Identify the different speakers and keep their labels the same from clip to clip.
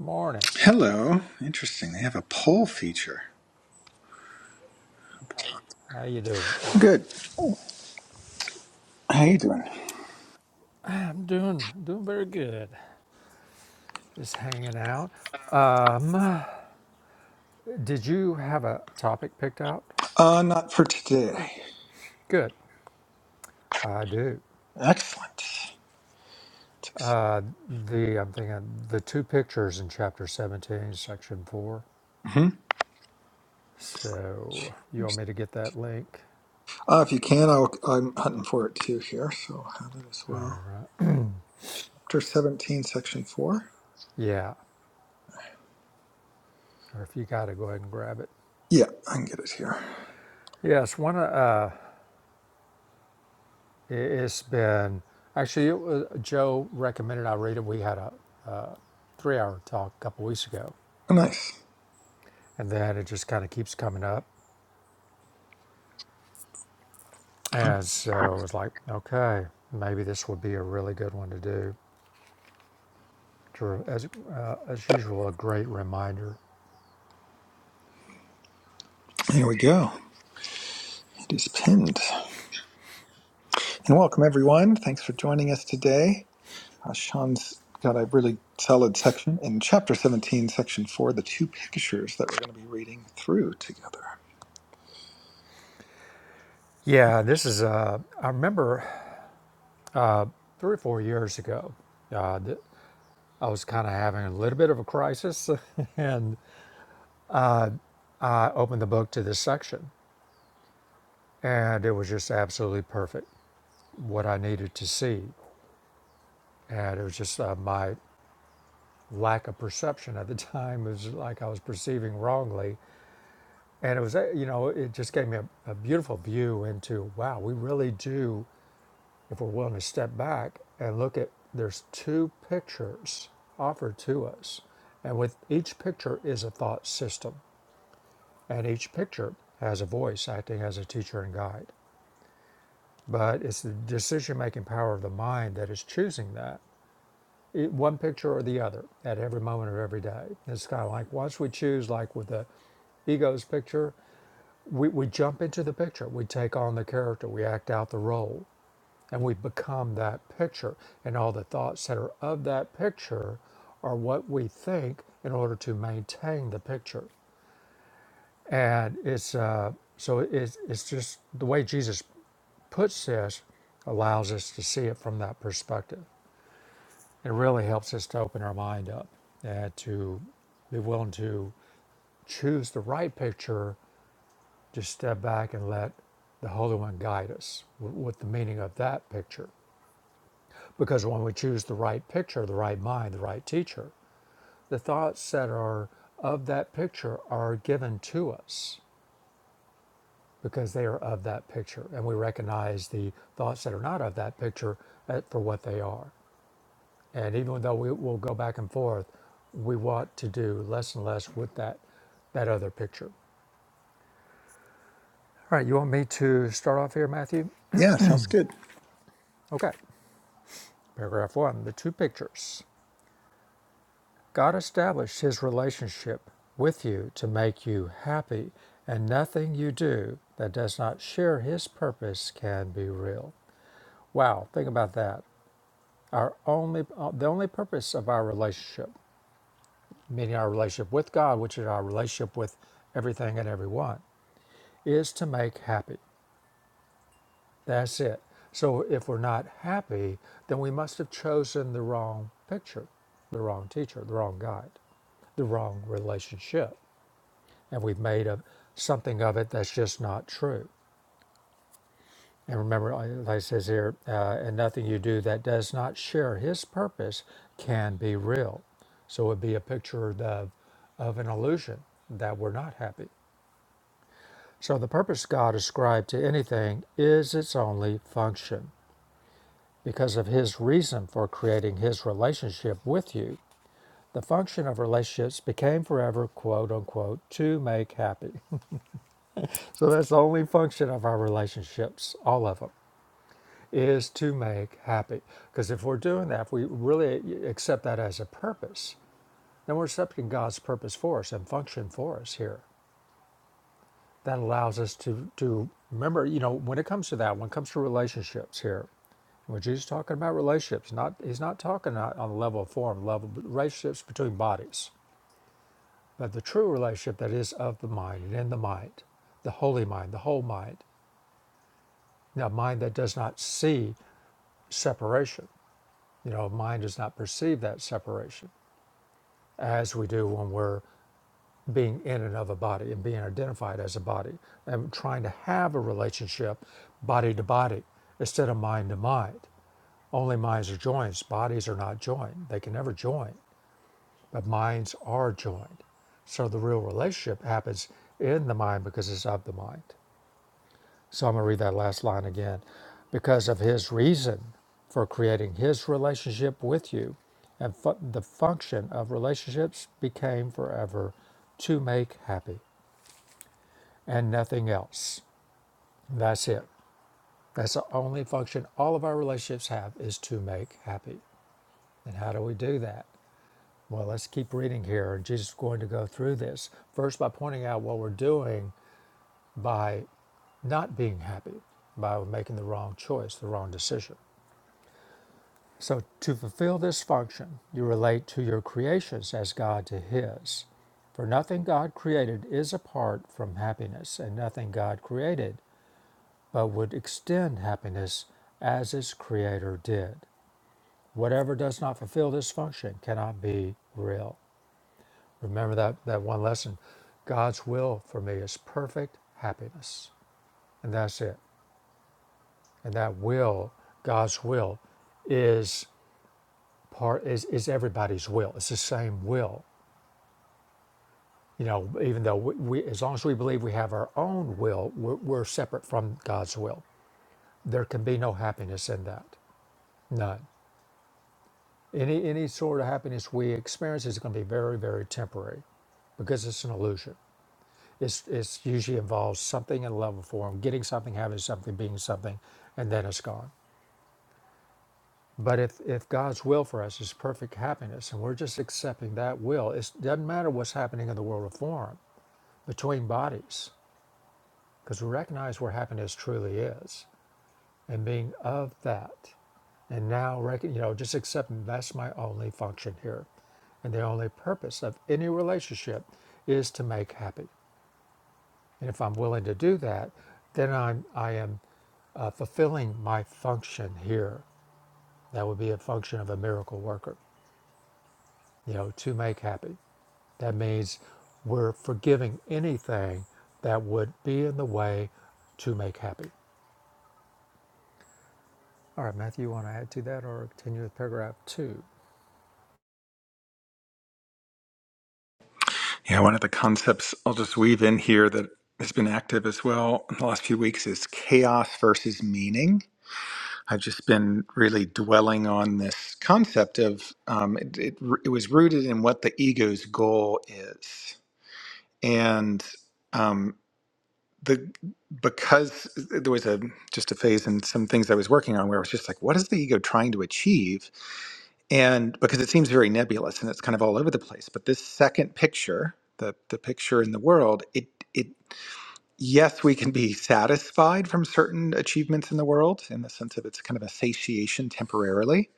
Speaker 1: Morning.
Speaker 2: Hello. Interesting. They have a poll feature.
Speaker 1: How you doing?
Speaker 2: Good. How you doing?
Speaker 1: I'm doing doing very good. Just hanging out. Um, did you have a topic picked out?
Speaker 2: Uh, not for today.
Speaker 1: Good. I do.
Speaker 2: Excellent.
Speaker 1: The I'm thinking the two pictures in chapter 17, section four.
Speaker 2: hmm
Speaker 1: So you want me to get that link?
Speaker 2: Uh, if you can, I'll, I'm hunting for it too here, so I'll have it as
Speaker 1: All
Speaker 2: well.
Speaker 1: right.
Speaker 2: Chapter 17, Section 4.
Speaker 1: Yeah. Or if you got it, go ahead and grab it.
Speaker 2: Yeah, I can get it here.
Speaker 1: Yes. One. Uh, it's been actually it was, Joe recommended I read it. We had a three-hour talk a couple weeks ago
Speaker 2: Oh, nice.
Speaker 1: And then it just kind of keeps coming up. And so it was like, okay, maybe this would be a really good one to do. as, uh, as usual, a great reminder.
Speaker 2: Here we go. It is pinned. And welcome, everyone. Thanks for joining us today. Uh, Sean's got a really solid section in Chapter 17, Section 4, the two pictures that we're going to be reading through together.
Speaker 1: Yeah, this is, uh, I remember three or four years ago, uh, th- I was kind of having a little bit of a crisis. and I opened the book to this section, and it was just absolutely perfect what I needed to see. And it was just uh, my lack of perception at the time It was like I was perceiving wrongly And it was, uh, you know, it just gave me a, a beautiful view into wow, we really do, if we're willing to step back and look at, there's two pictures offered to us. And with each picture is a thought system, and each picture has a voice acting as a teacher and guide. But it's the decision making power of the mind that is choosing that. It, one picture or the other at every moment of every day. It's kind of like once we choose, like with the ego's picture, We, we jump into the picture, we take on the character, we act out the role, and we become that picture. And all the thoughts that are of that picture are what we think in order to maintain the picture. And it's uh, so it's, it's just the way Jesus puts this allows us to see it from that perspective. It really helps us to open our mind up and to be willing to choose the right picture Just step back and let the Holy One guide us with the meaning of that picture. Because when we choose the right picture, the right mind, the right teacher, the thoughts that are of that picture are given to us because they are of that picture. And we recognize the thoughts that are not of that picture uh, for what they are. And even though we will go back and forth, we want to do less and less with that, that other picture. All right, you want me to start off here, Matthew?
Speaker 2: Yeah, sounds good.
Speaker 1: Okay. Paragraph 1 The two pictures. God established his relationship with you to make you happy, and nothing you do that does not share his purpose can be real. Wow, think about that. Our only uh, the only purpose of our relationship, meaning our relationship with God, which is our relationship with everything and everyone, is to make happy. That's it. So if we're not happy, then we must have chosen the wrong picture, the wrong teacher, the wrong guide, the wrong relationship. And we've made a, something of it that's just not true. And remember, I- like it says here, uh, and nothing you do that does not share his purpose can be real. So it would be a picture of, of an illusion that we're not happy. So the purpose God ascribed to anything is its only function because of his reason for creating his relationship with you. The function of relationships became forever, quote unquote, to make happy. So that's the only function of our relationships, all of them, is to make happy. Because if we're doing that, if we really accept that as a purpose, then we're accepting God's purpose for us and function for us here. That allows us to, to remember, you know, when it comes to that, when it comes to relationships here, we Jesus just talking about relationships. Not he's not talking about on the level of form, level but relationships between bodies, but the true relationship that is of the mind and in the mind, the holy mind, the whole mind, a mind that does not see separation. You know, mind does not perceive that separation as we do when we're being in and of a body and being identified as a body and trying to have a relationship body to body instead of mind to mind. Only minds are joined. Bodies are not joined. They can never join. but minds are joined. So the real relationship happens in the mind because it's of the mind. So I'm going to read that last line again. Because of his reason for creating his relationship with you, and fu- the function of relationships became forever to make happy and nothing else. That's it. That's the only function all of our relationships have is to make happy. And how do we do that? Well, let's keep reading here. Jesus is going to go through this first by pointing out what we're doing by not being happy, by making the wrong choice, the wrong decision. So, to fulfill this function, you relate to your creations as God to His. For nothing God created is apart from happiness, and nothing God created but would extend happiness as its creator did. Whatever does not fulfill this function cannot be real. Remember that, that one lesson. God's will for me is perfect happiness. And that's it. And that will, God's will, is part is, is everybody's will. It's the same will. You know, even though we, we as long as we believe we have our own will, we're, we're separate from God's will. There can be no happiness in that. None. Any any sort of happiness we experience is going to be very, very temporary because it's an illusion. It's, it's usually involves something in level form, getting something, having something, being something, and then it's gone. But if, if God's will for us is perfect happiness and we're just accepting that will, it doesn't matter what's happening in the world of form between bodies, because we recognize where happiness truly is and being of that. And now, rec- you know, just accepting that's my only function here. And the only purpose of any relationship is to make happy. And if I'm willing to do that, then I'm, I am uh, fulfilling my function here. That would be a function of a miracle worker, you know, to make happy. That means we're forgiving anything that would be in the way to make happy. All right, Matthew, you want to add to that or continue with paragraph two?
Speaker 2: Yeah, one of the concepts I'll just weave in here that has been active as well in the last few weeks is chaos versus meaning. I've just been really dwelling on this concept of um, it, it, it was rooted in what the ego's goal is, and um, the because there was a just a phase in some things I was working on where I was just like, what is the ego trying to achieve? and because it seems very nebulous and it's kind of all over the place but this second picture the the picture in the world it it yes we can be satisfied from certain achievements in the world in the sense of it's kind of a satiation temporarily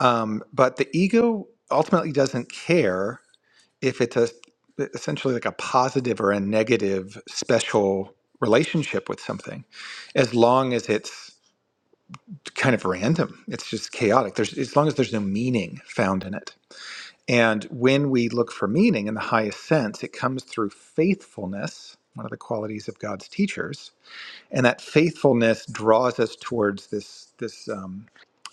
Speaker 2: um, but the ego ultimately doesn't care if it's a essentially like a positive or a negative special relationship with something as long as it's kind of random it's just chaotic there's as long as there's no meaning found in it and when we look for meaning in the highest sense, it comes through faithfulness, one of the qualities of God's teachers. And that faithfulness draws us towards this, this um,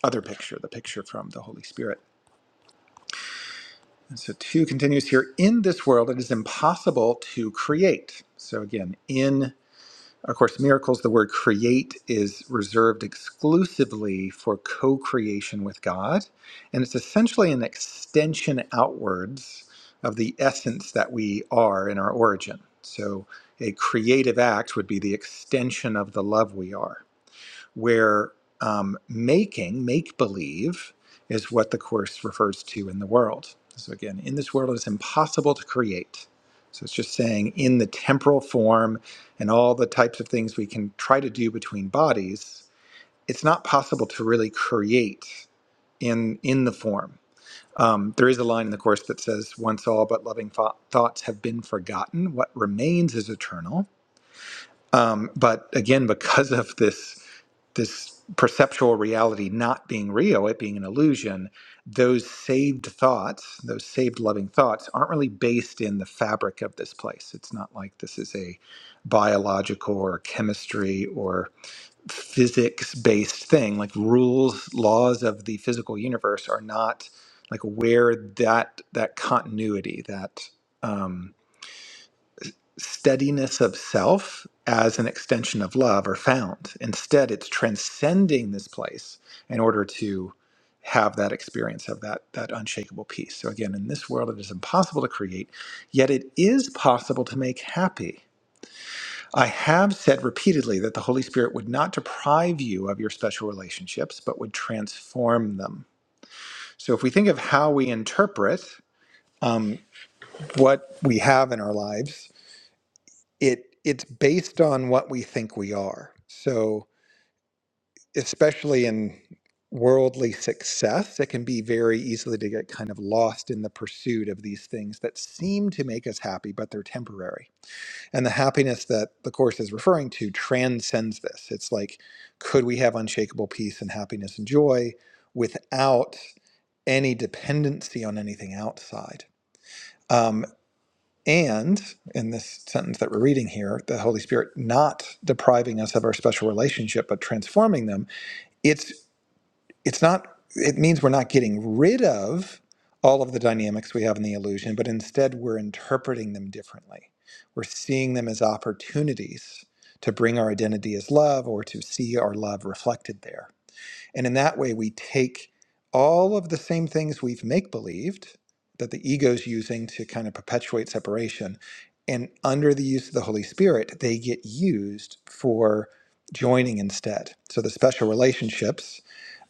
Speaker 2: other picture, the picture from the Holy Spirit. And so, two continues here in this world, it is impossible to create. So, again, in of course, miracles, the word create is reserved exclusively for co creation with God. And it's essentially an extension outwards of the essence that we are in our origin. So a creative act would be the extension of the love we are where um, making, make believe, is what the Course refers to in the world. So, again, in this world, it's impossible to create. So, it's just saying in the temporal form and all the types of things we can try to do between bodies, it's not possible to really create in, in the form. Um, there is a line in the Course that says, Once all but loving thou- thoughts have been forgotten, what remains is eternal. Um, but again, because of this this perceptual reality not being real, it being an illusion, those saved thoughts, those saved loving thoughts, aren't really based in the fabric of this place. It's not like this is a biological or chemistry or physics based thing. Like rules, laws of the physical universe are not like where that that continuity, that um, steadiness of self as an extension of love are found. Instead, it's transcending this place in order to have that experience of that that unshakable peace. So again, in this world it is impossible to create, yet it is possible to make happy. I have said repeatedly that the Holy Spirit would not deprive you of your special relationships, but would transform them. So if we think of how we interpret um, what we have in our lives, it it's based on what we think we are. So especially in worldly success, it can be very easily to get kind of lost in the pursuit of these things that seem to make us happy, but they're temporary. And the happiness that the course is referring to transcends this. It's like, could we have unshakable peace and happiness and joy without any dependency on anything outside? Um, and in this sentence that we're reading here, the Holy Spirit not depriving us of our special relationship but transforming them, it's it's not it means we're not getting rid of all of the dynamics we have in the illusion, but instead we're interpreting them differently. We're seeing them as opportunities to bring our identity as love or to see our love reflected there. And in that way, we take all of the same things we've make believed that the ego's using to kind of perpetuate separation. And under the use of the Holy Spirit, they get used for joining instead. So the special relationships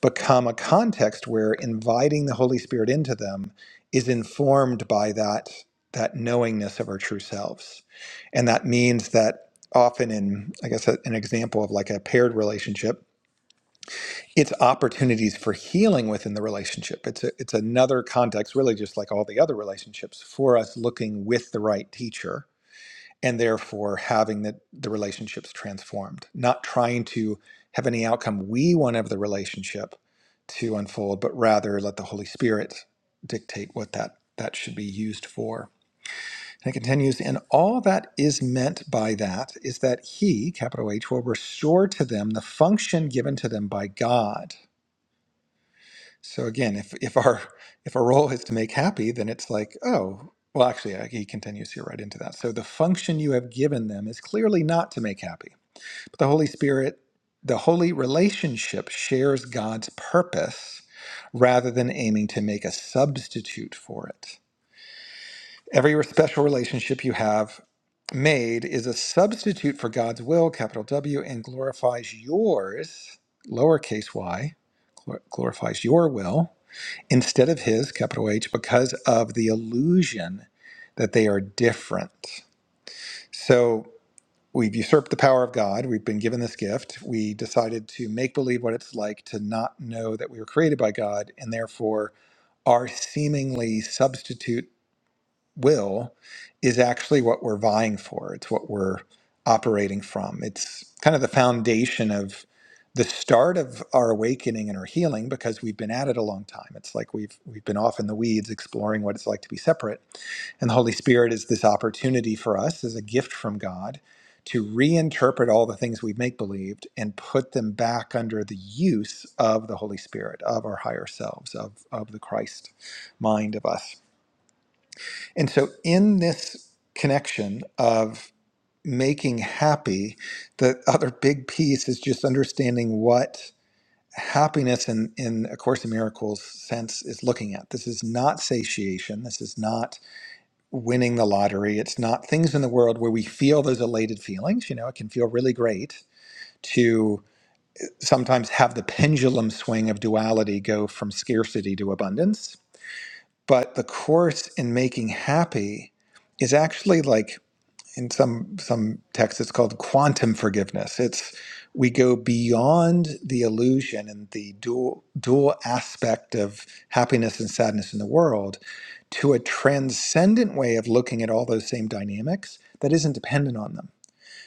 Speaker 2: become a context where inviting the Holy Spirit into them is informed by that, that knowingness of our true selves. And that means that often in, I guess, a- an example of like a paired relationship, it's opportunities for healing within the relationship. It's a, it's another context, really, just like all the other relationships, for us looking with the right teacher and therefore having the, the relationships transformed, not trying to have any outcome we want of the relationship to unfold, but rather let the Holy Spirit dictate what that that should be used for. And it continues, and all that is meant by that is that he, capital H, will restore to them the function given to them by God so again, if if our if our role is to make happy, then it's like, oh, well, actually, uh, he continues here right into that. So the function you have given them is clearly not to make happy. But the Holy Spirit, the holy relationship shares God's purpose rather than aiming to make a substitute for it. Every special relationship you have made is a substitute for God's will, capital W, and glorifies yours, lowercase y, glor- glorifies your will instead of his, capital H, because of the illusion that they are different. So we've usurped the power of God. We've been given this gift. We decided to make believe what it's like to not know that we were created by God and therefore our seemingly substitute will is actually what we're vying for. It's what we're operating from. It's kind of the foundation of the start of our awakening and our healing because we've been at it a long time. It's like we've we've been off in the weeds exploring what it's like to be separate. And the Holy Spirit is this opportunity for us as a gift from God to reinterpret all the things we've make believed and put them back under the use of the Holy Spirit, of our higher selves, of, of the Christ mind of us. And so, in this connection of making happy, the other big piece is just understanding what happiness in, in A Course in Miracles sense is looking at. This is not satiation. This is not winning the lottery. It's not things in the world where we feel those elated feelings. You know, it can feel really great to sometimes have the pendulum swing of duality go from scarcity to abundance. But the Course in making happy is actually like in some some texts it's called quantum forgiveness it's we go beyond the illusion and the dual dual aspect of happiness and sadness in the world to a transcendent way of looking at all those same dynamics that isn't dependent on them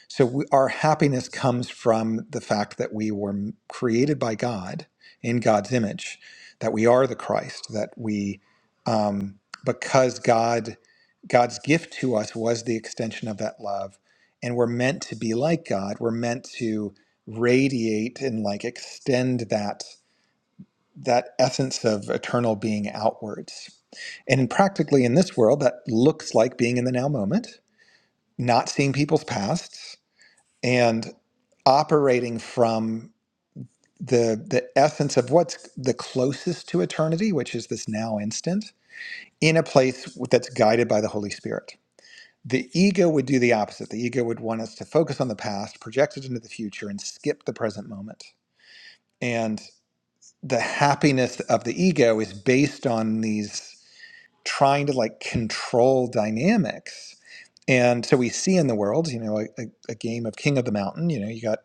Speaker 2: so we, our happiness comes from the fact that we were created by God in God's image, that we are the Christ, that we, um, because God, God's gift to us was the extension of that love, and we're meant to be like God. We're meant to radiate and like extend that that essence of eternal being outwards. And practically in this world, that looks like being in the now moment, not seeing people's past, and operating from the the essence of what's the closest to eternity, which is this now instant, in a place that's guided by the Holy Spirit. The ego would do the opposite. The ego would want us to focus on the past, project it into the future, and skip the present moment. And the happiness of the ego is based on these. trying to like control dynamics. And so we see in the world, you know, like, a, a, game of King of the Mountain, you know, you got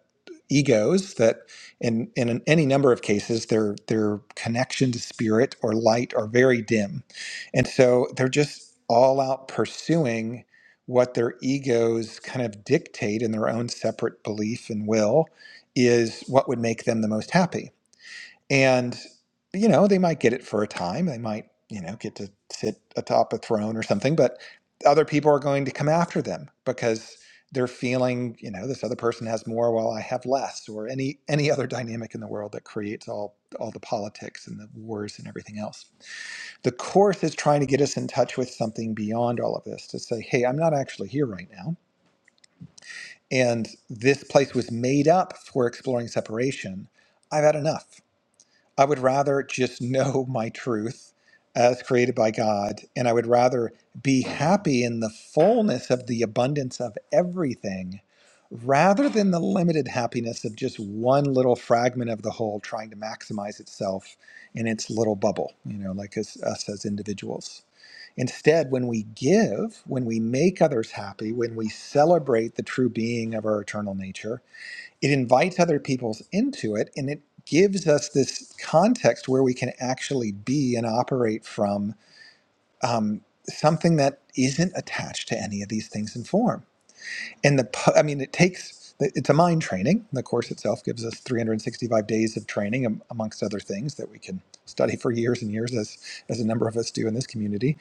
Speaker 2: egos that in, in any number of cases their their connection to spirit or light are very dim. And so they're just all out pursuing what their egos kind of dictate in their own separate belief and will is what would make them the most happy and you know they might get it for a time they might you know get to sit atop a throne or something but other people are going to come after them because they're feeling you know this other person has more while i have less or any any other dynamic in the world that creates all all the politics and the wars and everything else the course is trying to get us in touch with something beyond all of this to say hey i'm not actually here right now and this place was made up for exploring separation i've had enough I would rather just know my truth as created by God, and I would rather be happy in the fullness of the abundance of everything rather than the limited happiness of just one little fragment of the whole trying to maximize itself in its little bubble, you know, like as, us as individuals. Instead, when we give, when we make others happy, when we celebrate the true being of our eternal nature, it invites other people into it and it gives us this context where we can actually be and operate from um, something that isn't attached to any of these things in form and the pu- i mean it takes it's a mind training the course itself gives us 365 days of training am- amongst other things that we can study for years and years as as a number of us do in this community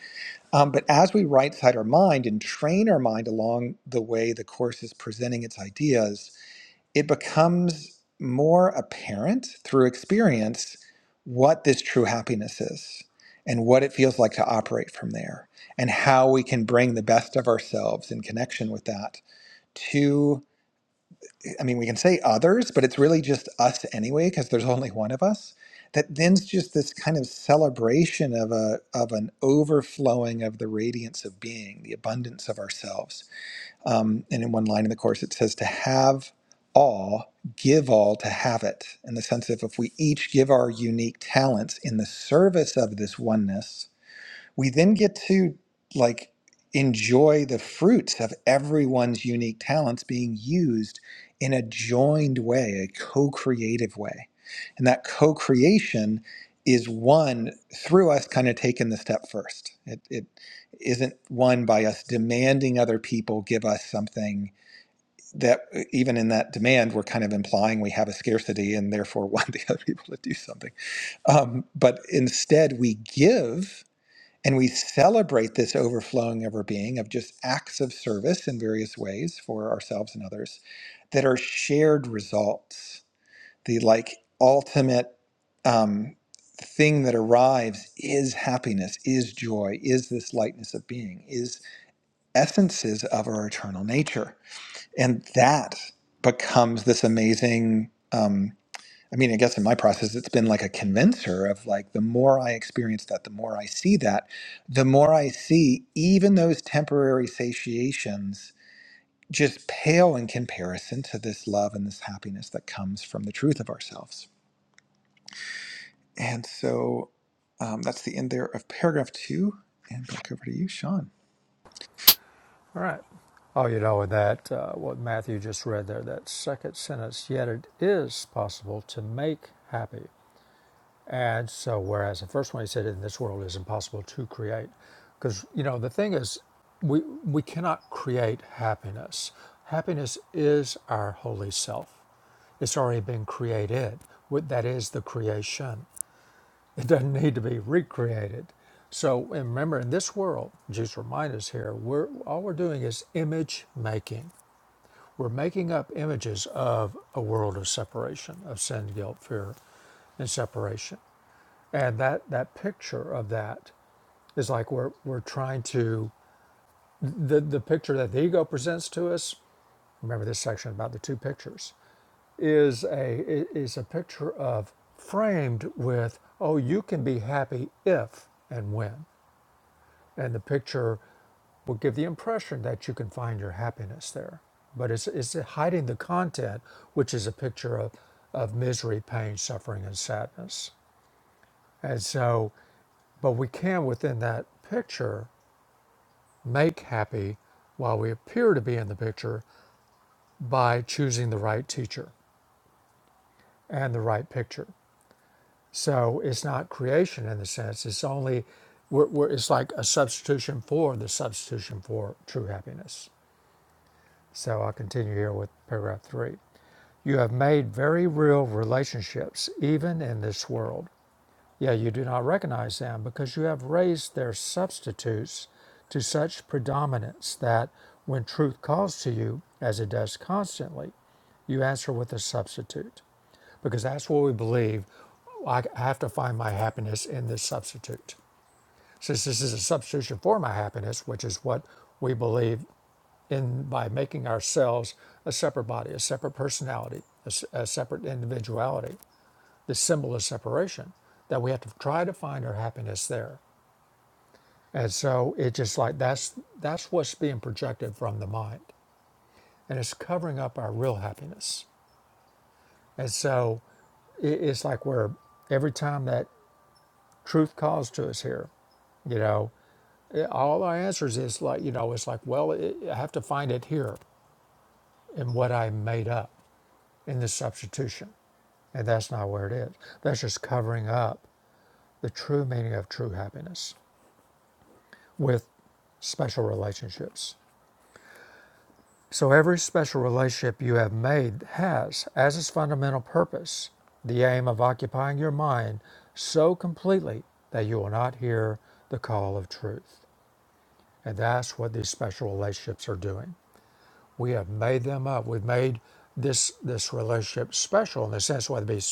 Speaker 2: um, but as we right side our mind and train our mind along the way the course is presenting its ideas it becomes more apparent through experience what this true happiness is and what it feels like to operate from there and how we can bring the best of ourselves in connection with that to i mean we can say others but it's really just us anyway because there's only one of us that then's just this kind of celebration of a of an overflowing of the radiance of being the abundance of ourselves um, and in one line in the course, it says, To have all, give all to have it. In the sense of if we each give our unique talents in the service of this oneness, we then get to like enjoy the fruits of everyone's unique talents being used in a joined way, a co-creative way. And that co-creation is one through us kind of taking the step first. It, it isn't one by us demanding other people give us something that uh, even in that demand, we're kind of implying we have a scarcity and therefore want the other people to do something. Um, but instead we give and we celebrate this overflowing of our being of just acts of service in various ways for ourselves and others that are shared results. The like ultimate um, thing that arrives is happiness, is joy, is this lightness of being, is essences of our eternal nature. And that becomes this amazing. um, I mean, I guess in my process, it's been like a convincer of like the more I experience that, the more I see that, the more I see even those temporary satiations just pale in comparison to this love and this happiness that comes from the truth of ourselves. And so um, that's the end there of paragraph two. And back over to you, Sean.
Speaker 1: All right. Oh, you know, and that, uh, what Matthew just read there, that second sentence, yet it is possible to make happy And so, whereas the first one he said, in this world is impossible to create. Because, you know, the thing is, we, we cannot create happiness. Happiness is our holy self, it's already been created. What- That is the creation, it doesn't need to be recreated. So, and remember, in this world, Jesus reminds us here, we're, all we're doing is image making. We're making up images of a world of separation, of sin, guilt, fear, and separation. And that that picture of that is like we're we're trying to the the picture that the ego presents to us. Remember this section about the two pictures is a is a picture of framed with oh you can be happy if and when and the picture will give the impression that you can find your happiness there but it's, it's hiding the content which is a picture of, of misery pain suffering and sadness and so but we can, within that picture, make happy while we appear to be in the picture by choosing the right teacher and the right picture. So it's not creation in the sense, it's only, we're, we're, it's like a substitution for the substitution for true happiness. So I'll continue here with paragraph three. You have made very real relationships, even in this world. Yet you do not recognize them, because you have raised their substitutes to such predominance that, when truth calls to you, as it does constantly, you answer with a substitute. Because that's what we believe. I have to find my happiness in this substitute. Since this is a substitution for my happiness, which is what we believe in by making ourselves a separate body, a separate personality, a a separate individuality, the symbol of separation that we have to try to find our happiness there and so it's just like that's that's what's being projected from the mind and it's covering up our real happiness and so it, it's like we're every time that truth calls to us here you know it- all our answers is like you know it's like well it, i have to find it here in what i made up in this substitution and that's not where it is that's just covering up the true meaning of true happiness with special relationships. So every special relationship you have made has, as its fundamental purpose, the aim of occupying your mind so completely that you will not hear the call of truth. And that's what these special relationships are doing. We have made them up. We've made this this relationship special in the sense whether it be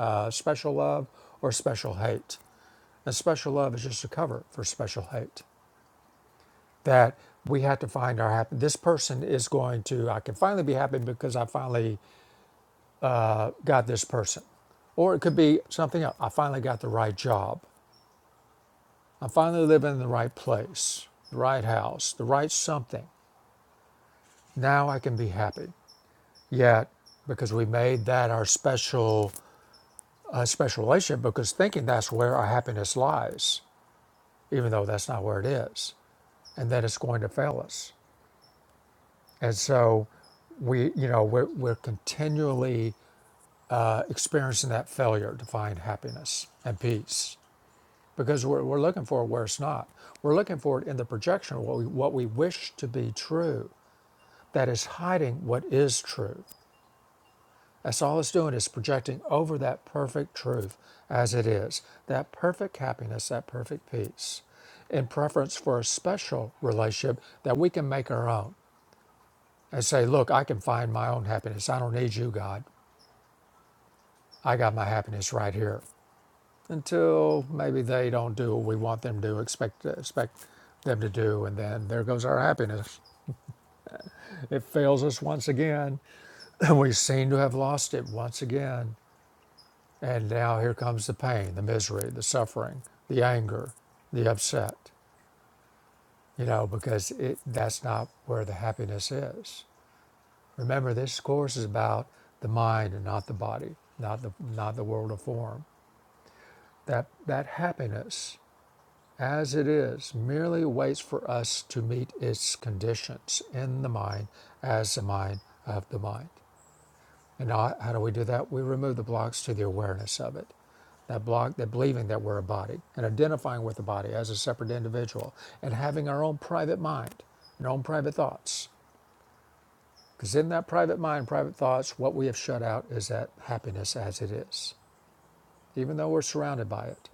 Speaker 1: uh, special love or special hate. And special love is just a cover for special hate. that we had to find our happy. This person is going to, I can finally be happy because I finally got this person. Or it could be something else. I finally got the right job. I'm finally living in the right place, the right house, the right something. Now I can be happy. Yet, because we made that our special, uh, special relationship, because thinking that's where our happiness lies, even though that's not where it is, and that it's going to fail us. And so we, you know, we're, we're continually experiencing that failure to find happiness and peace because we're, we're looking for it where it's not. We're looking for it in the projection of what we, what we wish to be true that is hiding what is true. That's all it's doing is projecting over that perfect truth as it is, that perfect happiness, that perfect peace, in preference for a special relationship that we can make our own and say, Look, I can find my own happiness. I don't need you, God. I got my happiness right here. until maybe they don't do what we want them to expect expect them to do, and then there goes our happiness. It fails us once again, we seem to have lost it once again. And now here comes the pain, the misery, the suffering, the anger, the upset. You know, because it that's not where the happiness is. Remember, this course is about the mind and not the body, not the not the world of form. That that happiness as it is, merely waits for us to meet its conditions in the mind as the mind of the mind. And how, do we do that? We remove the blocks to the awareness of it. That block, that believing that we're a body and identifying with the body as a separate individual and having our own private mind and our own private thoughts. Because in that private mind, private thoughts, what we have shut out is that happiness as it is, even though we're surrounded by it.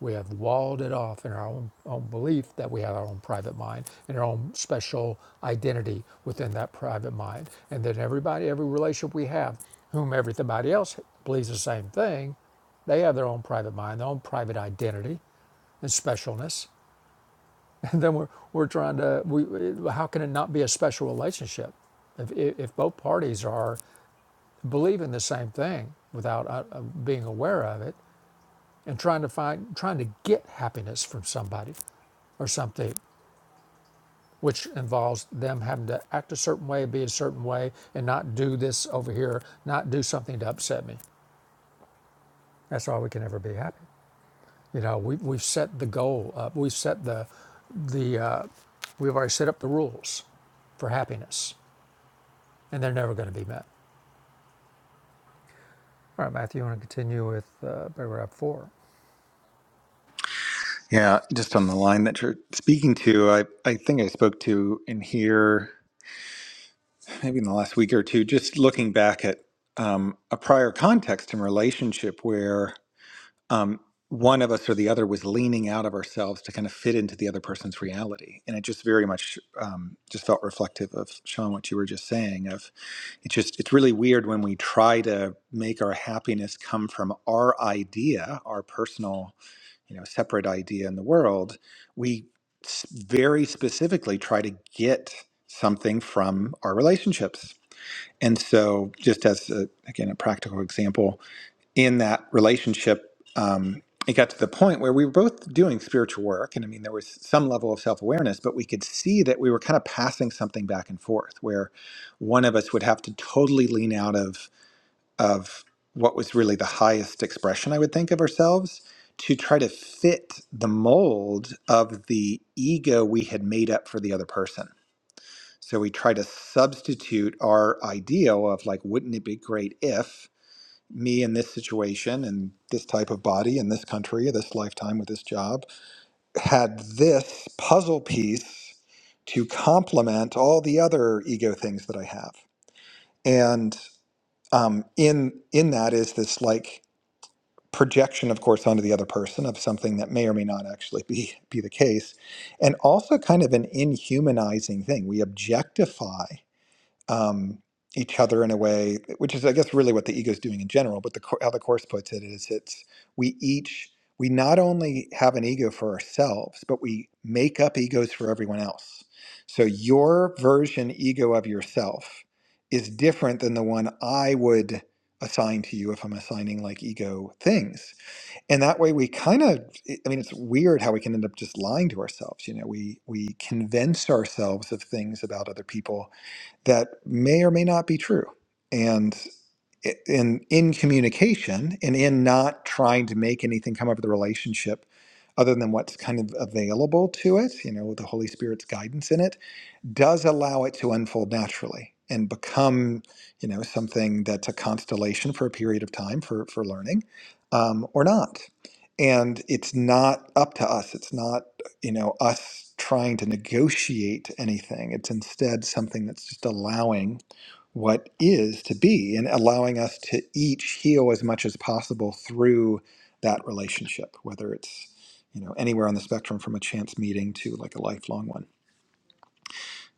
Speaker 1: We have walled it off in our own, own belief that we have our own private mind and our own special identity within that private mind. And then everybody, every relationship we have, whom everybody else believes the same thing, they have their own private mind, their own private identity and specialness. And then we're, we're trying to, we, how can it not be a special relationship if, if both parties are believing the same thing without uh, uh, being aware of it? and trying to find trying to get happiness from somebody or something which involves them having to act a certain way be a certain way and not do this over here not do something to upset me that's why we can never be happy you know we, we've set the goal up we've set the the uh, we've already set up the rules for happiness and they're never going to be met all right matthew you want to continue with uh, paragraph four
Speaker 2: Yeah, just on the line that you're speaking to, I, I think I spoke to in here. maybe in the last week or two, just looking back at um, a prior context and relationship where um, one of us or the other was leaning out of ourselves to kind of fit into the other person's reality, and it just very much um, just felt reflective of Sean what you were just saying. Of it's just it's really weird when we try to make our happiness come from our idea, our personal, you know, separate idea in the world. We s- very specifically try to get something from our relationships and so, just as a, again a practical example, in that relationship, um, it got to the point where we were both doing spiritual work, and I mean, there was some level of self awareness, but we could see that we were kind of passing something back and forth, where one of us would have to totally lean out of of what was really the highest expression I would think of ourselves to try to fit the mold of the ego we had made up for the other person so we try to substitute our ideal of like, wouldn't it be great if me in this situation and this type of body in this country, this lifetime with this job, had this puzzle piece to complement all the other ego things that I have. And um, in in that is this like projection, of course, onto the other person of something that may or may not actually be be the case, and also kind of an inhumanizing thing. We objectify um, each other in a way, which is, I guess, really what the ego is doing in general. But the, co- how the course puts it is, it's we each we not only have an ego for ourselves, but we make up egos for everyone else. So your version ego of yourself is different than the one I would assign to you if I'm assigning like ego things and that way we kind of i mean it's weird how we can end up just lying to ourselves you know we we convince ourselves of things about other people that may or may not be true and i- in in communication and in not trying to make anything come out of the relationship other than what's kind of available to it you know with the holy spirit's guidance in it does allow it to unfold naturally and become, you know, something that's a constellation for a period of time for for learning, um, or not. And it's not up to us. It's not, you know, us trying to negotiate anything. It's instead something that's just allowing what is to be and allowing us to each heal as much as possible through that relationship, whether it's, you know, anywhere on the spectrum from a chance meeting to like a lifelong one.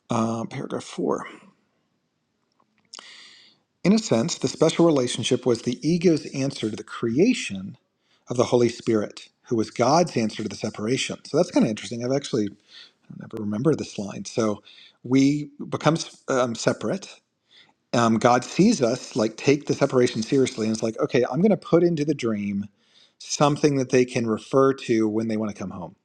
Speaker 2: Uh, paragraph four. In a sense, the special relationship was the ego's answer to the creation of the Holy Spirit, who was God's answer to the separation. So that's kind of interesting. I've actually I never remember this line. So we become um, separate. Um, God sees us like take the separation seriously, and it's like, okay, I'm going to put into the dream something that they can refer to when they want to come home.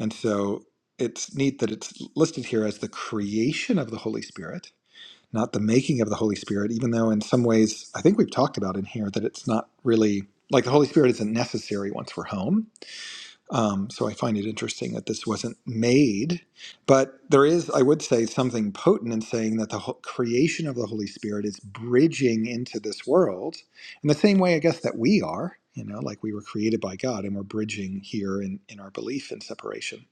Speaker 2: And so it's neat that it's listed here as the creation of the Holy Spirit not the making of the Holy Spirit, even though in some ways I think we've talked about in here that it's not really like the Holy Spirit isn't necessary once we're home. Um, so I find it interesting that this wasn't made, but there is, I would say, something potent in saying that the ho- creation of the Holy Spirit is bridging into this world in the same way, I guess, that we are. You know, like we were created by God, and we're bridging here in in our belief in separation.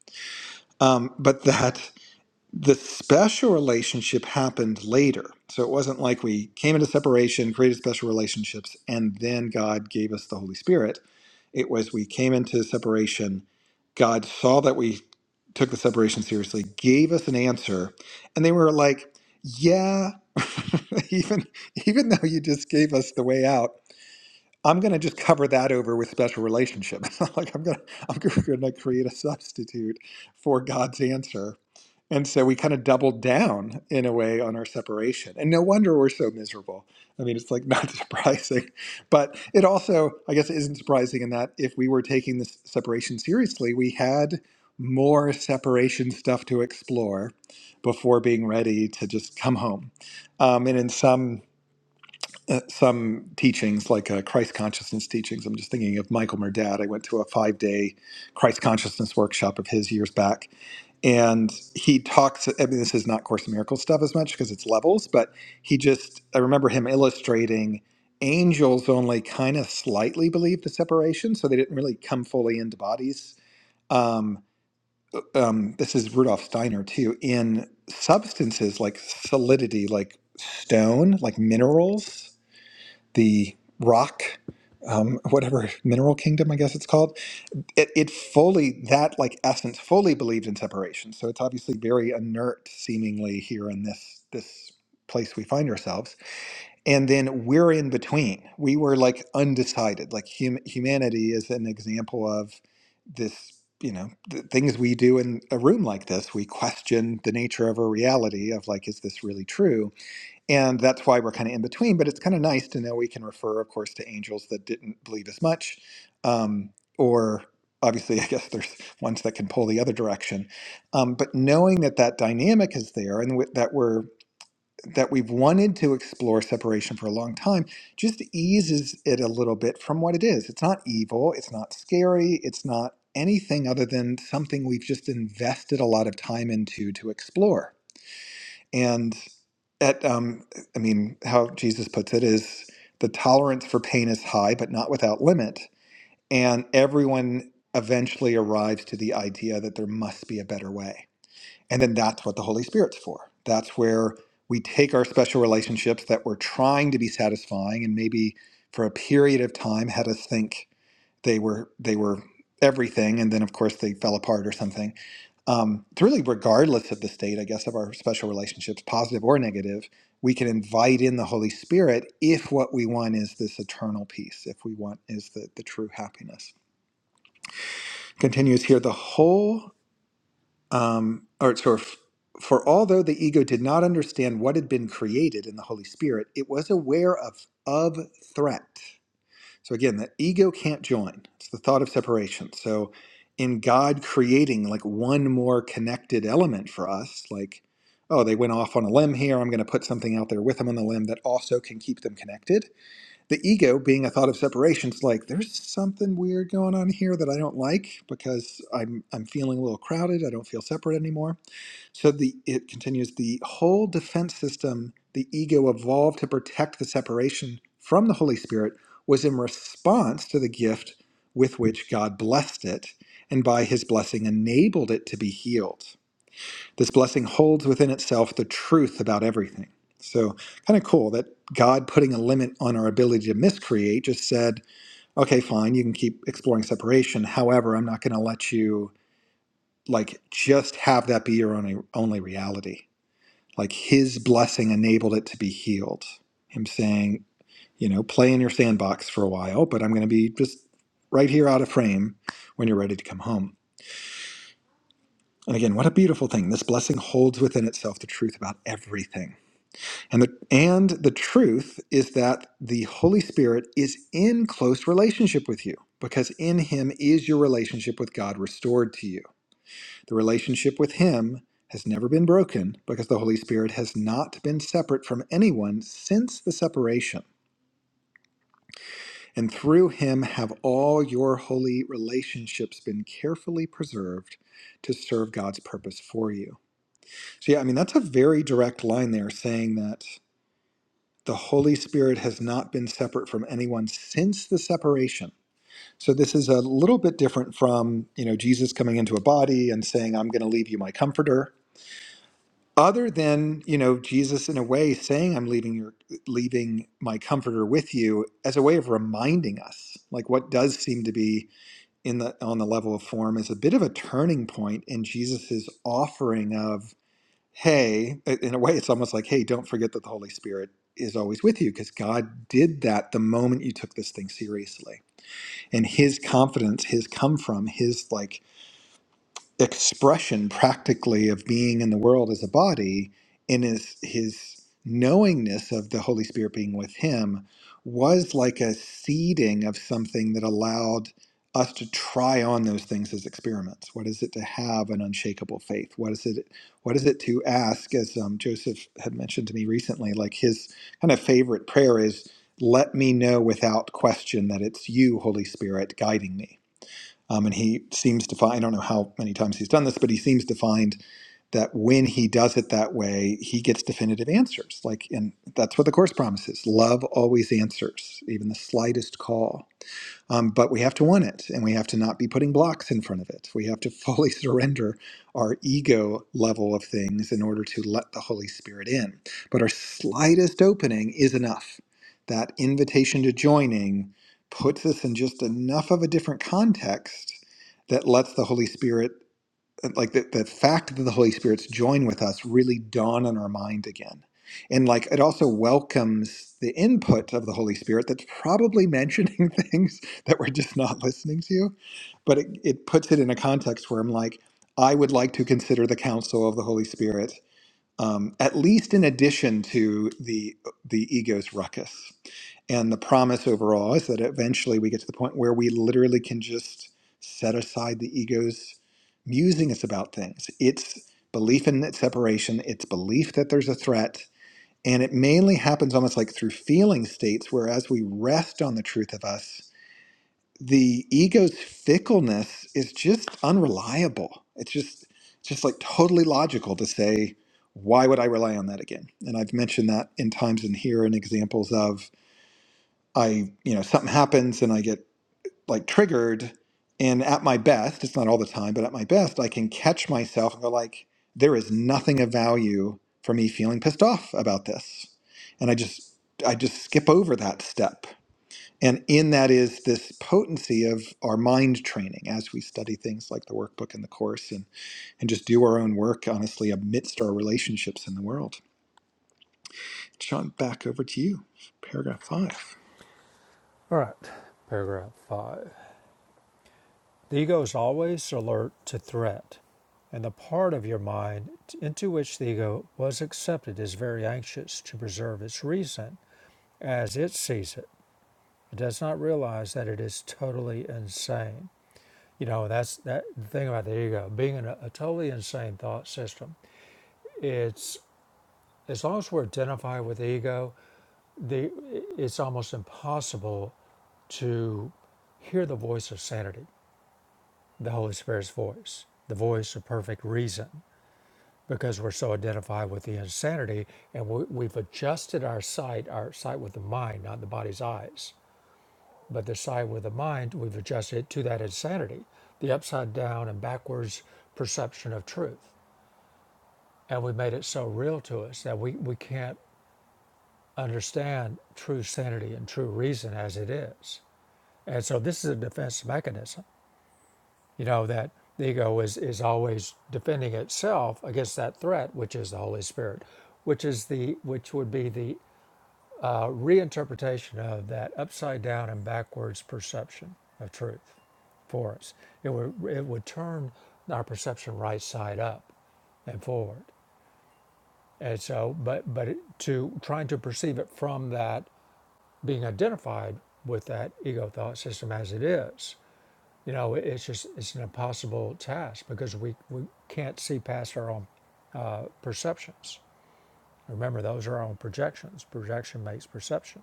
Speaker 2: Um, but that the special relationship happened later. So it wasn't like we came into separation, created special relationships, and then God gave us the Holy Spirit. It was we came into separation, God saw that we took the separation seriously, gave us an answer, and they were like, "Yeah, even even though you just gave us the way out, I'm going to just cover that over with special relationship. It's not like I'm going to I'm going to create a substitute for God's answer. And so we kind of doubled down in a way on our separation. And no wonder we're so miserable. I mean, it's like not surprising, but it also I guess isn't surprising in that if we were taking this separation seriously, we had more separation stuff to explore before being ready to just come home. Um, and in some uh, some teachings, like uh, Christ consciousness teachings. I'm just thinking of Michael Merdad. I went to a five day Christ consciousness workshop of his years back. And he talks, I mean, this is not Course in Miracles stuff as much because it's levels, but he just, I remember him illustrating angels only kind of slightly believed the separation. So they didn't really come fully into bodies. Um, um, this is Rudolf Steiner too. In substances like solidity, like stone, like minerals the rock um, whatever mineral kingdom i guess it's called it, it fully that like essence fully believed in separation so it's obviously very inert seemingly here in this this place we find ourselves and then we're in between we were like undecided like hum- humanity is an example of this you know the things we do in a room like this we question the nature of our reality of like is this really true and that's why we're kind of in between but it's kind of nice to know we can refer of course to angels that didn't believe as much um, or obviously i guess there's ones that can pull the other direction um, but knowing that that dynamic is there and wi- that we're that we've wanted to explore separation for a long time just eases it a little bit from what it is it's not evil it's not scary it's not anything other than something we've just invested a lot of time into to explore and at, um, I mean, how Jesus puts it is the tolerance for pain is high, but not without limit. And everyone eventually arrives to the idea that there must be a better way. And then that's what the Holy Spirit's for. That's where we take our special relationships that we're trying to be satisfying and maybe for a period of time had us think they were they were everything, and then of course they fell apart or something. Um, it's really regardless of the state, I guess, of our special relationships, positive or negative, we can invite in the Holy Spirit if what we want is this eternal peace, if we want is the, the true happiness. Continues here the whole, um, or sort of, for although the ego did not understand what had been created in the Holy Spirit, it was aware of of threat so again, the ego can't join. It's the thought of separation. So in God creating like one more connected element for us, like, oh, they went off on a limb here, I'm going to put something out there with them on the limb that also can keep them connected. The ego being a thought of separation, it's like there's something weird going on here that I don't like because I'm I'm feeling a little crowded, I don't feel separate anymore so the it continues the whole defense system the ego evolved to protect the separation from the Holy Spirit was in response to the gift with which God blessed it and by his blessing enabled it to be healed. This blessing holds within itself the truth about everything. So kind of cool that God putting a limit on our ability to miscreate just said, okay, fine, you can keep exploring separation. However, I'm not going to let you like just have that be your only only reality like his blessing enabled it to be healed. Him saying, you know, play in your sandbox for a while, but I'm going to be just right here out of frame when you're ready to come home. And again, what a beautiful thing. This blessing holds within itself the truth about everything. And the and the truth is that the Holy Spirit is in close relationship with you because in him is your relationship with God restored to you. The relationship with Him has never been broken because the Holy Spirit has not been separate from anyone since the separation. And through Him have all your holy relationships been carefully preserved to serve God's purpose for you. So, yeah, I mean, that's a very direct line there saying that the Holy Spirit has not been separate from anyone since the separation. So this is a little bit different from, you know, Jesus coming into a body and saying, "I'm going to leave you my comforter." other than you know Jesus in a way saying I'm leaving your leaving my comforter with you as a way of reminding us like what does seem to be in the on the level of form is a bit of a turning point in Jesus's offering of hey in a way it's almost like hey don't forget that the Holy Spirit is always with you because God did that the moment you took this thing seriously and his confidence his come from his like expression practically of being in the world as a body in his his knowingness of the holy spirit being with him was like a seeding of something that allowed us to try on those things as experiments what is it to have an unshakable faith what is it what is it to ask as um, joseph had mentioned to me recently like his kind of favorite prayer is let me know without question that it's you holy spirit guiding me um, and he seems to find, I don't know how many times he's done this, but he seems to find that when he does it that way, he gets definitive answers. Like, and that's what the Course promises love always answers, even the slightest call. Um, but we have to want it, and we have to not be putting blocks in front of it. We have to fully surrender our ego level of things in order to let the Holy Spirit in. But our slightest opening is enough. That invitation to joining puts us in just enough of a different context that lets the Holy Spirit like the, the fact that the Holy Spirit's joined with us really dawn on our mind again. And like it also welcomes the input of the Holy Spirit that's probably mentioning things that we're just not listening to, but it, it puts it in a context where I'm like, I would like to consider the counsel of the Holy Spirit um, at least in addition to the the ego's ruckus. And the promise overall is that eventually we get to the point where we literally can just set aside the ego's musings about things. Its belief in its separation, its belief that there's a threat, and it mainly happens almost like through feeling states, where as we rest on the truth of us, the ego's fickleness is just unreliable. It's just it's just like totally logical to say, why would I rely on that again? And I've mentioned that in times in here and examples of I, you know, something happens and I get like triggered and at my best, it's not all the time, but at my best, I can catch myself and go like, there is nothing of value for me feeling pissed off about this. And I just I just skip over that step and in that is this potency of our mind training as we study things like the workbook and the course and, and just do our own work, honestly, amidst our relationships in the world. Sean, back over to you, paragraph five.
Speaker 1: all right paragraph five The ego is always alert to threat, and the part of your mind into which the ego was accepted is very anxious to preserve its reason as it sees it. It does not realize that it is totally insane. You know, that's that the thing about the ego being in a, a totally insane thought system. It's as long as we're identified with the ego, the, it's almost impossible to hear the voice of sanity, the Holy Spirit's voice, the voice of perfect reason because we're so identified with the insanity and we, we've adjusted our sight, our sight with the mind, not the body's eyes, but the sight with the mind, we've adjusted it to that insanity, the upside down and backwards perception of truth. And we made it so real to us that we, we can't understand true sanity and true reason as it is. And so this is a defense mechanism, you know, that the ego is, is always defending itself against that threat, which is the Holy Spirit, which is the which would be the a reinterpretation of that upside down and backwards perception of truth for us. It would, it would turn our perception right side up and forward. And so, but, but it, to trying to perceive it from that being identified with that ego thought system as it is, you know, it's just, it's an impossible task because we, we can't see past our own perceptions. Remember, those are our own projections. Projection makes perception.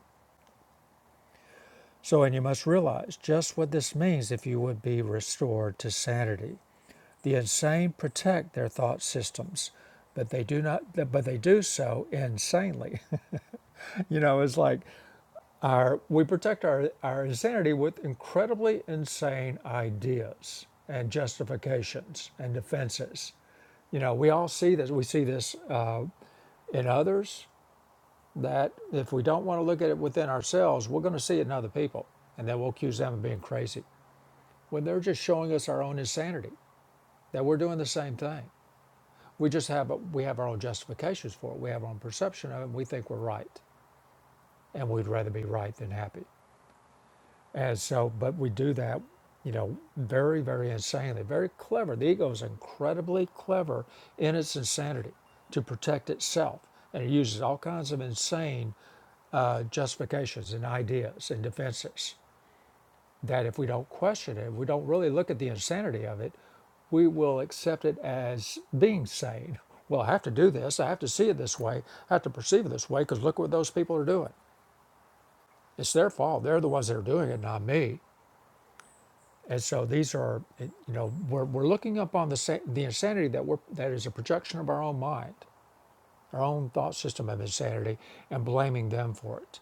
Speaker 1: So, and you must realize just what this means if you would be restored to sanity. The insane protect their thought systems, but they do not. But they do so insanely. you know, it's like our we protect our our insanity with incredibly insane ideas and justifications and defenses. You know, we all see this. We see this uh, in others. That if we don't want to look at it within ourselves, we're going to see it in other people, and then we'll accuse them of being crazy. when they're just showing us our own insanity that we're doing the same thing we just have a, we have our own justifications for it we have our own perception of it and we think we're right and we'd rather be right than happy and so but we do that you know very very insanely very clever the ego is incredibly clever in its insanity to protect itself and it uses all kinds of insane uh, justifications and ideas and defenses that if we don't question it, if we don't really look at the insanity of it, we will accept it as being sane. Well, I have to do this. I have to see it this way. I have to perceive it this way because look what those people are doing. It's their fault. They're the ones that are doing it, not me. And so these are, you know, we're, we're looking up on the the insanity that we're that is a projection of our own mind, our own thought system of insanity, and blaming them for it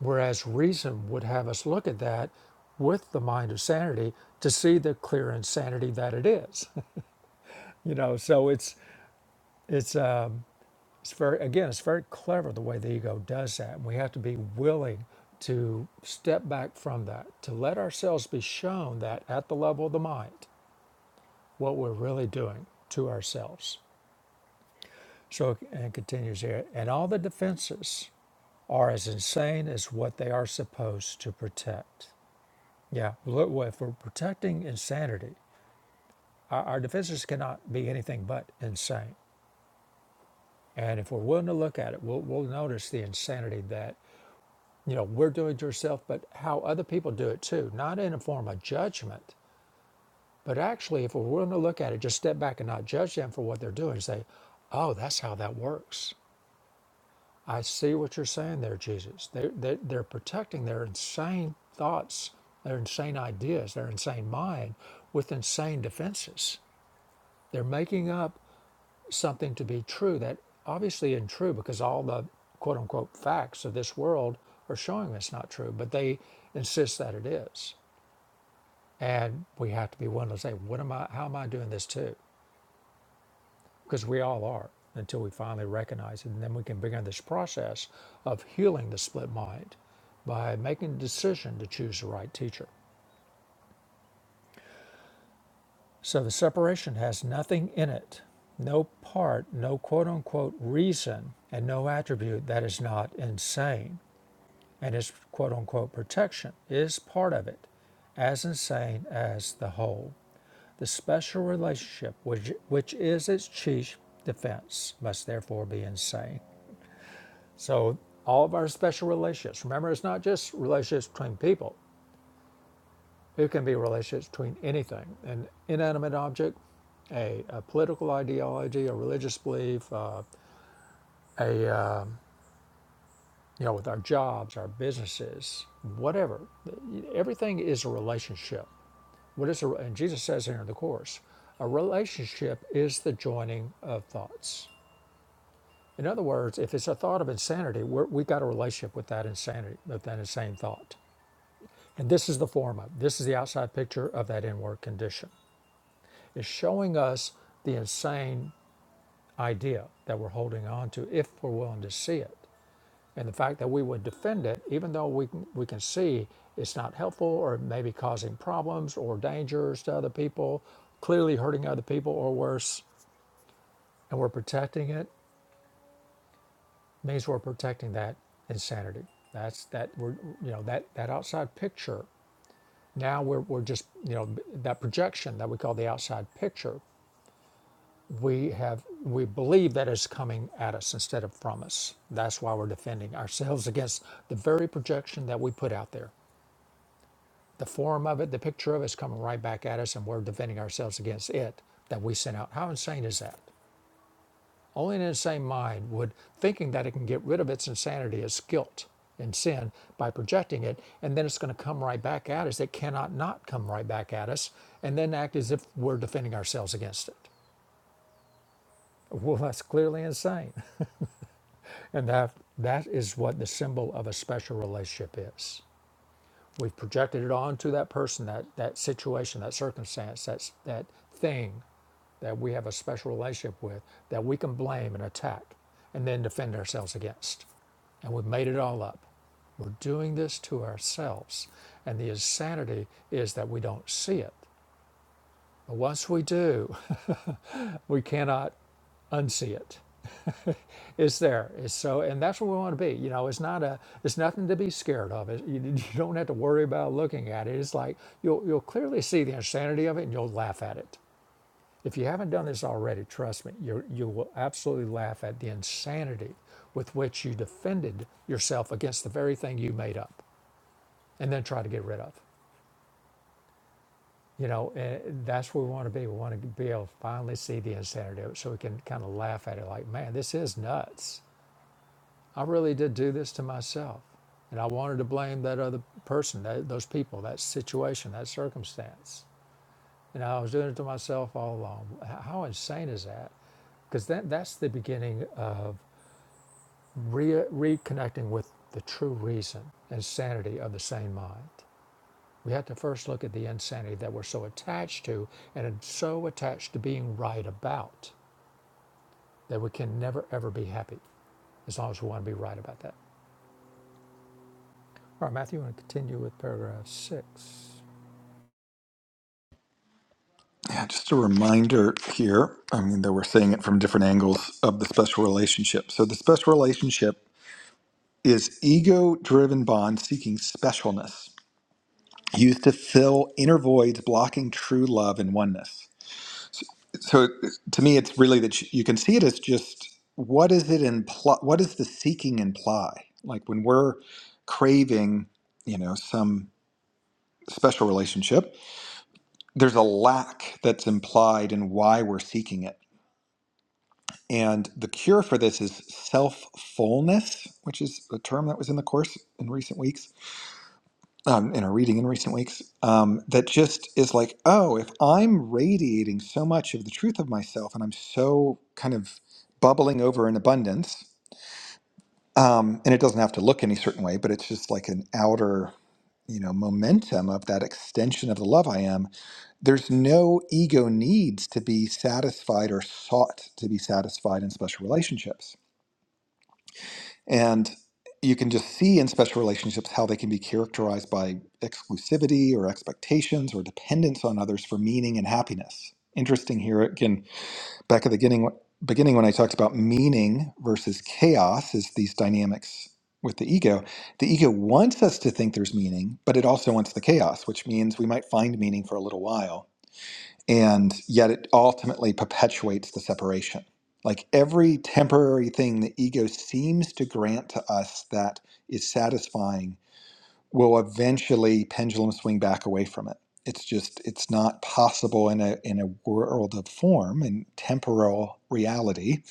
Speaker 1: Whereas reason would have us look at that with the mind of sanity to see the clear insanity that it is. you know, so it's it's uh, it's very again, it's very clever the way the ego does that. And we have to be willing to step back from that, to let ourselves be shown that at the level of the mind, what we're really doing to ourselves. So and it continues here, and all the defenses are as insane as what they are supposed to protect. Yeah, well, if we're protecting insanity, our, our defenses cannot be anything but insane. And if we're willing to look at it, we'll, we'll notice the insanity that, you know, we're doing to ourselves, but how other people do it too, not in a form of judgment, but actually, if we're willing to look at it, just step back and not judge them for what they're doing, say, oh, that's how that works. I see what you're saying there, Jesus. They're, they're, they're protecting their insane thoughts, their insane ideas, their insane mind with insane defenses They're making up something to be true that obviously isn't true because all the quote unquote facts of this world are showing it's not true, but they insist that it is. And we have to be willing to say, what am I, how am I doing this too? Because we all are until we finally recognize it. And then we can begin this process of healing the split mind by making a decision to choose the right teacher. So the separation has nothing in it, no part, no quote unquote reason, and no attribute that is not insane. And its quote unquote protection is part of it, as insane as the whole. The special relationship, which, which is its chief defense, must therefore be insane. So all of our special relationships, remember, it's not just relationships between people, It can be relationships between anything an inanimate object, a, a political ideology, a religious belief, uh, a, um you know, with our jobs, our businesses, whatever. Everything is a relationship. What is a, and Jesus says here in the Course, a relationship is the joining of thoughts. In other words, if it's a thought of insanity, we're, we got a relationship with that insanity, with that insane thought. And this is the form of, this is the outside picture of that inward condition. Is showing us the insane idea that we're holding on to if we're willing to see it. And the fact that we would defend it, even though we can, we can see it's not helpful or maybe causing problems or dangers to other people, clearly hurting other people or worse, and we're protecting it, means we're protecting that insanity. That's that we're, you know, that, that outside picture. Now we're, we're just, you know, that projection that we call the outside picture we have we believe that it's coming at us instead of from us that's why we're defending ourselves against the very projection that we put out there the form of it the picture of it is coming right back at us and we're defending ourselves against it that we sent out how insane is that only an insane mind would thinking that it can get rid of its insanity its guilt and sin by projecting it and then it's going to come right back at us it cannot not come right back at us and then act as if we're defending ourselves against it well that's clearly insane And that that is what the symbol of a special relationship is. We've projected it onto that person, that that situation, that circumstance, that's that thing that we have a special relationship with that we can blame and attack and then defend ourselves against. And we've made it all up. We're doing this to ourselves. And the insanity is that we don't see it. But once we do, we cannot unsee it. It's there. It's so, and that's what we want to be. You know, it's not a, it's nothing to be scared of. It, you, you don't have to worry about looking at it. It's like you'll you'll clearly see the insanity of it, and you'll laugh at it. If you haven't done this already, trust me, you you will absolutely laugh at the insanity with which you defended yourself against the very thing you made up, and then try to get rid of. You know, and that's where we want to be. We want to be able to finally see the insanity of it, so we can kind of laugh at it, like, man, this is nuts. I really did do this to myself. And I wanted to blame that other person, that, those people, that situation, that circumstance. And I was doing it to myself all along. How insane is that? Because that, that's the beginning of re- reconnecting with the true reason and sanity of the sane mind. We have to first look at the insanity that we're so attached to and so attached to being right about that we can never, ever be happy as long as we want to be right about that. All right, Matthew, you want to continue with paragraph six?
Speaker 2: Yeah, just a reminder here. I mean, though we're saying it from different angles of the special relationship. So the special relationship is ego driven bond seeking specialness, used to fill inner voids blocking true love and oneness. so to me it's really that you you can see it as just what is it imply what does the seeking imply like when we're craving you know some special relationship there's a lack that's implied in why we're seeking it and the cure for this is self fullness which is a term that was in the course in recent weeks um, in a reading in recent weeks um, that just is like, oh, if I'm radiating so much of the truth of myself and I'm so kind of bubbling over in abundance, um, and it doesn't have to look any certain way, but it's just like an outer, you know, momentum of that extension of the love I am. There's no ego needs to be satisfied or sought to be satisfied in special relationships and you can just see in special relationships how they can be characterized by exclusivity or expectations or dependence on others for meaning and happiness. Interesting here again, back at the beginning, beginning when I talked about meaning versus chaos, is these dynamics with the ego. The ego wants us to think there's meaning, but it also wants the chaos, which means we might find meaning for a little while and yet it ultimately perpetuates the separation. Like every temporary thing the ego seems to grant to us that is satisfying will eventually pendulum swing back away from it. It's just it's not possible in a in a world of form and temporal reality,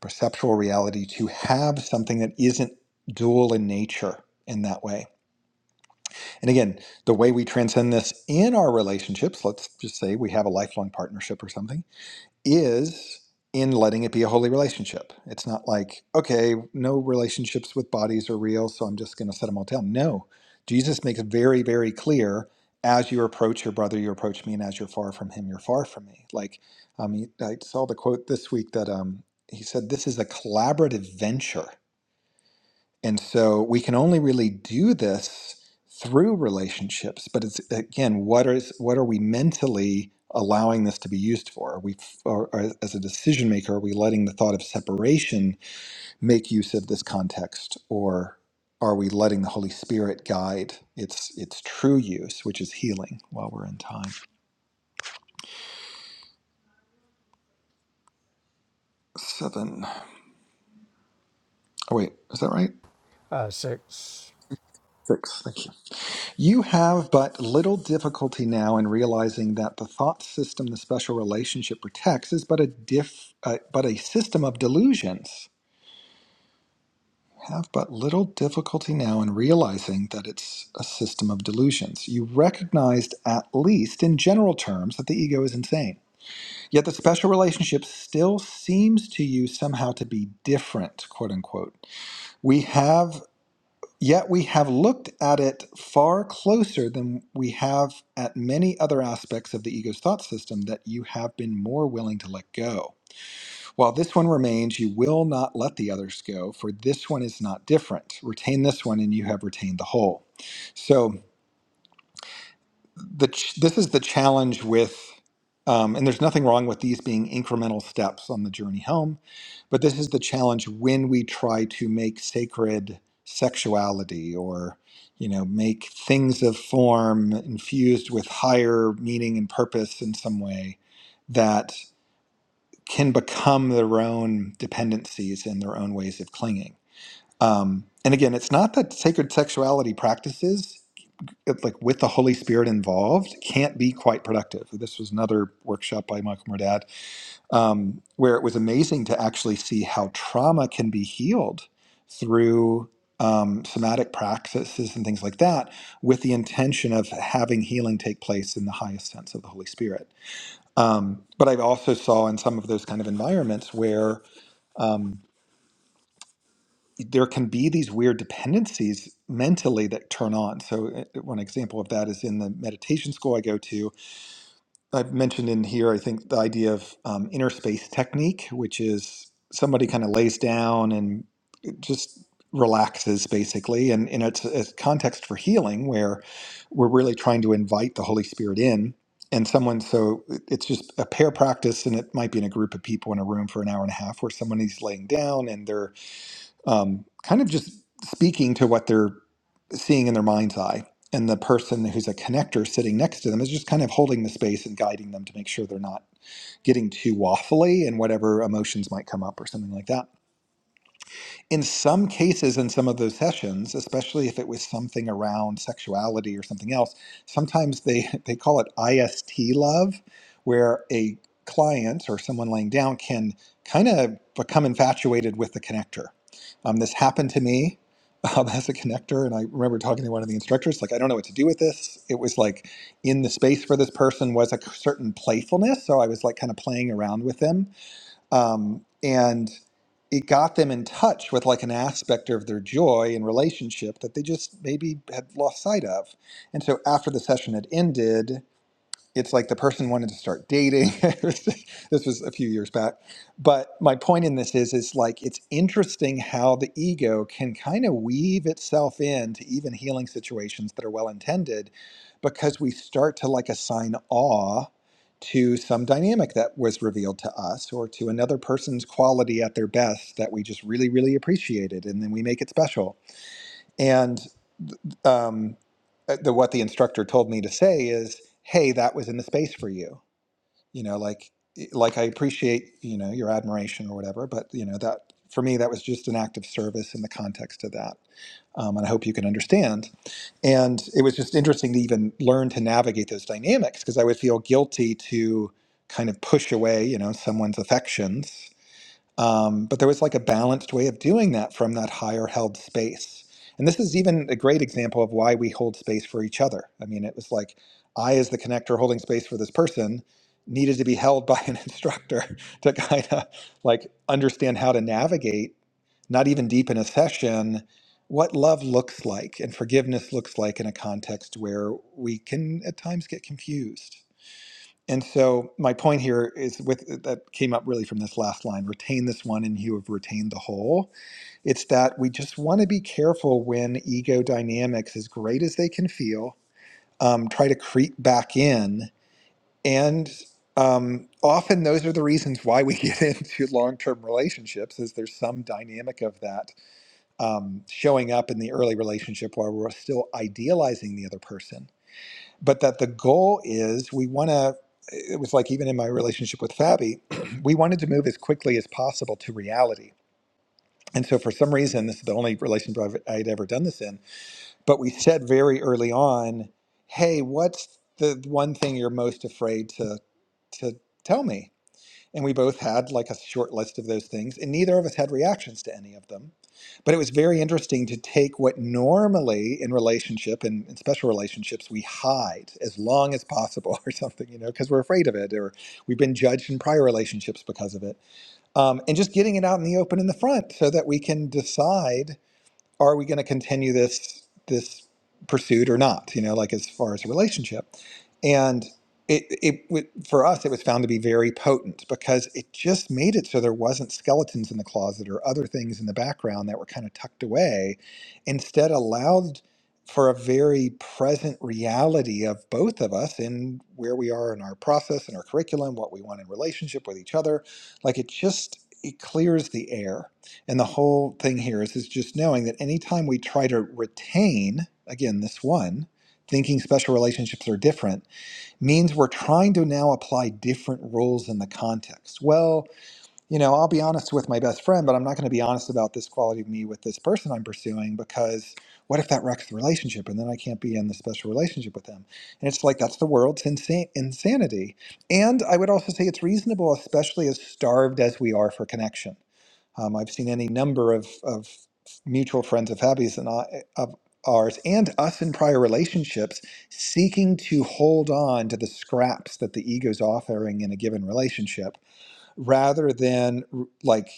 Speaker 2: perceptual reality, to have something that isn't dual in nature in that way. And again, the way we transcend this in our relationships, let's just say we have a lifelong partnership or something is in letting it be a holy relationship. It's not like, okay, no relationships with bodies are real, so I'm just going to set them all down. No, Jesus makes very, very clear as you approach your brother, you approach me, and as you're far from him, you're far from me. Like, um, he- I saw the quote this week that um, he said, This is a collaborative venture. And so we can only really do this through relationships, but it's again, what is what are we mentally allowing this to be used for? Are we or, or as a decision maker, are we letting the thought of separation make use of this context or are we letting the Holy Spirit guide its its true use, which is healing while we're in time? Seven. Oh wait, is that right?
Speaker 1: Uh, six.
Speaker 2: Six. Thank you. You have but little difficulty now in realizing that the thought system the special relationship protects is but a diff, uh, but a system of delusions. Have but little difficulty now in realizing that it's a system of delusions. You recognized, at least in general terms, that the ego is insane. Yet the special relationship still seems to you somehow to be different, quote unquote. We have Yet we have looked at it far closer than we have at many other aspects of the ego's thought system that you have been more willing to let go. While this one remains, you will not let the others go, for this one is not different. Retain this one, and you have retained the whole. So the ch- this is the challenge with um, and there's nothing wrong with these being incremental steps on the journey home but this is the challenge when we try to make sacred sexuality or you know make things of form infused with higher meaning and purpose in some way that can become their own dependencies and their own ways of clinging um, and again it's not that sacred sexuality practices it, like with the Holy Spirit involved can't be quite productive. This was another workshop by Michael Murdad um, where it was amazing to actually see how trauma can be healed through um, somatic practices and things like that, with the intention of having healing take place in the highest sense of the Holy Spirit. Um, but I also saw in some of those kind of environments where um, there can be these weird dependencies mentally that turn on. So, uh, one example of that is in the meditation school I go to I've mentioned in here, I think, the idea of um, inner space technique, which is somebody kind of lays down and just relaxes basically. And, and it's a context for healing where we're really trying to invite the Holy Spirit in. And someone, so it- it's just a pair practice, and it might be in a group of people in a room for an hour and a half where someone is laying down and they're um, kind of just speaking to what they're seeing in their mind's eye. And the person who's a connector sitting next to them is just kind of holding the space and guiding them to make sure they're not getting too waffly and whatever emotions might come up or something like that in some cases in some of those sessions especially if it was something around sexuality or something else sometimes they they call it ist love where a client or someone laying down can kind of become infatuated with the connector um, this happened to me um, as a connector and i remember talking to one of the instructors like i don't know what to do with this it was like in the space for this person was a certain playfulness so i was like kind of playing around with them um, and it got them in touch with like an aspect of their joy and relationship that they just maybe had lost sight of and so after the session had ended it's like the person wanted to start dating this was a few years back but my point in this is is like it's interesting how the ego can kind of weave itself into even healing situations that are well intended because we start to like assign awe to some dynamic that was revealed to us or to another person's quality at their best that we just really really appreciated and then we make it special and um, uh, the what the instructor told me to say is hey that was in the space for you you know like eh, like i appreciate you know your admiration or whatever but you know that for me that was just an act of service in the context of that um, and i hope you can understand and it was just interesting to even learn to navigate those dynamics because i would feel guilty to kind of push away you know someone's affections um, but there was like a balanced way of doing that from that higher held space. And this is even a great example of why we hold space for each other. I mean, it was like I, as the connector holding space for this person, needed to be held by an instructor to kind of like understand how to navigate, not even deep in a session, what love looks like and forgiveness looks like in a context where we can at times get confused. And so my point here is with uh, that came up really from this last line, retain this one and you have retained the whole. It's that we just want to be careful when ego dynamics, as great as they can feel, um, try to creep back in. And um, often those are the reasons why we get into long-term relationships is there's some dynamic of that um, showing up in the early relationship while we're still idealizing the other person but that the goal is we want to it was like even in my relationship with fabi we wanted to move as quickly as possible to reality and so for some reason this is the only relationship I've, i'd ever done this in but we said very early on hey what's the one thing you're most afraid to to tell me and we both had like a short list of those things and neither of us had reactions to any of them but it was very interesting to take what normally in relationship and in special relationships we hide as long as possible or something you know because we're afraid of it or we've been judged in prior relationships because of it um, and just getting it out in the open in the front so that we can decide are we going to continue this this pursuit or not you know like as far as a relationship and it, it w- for us it was found to be very potent because it just made it so there wasn't skeletons in the closet or other things in the background that were kind of tucked away instead allowed for a very present reality of both of us and where we are in our process and our curriculum what we want in relationship with each other like it just it clears the air and the whole thing here is, is just knowing that anytime we try to retain, again, this one, thinking special relationships are different, means we're trying to now apply different rules in the context. Well, you know, I'll be honest with my best friend, but I'm not going to be honest about this quality of me with this person I'm pursuing because what if that wrecks the relationship and then I can't be in the special relationship with them? And it's like, that's the world's insa- insanity. And I would also say it's reasonable, especially as starved as we are for connection um, I've seen any number of, of mutual friends of Happy's and I, of ours and us in prior relationships seeking to hold on to the scraps that the ego's offering in a given relationship rather than r- like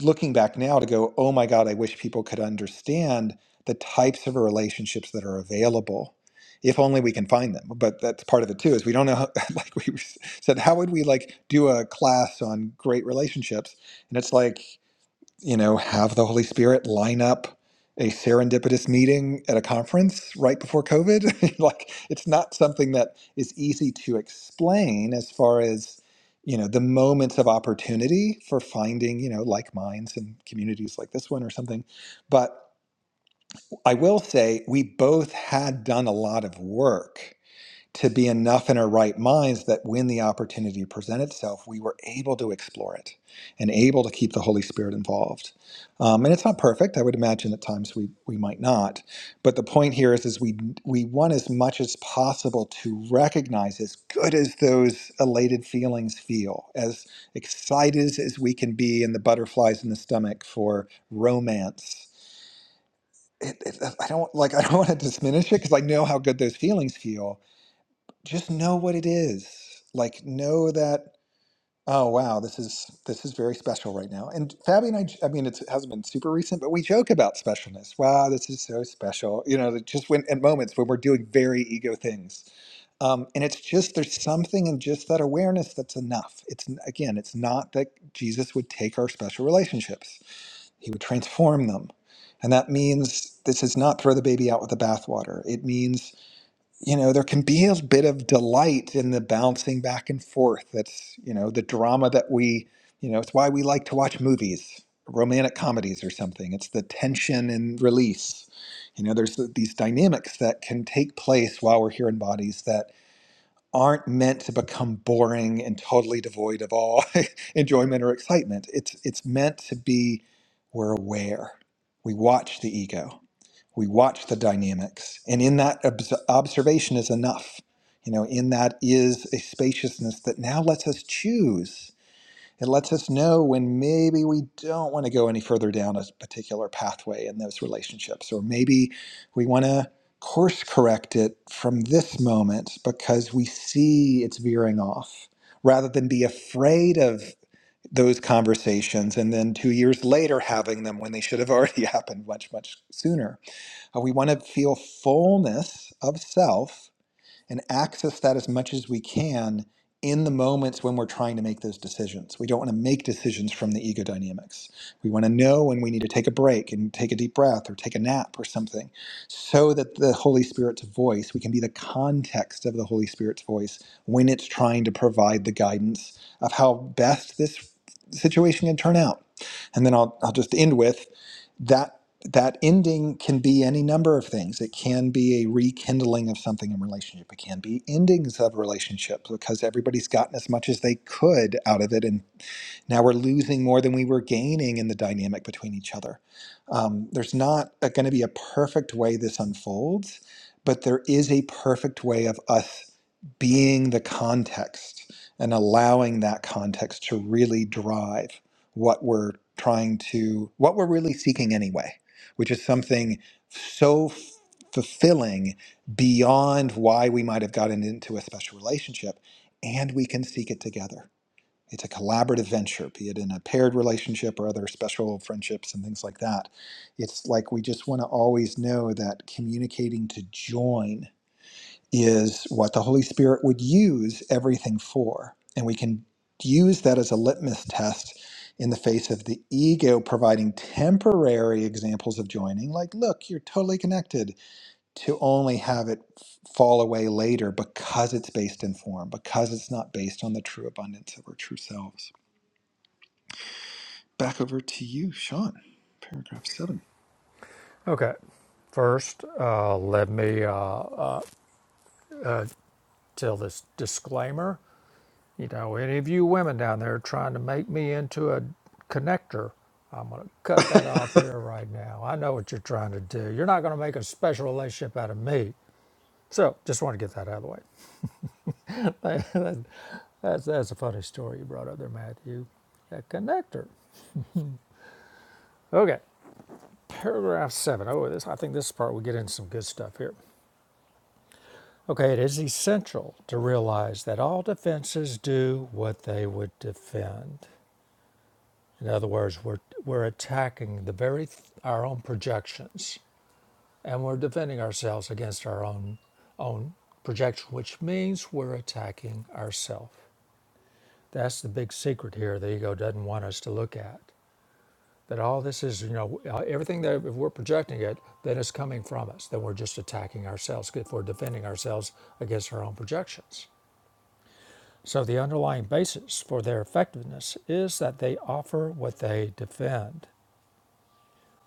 Speaker 2: looking back now to go, oh my God, I wish people could understand the types of relationships that are available if only we can find them but that's part of it too is we don't know how, like we said how would we like do a class on great relationships and it's like you know, have the Holy Spirit line up a serendipitous meeting at a conference right before COVID. like, it's not something that is easy to explain as far as, you know, the moments of opportunity for finding, you know, like minds and communities like this one or something. But I will say we both had done a lot of work to be enough in our right minds that when the opportunity presented itself, we were able to explore it and able to keep the Holy Spirit involved. Um, and it's not perfect. I would imagine at times we, we might not. But the point here is, is we, we want as much as possible to recognize, as good as those elated feelings feel, as excited as we can be and the butterflies in the stomach for romance. It, it, I don't like. I don't want to diminish it because I know how good those feelings feel, just know what it is like know that oh wow this is this is very special right now and fabi and i j- i mean it's, it hasn't been super recent but we joke about specialness wow this is so special you know that just when at moments when we're doing very ego things um, and it's just there's something in just that awareness that's enough it's n- again it's not that jesus would take our special relationships he would transform them and that means this is not throw the baby out with the bathwater it means you know, there can be a bit of delight in the bouncing back and forth. That's, you know, the drama that we, you know, it's why we like to watch movies, romantic comedies or something. It's the tension and release. You know, there's th- these dynamics that can take place while we're here in bodies that aren't meant to become boring and totally devoid of all enjoyment or excitement. It's it's meant to be we're aware. We watch the ego we watch the dynamics and in that obs- observation is enough you know in that is a spaciousness that now lets us choose it lets us know when maybe we don't want to go any further down a particular pathway in those relationships or maybe we want to course correct it from this moment because we see it's veering off rather than be afraid of those conversations and then two years later having them when they should have already happened much much sooner uh, we want to feel fullness of self and access that as much as we can in the moments when we're trying to make those decisions. We don't want to make decisions from the ego dynamics. We want to know when we need to take a break and take a deep breath or take a nap or something so that the Holy Spirit's voice, we can be the context of the Holy Spirit's voice when it's trying to provide the guidance of how best this situation can turn out. And then I'll, I'll just end with that that ending can be any number of things. It can be a rekindling of something in relationship. It can be endings of relationships because everybody's gotten as much as they could out of it and. Now we're losing more than we were gaining in the dynamic between each other. Um, there's not going to be a perfect way this unfolds, but there is a perfect way of us being the context and allowing that context to really drive what we're trying to, what we're really seeking anyway, which is something so f- fulfilling beyond why we might have gotten into a special relationship, and we can seek it together. It's a collaborative venture, be it in a paired relationship or other special friendships and things like that. It's like we just want to always know that communicating to join is what the Holy Spirit would use everything for. And we can use that as a litmus test in the face of the ego providing temporary examples of joining, like, look, you're totally connected, to only have it f- fall away later because it's based in form, because it's not based on the true abundance of our true selves. Back over to you, Sean. Paragraph seven.
Speaker 1: Okay. First, uh, let me uh, tell this disclaimer. You know, any of you women down there trying to make me into a connector, I'm going to cut that off here right now. I know what you're trying to do. You're not going to make a special relationship out of me. So, just want to get that out of the way. that's, that's a funny story you brought up there, Matthew. A connector. Okay. Paragraph seven. Oh, this I think this part we get into some good stuff here. Okay, it is essential to realize that all defenses do what they would defend. In other words, we're, we're attacking the very th- our own projections, and we're defending ourselves against our own own projection, which means we're attacking ourselves. That's the big secret here. The ego doesn't want us to look at that. All this is, you know, uh, everything that if we're projecting it, then it's coming from us. Then we're just attacking ourselves if we're defending ourselves against our own projections. So the underlying basis for their effectiveness is that they offer what they defend.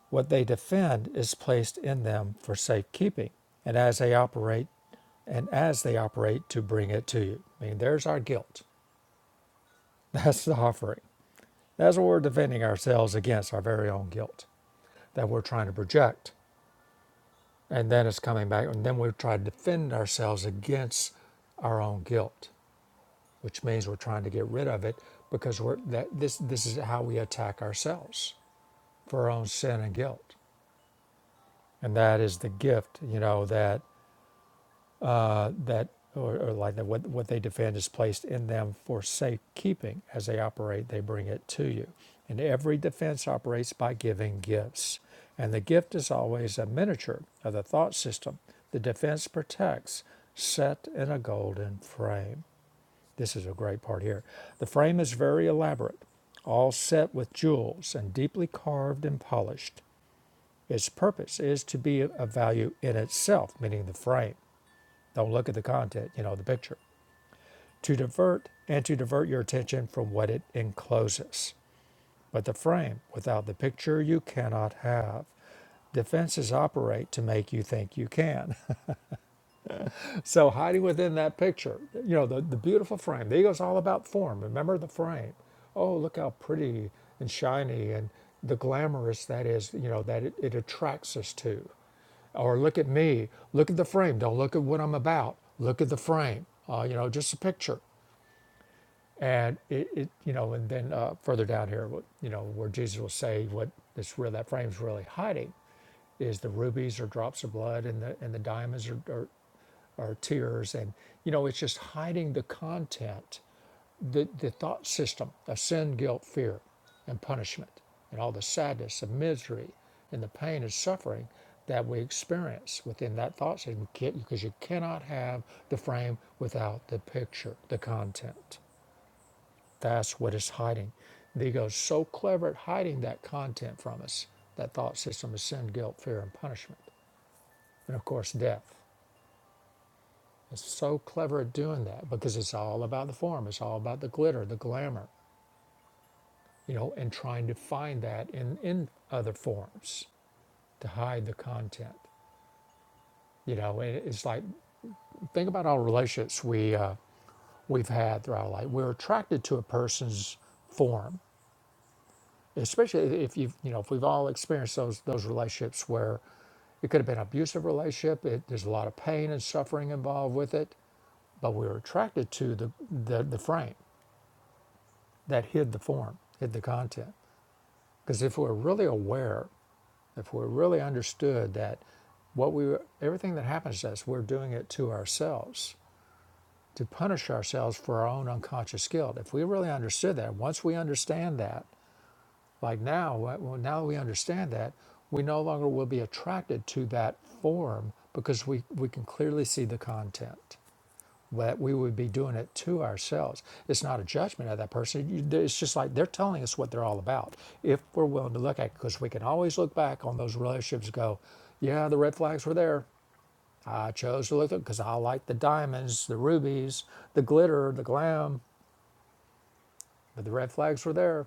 Speaker 1: What they defend is placed in them for safekeeping, and as they operate, and as they operate to bring it to you. I mean, there's our guilt. That's the offering. That's what we're defending ourselves against, our very own guilt that we're trying to project. And then it's coming back, and then we try to defend ourselves against our own guilt. which means we're trying to get rid of it because we're that this this is how we attack ourselves for our own sin and guilt and that is the gift you know that that or, or like that what, what they defend is placed in them for safekeeping as they operate they bring it to you and every defense operates by giving gifts and the gift is always a miniature of the thought system the defense protects set in a golden frame This is a great part here. The frame is very elaborate, all set with jewels and deeply carved and polished. Its purpose is to be of value in itself, meaning the frame. Don't look at the content, you know, the picture. To divert and to divert your attention from what it encloses. But the frame, without the picture, you cannot have. Defenses operate to make you think you can. So hiding within that picture, you know, the, the beautiful frame. The ego's all about form. Remember the frame. Oh, look how pretty and shiny and the glamorous that is, you know, that it, it attracts us to. Or look at me. Look at the frame. Don't look at what I'm about. Look at the frame. Uh, you know, just a picture. And it, it you know, and then uh, further down here, you know, where Jesus will say what this real that frame's really hiding is the rubies or drops of blood and the and the diamonds or, or or tears and you know it's just hiding the content the, the thought system of sin guilt fear and punishment and all the sadness and misery and the pain and suffering that we experience within that thought system because you cannot have the frame without the picture the content that's what it's hiding the ego is so clever at hiding that content from us that thought system of sin guilt fear and punishment and of course death It's so clever at doing that because it's all about the form, it's all about the glitter, the glamour, you know, and trying to find that in, in other forms to hide the content. You know, it's like think about all relationships we uh, we've had throughout our life. We're attracted to a person's form, especially if you've you know if we've all experienced those those relationships where it could have been an abusive relationship. It, there's a lot of pain and suffering involved with it, but we were attracted to the the, the frame. that hid the form, hid the content. Because if we're really aware, if we really understood that what we everything that happens to us, we're doing it to ourselves to punish ourselves for our own unconscious guilt. If we really understood that, once we understand that, like now, uh, well, now we understand that, we no longer will be attracted to that form because we, we can clearly see the content that we would be doing it to ourselves. It's not a judgment of that person. It's just like they're telling us what they're all about if we're willing to look at it, because we can always look back on those relationships and go, yeah, the red flags were there. I chose to look at them because I like the diamonds, the rubies, the glitter, the glam, but the red flags were there.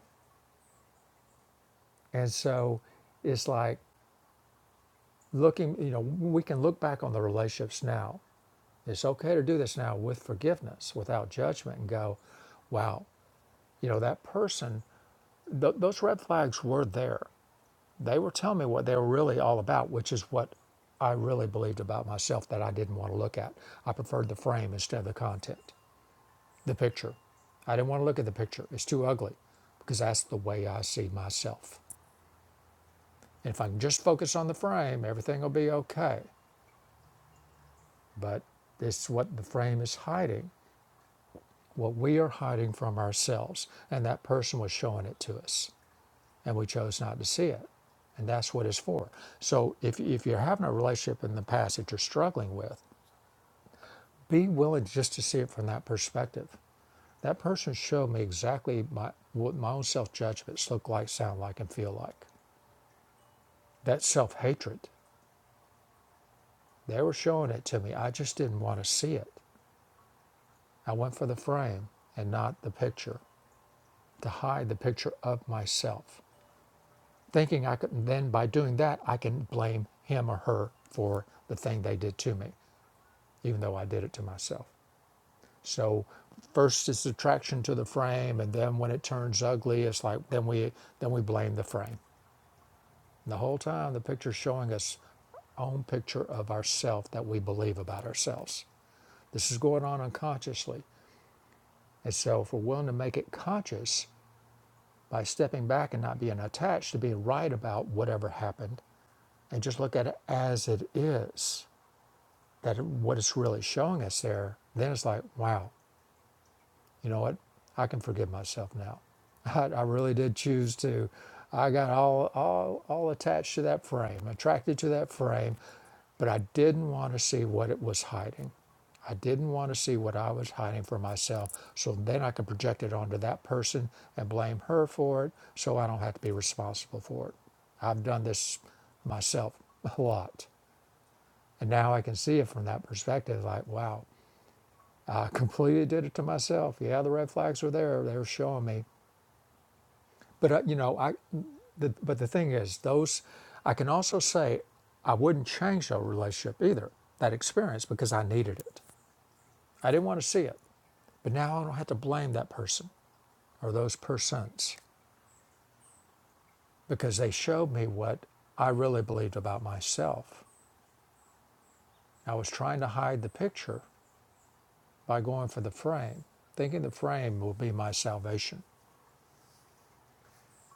Speaker 1: And so it's like looking, you know, we can look back on the relationships now. It's okay to do this now with forgiveness, without judgment, and go, wow, you know, that person th- those red flags were there. They were telling me what they were really all about, which is what I really believed about myself that I didn't want to look at. I preferred the frame instead of the content, the picture. I didn't want to look at the picture. It's too ugly because that's the way I see myself. And if I can just focus on the frame, everything will be okay. But it's what the frame is hiding, what we are hiding from ourselves. And that person was showing it to us. and we chose not to see it. And that's what it's for. So if, if you're having a relationship in the past that you're struggling with, be willing just to see it from that perspective. That person showed me exactly my, what my own self judgments look like, sound like, and feel like. That self hatred, they were showing it to me. I just didn't want to see it. I went for the frame and not the picture to hide the picture of myself, thinking I could then, by doing that, I can blame him or her for the thing they did to me. even though I did it to myself. So first it's attraction to the frame, and then when it turns ugly, it's like then we then we blame the frame. And the whole time the picture's showing us our own picture of ourself that we believe about ourselves. This is going on unconsciously. And so if we're willing to make it conscious by stepping back and not being attached to being right about whatever happened and just look at it as it is, that what it's really showing us there, then it's like, wow, you know what? I can forgive myself now. I, I really did choose to. I got all, all, all attached to that frame, attracted to that frame, but I didn't want to see what it was hiding. I didn't want to see what I was hiding for myself. So then I could project it onto that person and blame her for it so I don't have to be responsible for it. I've done this myself a lot. And now I can see it from that perspective like, wow, I completely did it to myself. Yeah, the red flags were there; they were showing me. But uh, you know, I. The, but the thing is, those I can also say I wouldn't change that relationship either. That experience because I needed it. I didn't want to see it, but now I don't have to blame that person or those persons because they showed me what I really believed about myself. I was trying to hide the picture by going for the frame, thinking the frame will be my salvation.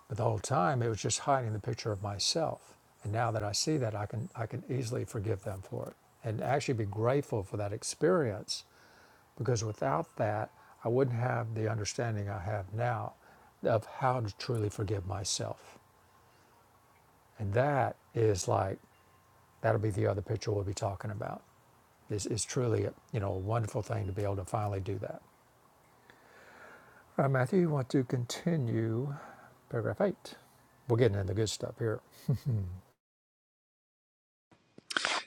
Speaker 1: But the whole time it was just hiding the picture of myself. And now that I see that, I can I can easily forgive them for it and actually be grateful for that experience because without that, I wouldn't have the understanding I have now of how to truly forgive myself. And that is like that'll be the other picture we'll be talking about. It's, it's truly a, you know a wonderful thing to be able to finally do that. All right, Matthew, you want to continue paragraph eight? We're getting into the good stuff here.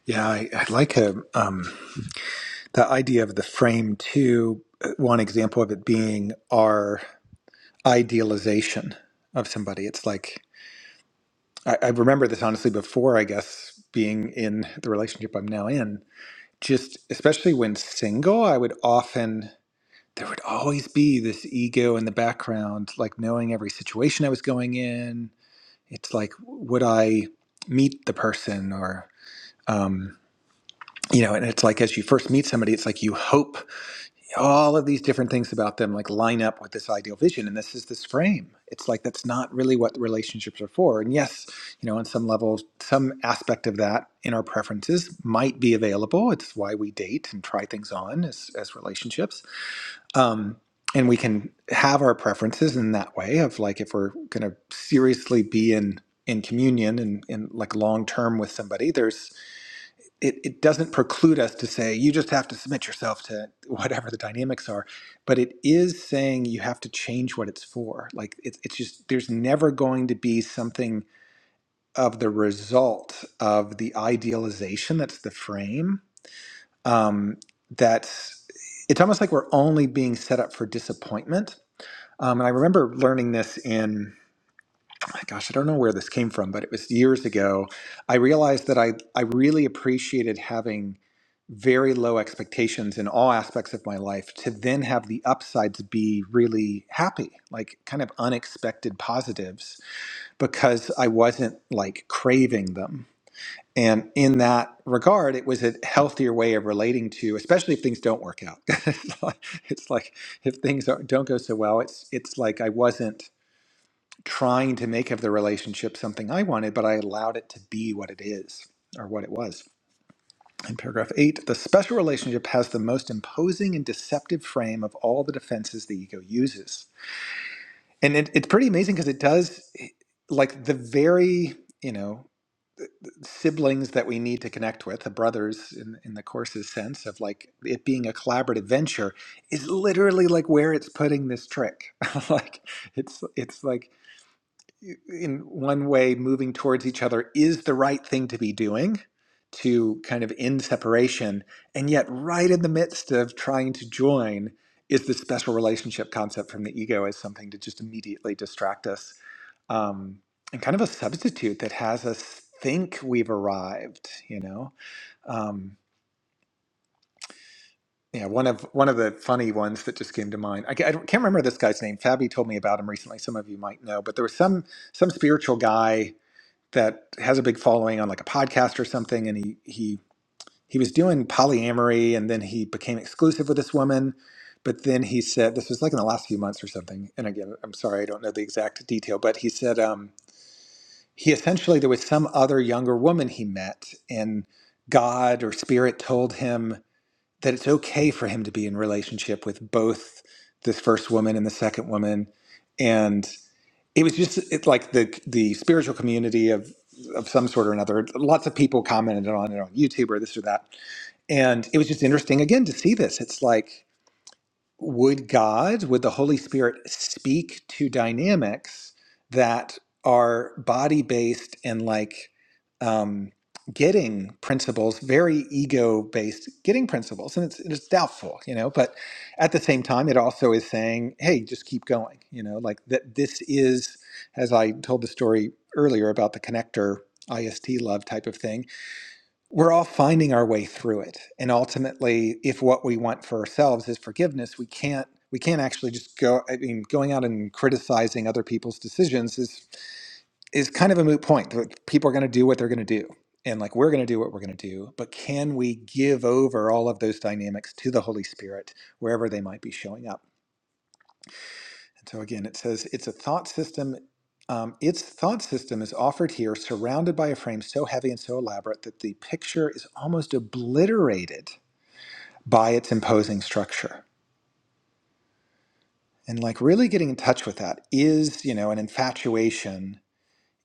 Speaker 2: yeah, I, I like a, um, the idea of the frame too. One example of it being our idealization of somebody. It's like I, I remember this honestly before, I guess, being in the relationship I'm now in. Just especially when single, I would often there would always be this ego in the background, like knowing every situation I was going in, it's like would i meet the person or um you know and it's like as you first meet somebody it's like you hope all of these different things about them like line up with this ideal vision and this is this frame it's like that's not really what relationships are for and yes you know on some level some aspect of that in our preferences might be available it's why we date and try things on as as relationships um, and we can have our preferences in that way of like if we're going to seriously be in in communion and, and like long term with somebody there's it, it doesn't preclude us to say you just have to submit yourself to whatever the dynamics are but it is saying you have to change what it's for like it's it's just there's never going to be something of the result of the idealization that's the frame um, that's it's almost like we're only being set up for disappointment um, and I remember learning this in, gosh, I don't know where this came from, but it was years ago. I realized that I, I really appreciated having very low expectations in all aspects of my life to then have the upsides be really happy, like kind of unexpected positives, because I wasn't like craving them. And in that regard, it was a healthier way of relating to, especially if things don't work out. it's like it's like if things don't don't go so well, it's it's like I wasn't trying to make of the relationship something I wanted, but I allowed it to be what it is or what it was. In paragraph eight, the special relationship has the most imposing and deceptive frame of all the defenses the ego uses. And it, it's pretty amazing because it does, eh, like, the very, you know, siblings that we need to connect with, the brothers in, in the course's sense of like it being a collaborative venture, is literally like where it's putting this trick. like, it's, it's like, in one way moving towards each other is the right thing to be doing to kind of end separation and yet right in the midst of trying to join is the special relationship concept from the ego as something to just immediately distract us um, and kind of a substitute that has us think we've arrived you know um, yeah one of one of the funny ones that just came to mind i, ca- I don't- can't remember this guy's name fabi told me about him recently some of you might know but there was some some spiritual guy that has a big following on like a podcast or something and he he he was doing polyamory and then he became exclusive with this woman but then he said this was like in the last few months or something and again i'm sorry i don't know the exact detail but he said um, he essentially there was some other younger woman he met and god or spirit told him that it's okay for him to be in relationship with both this first woman and the second woman and it was just it's like the the spiritual community of of some sort or another. Lots of people commented on it on YouTube or this or that, and it was just interesting again to see this. It's like would God, would the Holy Spirit speak to dynamics that are body based and like um, getting principles, very ego based getting principles? And it's, it's doubtful, you know, but at the same time, it also is saying, hey, just keep going, you know, like that this is, as I told the story earlier about the connector IST love type of thing we're all finding our way through it and ultimately if what we want for ourselves is forgiveness we can't we can't actually just go i mean going out and criticizing other people's decisions is is kind of a moot point Like, people are going to do what they're going to do and like we're going to do what we're going to do but can we give over all of those dynamics to the holy spirit wherever they might be showing up and so again, it says it's a thought system. Um, its thought system is offered here, surrounded by a frame so heavy and so elaborate that the picture is almost obliterated by its imposing structure. And like really getting in touch with that is, you know, an infatuation.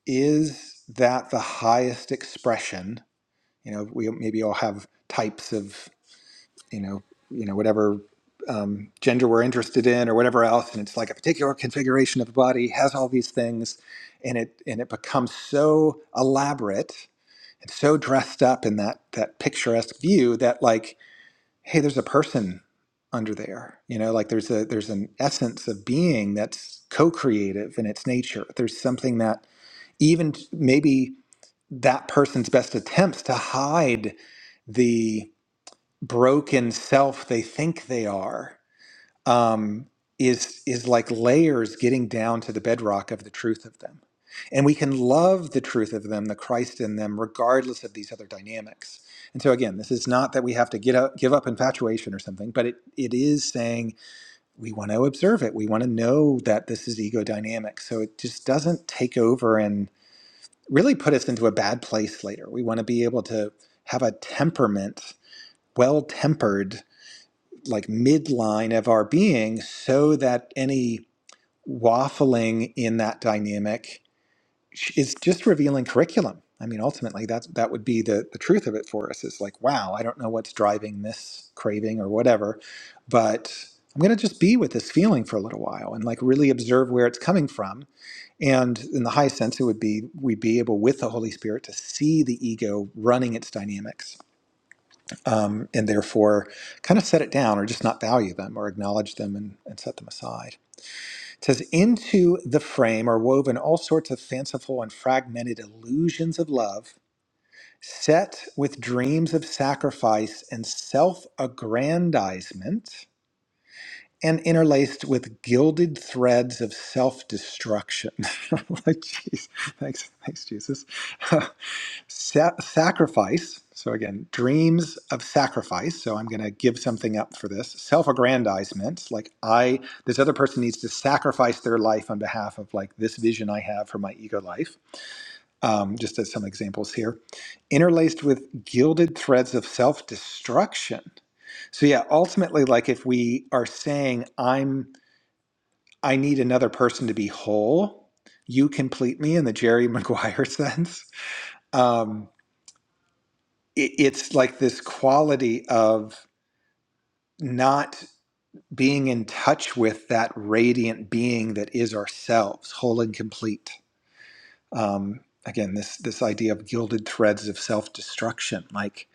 Speaker 2: Is that the highest expression? You know, we maybe all have types of you know, you know, whatever um, gender we're interested in or whatever else. And it's like a particular configuration of a body has all these things, and it and it becomes so elaborate and so dressed up in that that picturesque view that like, hey, there's a person under there. You know, like there's a there's an essence of being that's co-creative in its nature. There's something that even maybe that person's best attempts to hide the broken self they think they are um, is is like layers getting down to the bedrock of the truth of them and we can love the truth of them the christ in them regardless of these other dynamics and so again this is not that we have to get up, give up infatuation or something but it, it is saying we want to observe it we want to know that this is ego dynamic so it just doesn't take over and really put us into a bad place later we want to be able to have a temperament well tempered like midline of our being so that any waffling in that dynamic is just revealing curriculum i mean ultimately that's that would be the the truth of it for us is like wow i don't know what's driving this craving or whatever but i'm going to just be with this feeling for a little while and like really observe where it's coming from and in the high sense it would be we'd be able with the holy spirit to see the ego running its dynamics um, and therefore kind of set it down or just not value them or acknowledge them and, and set them aside. It says, Into the frame are woven all sorts of fanciful and fragmented illusions of love, set with dreams of sacrifice and self aggrandizement. And interlaced with gilded threads of self-destruction. like, jeez, thanks, thanks, Jesus. Sa- sacrifice. So again, dreams of sacrifice. So I'm going to give something up for this. Self-aggrandizement, like I, this other person needs to sacrifice their life on behalf of like this vision I have for my ego life. Um, just as some examples here, interlaced with gilded threads of self-destruction. So yeah, ultimately, like if we are saying I'm, I need another person to be whole, you complete me in the Jerry Maguire sense. Um, it, it's like this quality of not being in touch with that radiant being that is ourselves, whole and complete. Um, again, this this idea of gilded threads of self destruction. Like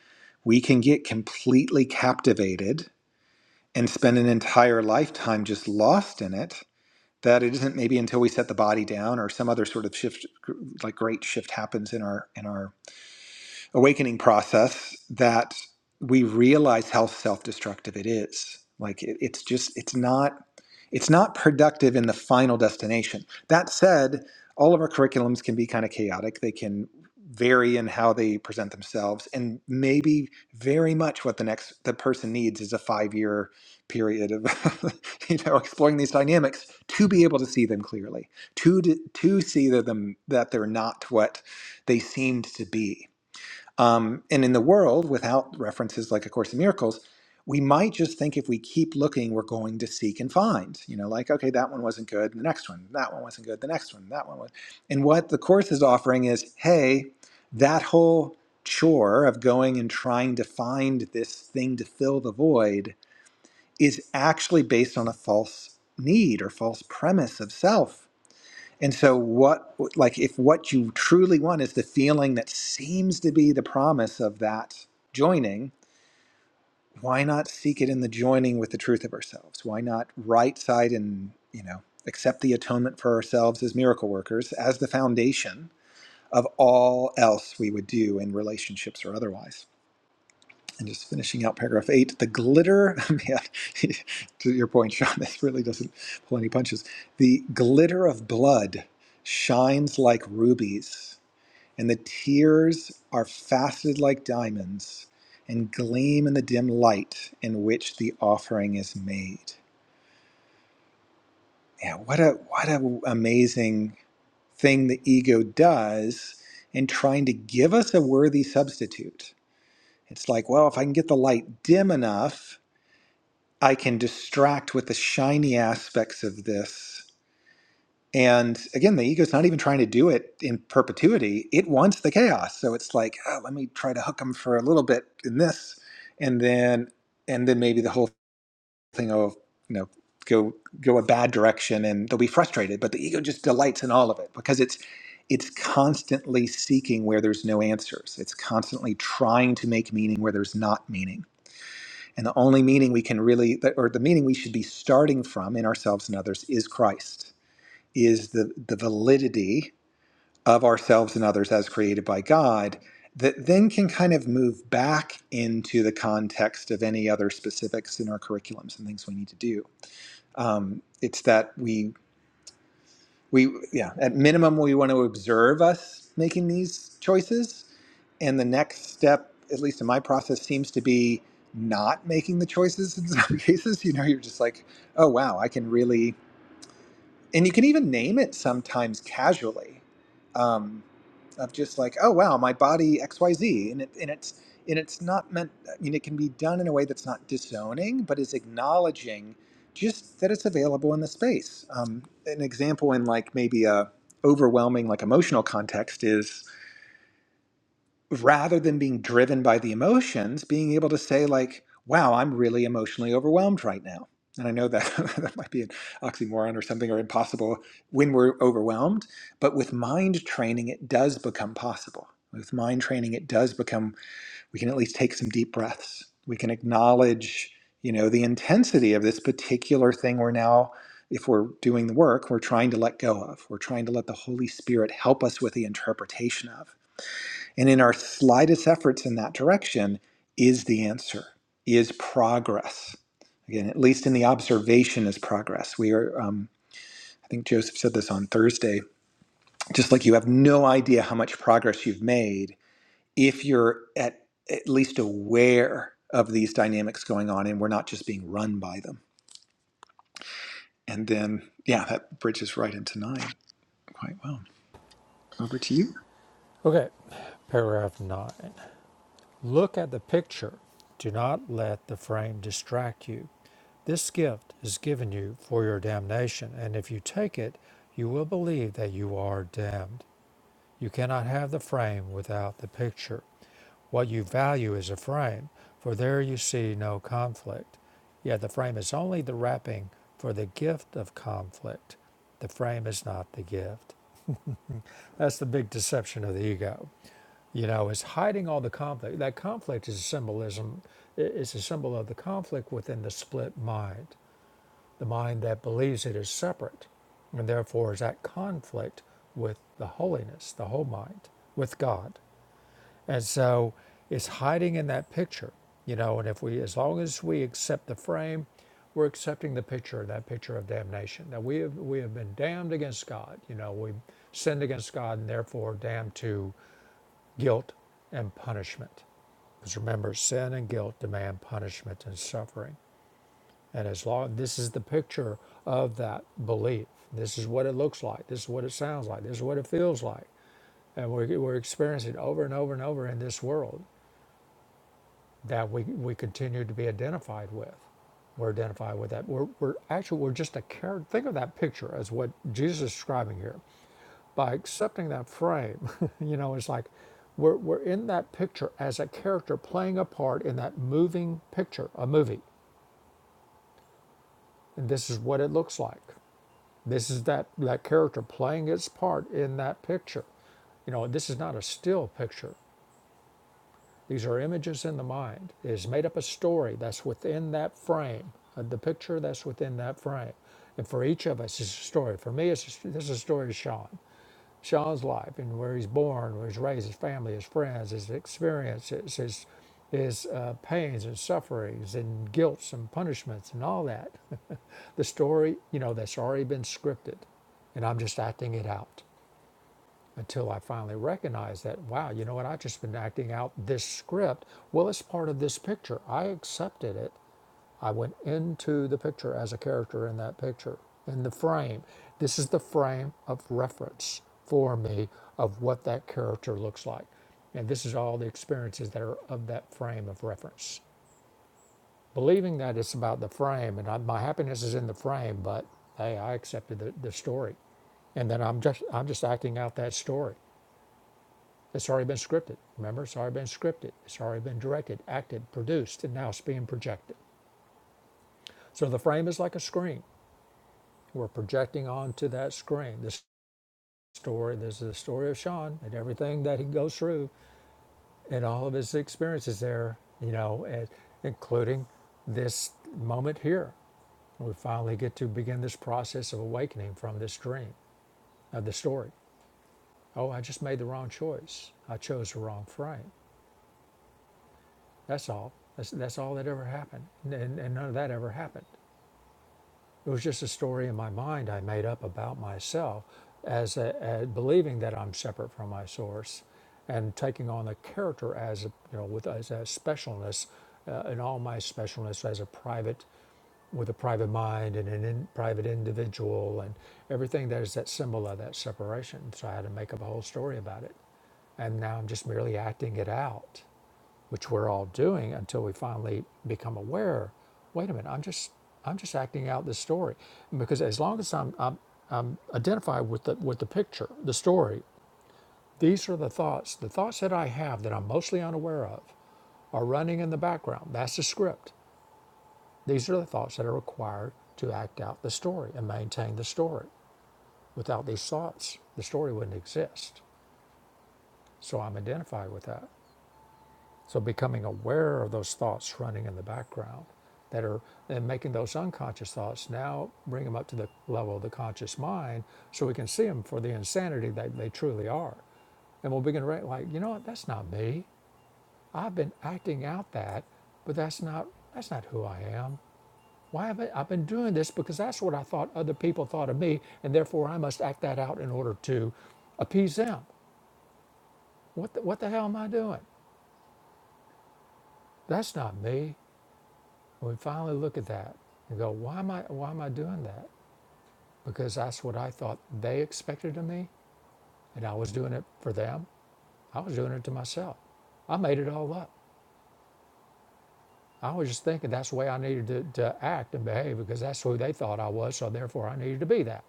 Speaker 2: we can get completely captivated and spend an entire lifetime just lost in it. That it isn't maybe until we set the body down or some other sort of shift, like great shift happens in our in our awakening process that we realize how self-destructive it is like it, it's just it's not it's not productive in the final destination that said all of our curriculums can be kind of chaotic they can vary in how they present themselves and maybe very much what the next the person needs is a five year period of you know exploring these dynamics to be able to see them clearly to to see that them that they're not what they seemed to be um, and in the world, without references like A Course in Miracles, we might just think if we keep looking, we're going to seek and find. You know, like, okay, that one wasn't good, the next one, that one wasn't good, the next one, that one was. And what the Course is offering is hey, that whole chore of going and trying to find this thing to fill the void is actually based on a false need or false premise of self and so, what, like, if what you truly want is the feeling that seems to be the promise of that joining, why not seek it in the joining with the truth of ourselves? Why not right side and, you know, accept the atonement for ourselves as miracle workers as the foundation of all else we would do in relationships or otherwise? And just finishing out paragraph eight, the glitter, man, to your point, Sean, this really doesn't pull any punches. The glitter of blood shines like rubies, and the tears are faceted like diamonds and gleam in the dim light in which the offering is made. Yeah, what a what a amazing thing the ego does in trying to give us a worthy substitute. It's like, well, if I can get the light dim enough, I can distract with the shiny aspects of this. And again, the ego's not even trying to do it in perpetuity. It wants the chaos. So it's like, oh, let me try to hook them for a little bit in this, and then and then maybe the whole thing will, you know, go go a bad direction and they'll be frustrated. But the ego just delights in all of it because it's it's constantly seeking where there's no answers. It's constantly trying to make meaning where there's not meaning and the only meaning we can really, or the meaning we should be starting from in ourselves and others is Christ, is the, the validity of ourselves and others as created by God, that then can kind of move back into the context of any other specifics in our curriculums and things we need to do. Um, it's that we we yeah at minimum we want to observe us making these choices and the next step at least in my process seems to be not making the choices in some cases you know you're just like oh wow i can really and you can even name it sometimes casually Um, of just like oh wow my body xyz and, it, and it's and it's not meant i mean it can be done in a way that's not disowning but is acknowledging just that it's available in the space um, an example in like maybe a overwhelming like emotional context is rather than being driven by the emotions, being able to say like, "Wow, I'm really emotionally overwhelmed right now." And I know that that might be an oxymoron or something or impossible when we're overwhelmed, but with mind training, it does become possible. With mind training, it does become we can at least take some deep breaths. We can acknowledge, you know, the intensity of this particular thing we're now if we're doing the work, we're trying to let go of. We're trying to let the Holy Spirit help us with the interpretation of. And in our slightest efforts in that direction is the answer, is progress. Again, at least in the observation is progress. We are, um, I think Joseph said this on Thursday, just like you have no idea how much progress you've made if you're at, at least aware of these dynamics going on and we're not just being run by them. And then, yeah, that bridges right into nine quite well. Over to you.
Speaker 1: Okay, paragraph 9. Look at the picture. Do not let the frame distract you. This gift is given you for your damnation, and if you take it, you will believe that you are damned. You cannot have the frame without the picture. What you value is a frame, for there you see no conflict. Yet the frame is only the wrapping for the gift of conflict. The frame is not the gift. That's the big deception of the ego. You know, it's hiding all the conflict. That conflict is a symbolism. It's a symbol of the conflict within the split mind, the mind that believes it is separate, and therefore is at conflict with the holiness, the whole mind, with God. And so, it's hiding in that picture. You know, and if we, as long as we accept the frame, we're accepting the picture, that picture of damnation. That we have we have been damned against God. You know, we sinned against God, and therefore damned to guilt and punishment. Because remember, sin and guilt demand punishment and suffering. And as long this is the picture of that belief, this is what it looks like, this is what it sounds like, this is what it feels like. And we're, we're experiencing over and over and over in this world that we, we continue to be identified with. We're identified with that. We're, we're actually, we're just a character. Think of that picture as what Jesus is describing here by accepting that frame, you know, it's like we're, we're in that picture as a character playing a part in that moving picture, a movie. And this is what it looks like. This is that, that character playing its part in that picture. You know, this is not a still picture. These are images in the mind. It is made up a story that's within that frame, uh, the picture that's within that frame. And for each of us, it's a story. For me, it's a, this is a story of Sean. Sean's life and where he's born, where he's raised, his family, his friends, his experiences, his his uh, pains and sufferings and guilts and punishments and all that. the story, you know, that's already been scripted, and I'm just acting it out until I finally recognize that. Wow, you know what? I've just been acting out this script. Well, it's part of this picture. I accepted it. I went into the picture as a character in that picture, in the frame. This is the frame of reference for me of what that character looks like. And this is all the experiences that are of that frame of reference. Believing that it's about the frame and I, my happiness is in the frame, but hey, I accepted the, the story. And then I'm just I'm just acting out that story. It's already been scripted. Remember, it's already been scripted. It's already been directed, acted, produced, and now it's being projected. So the frame is like a screen. We're projecting onto that screen this story. This is the story of Sean and everything that he goes through and all of his experiences there, you know, and including this moment here. We finally get to begin this process of awakening from this dream of the story. Oh, I just made the wrong choice. I chose the wrong frame. That's all. That's, that's all that ever happened. And, and none of that ever happened. It was just a story in my mind I made up about myself as, a, as believing that I'm separate from my source and taking on the character as a, you know with as a specialness uh, and all my specialness as a private with a private mind and an in, private individual and everything that is that symbol of that separation so I had to make up a whole story about it and now I'm just merely acting it out which we're all doing until we finally become aware wait a minute i'm just i'm just acting out this story because as long as i'm, I'm identified with the with the picture the story these are the thoughts the thoughts that i have that i'm mostly unaware of are running in the background that's the script these are the thoughts that are required to act out the story and maintain the story without these thoughts the story wouldn't exist so i'm identified with that So becoming aware of those thoughts running in the background that are and making those unconscious thoughts now bring them up to the level of the conscious mind so we can see them for the insanity that they truly are. And we'll begin to re- like, you know what, that's not me. I've been acting out that, but that's not that's not who I am. Why have I, I've been doing this because that's what I thought other people thought of me, and therefore I must act that out in order to appease them. What the, what the hell am I doing? That's not me. When we finally look at that and go, why am I why am I doing that? Because that's what I thought they expected of me, and I was doing it for them. I was doing it to myself. I made it all up. I was just thinking that's the way I needed to, to act and behave because that's who they thought I was, so therefore I needed to be that.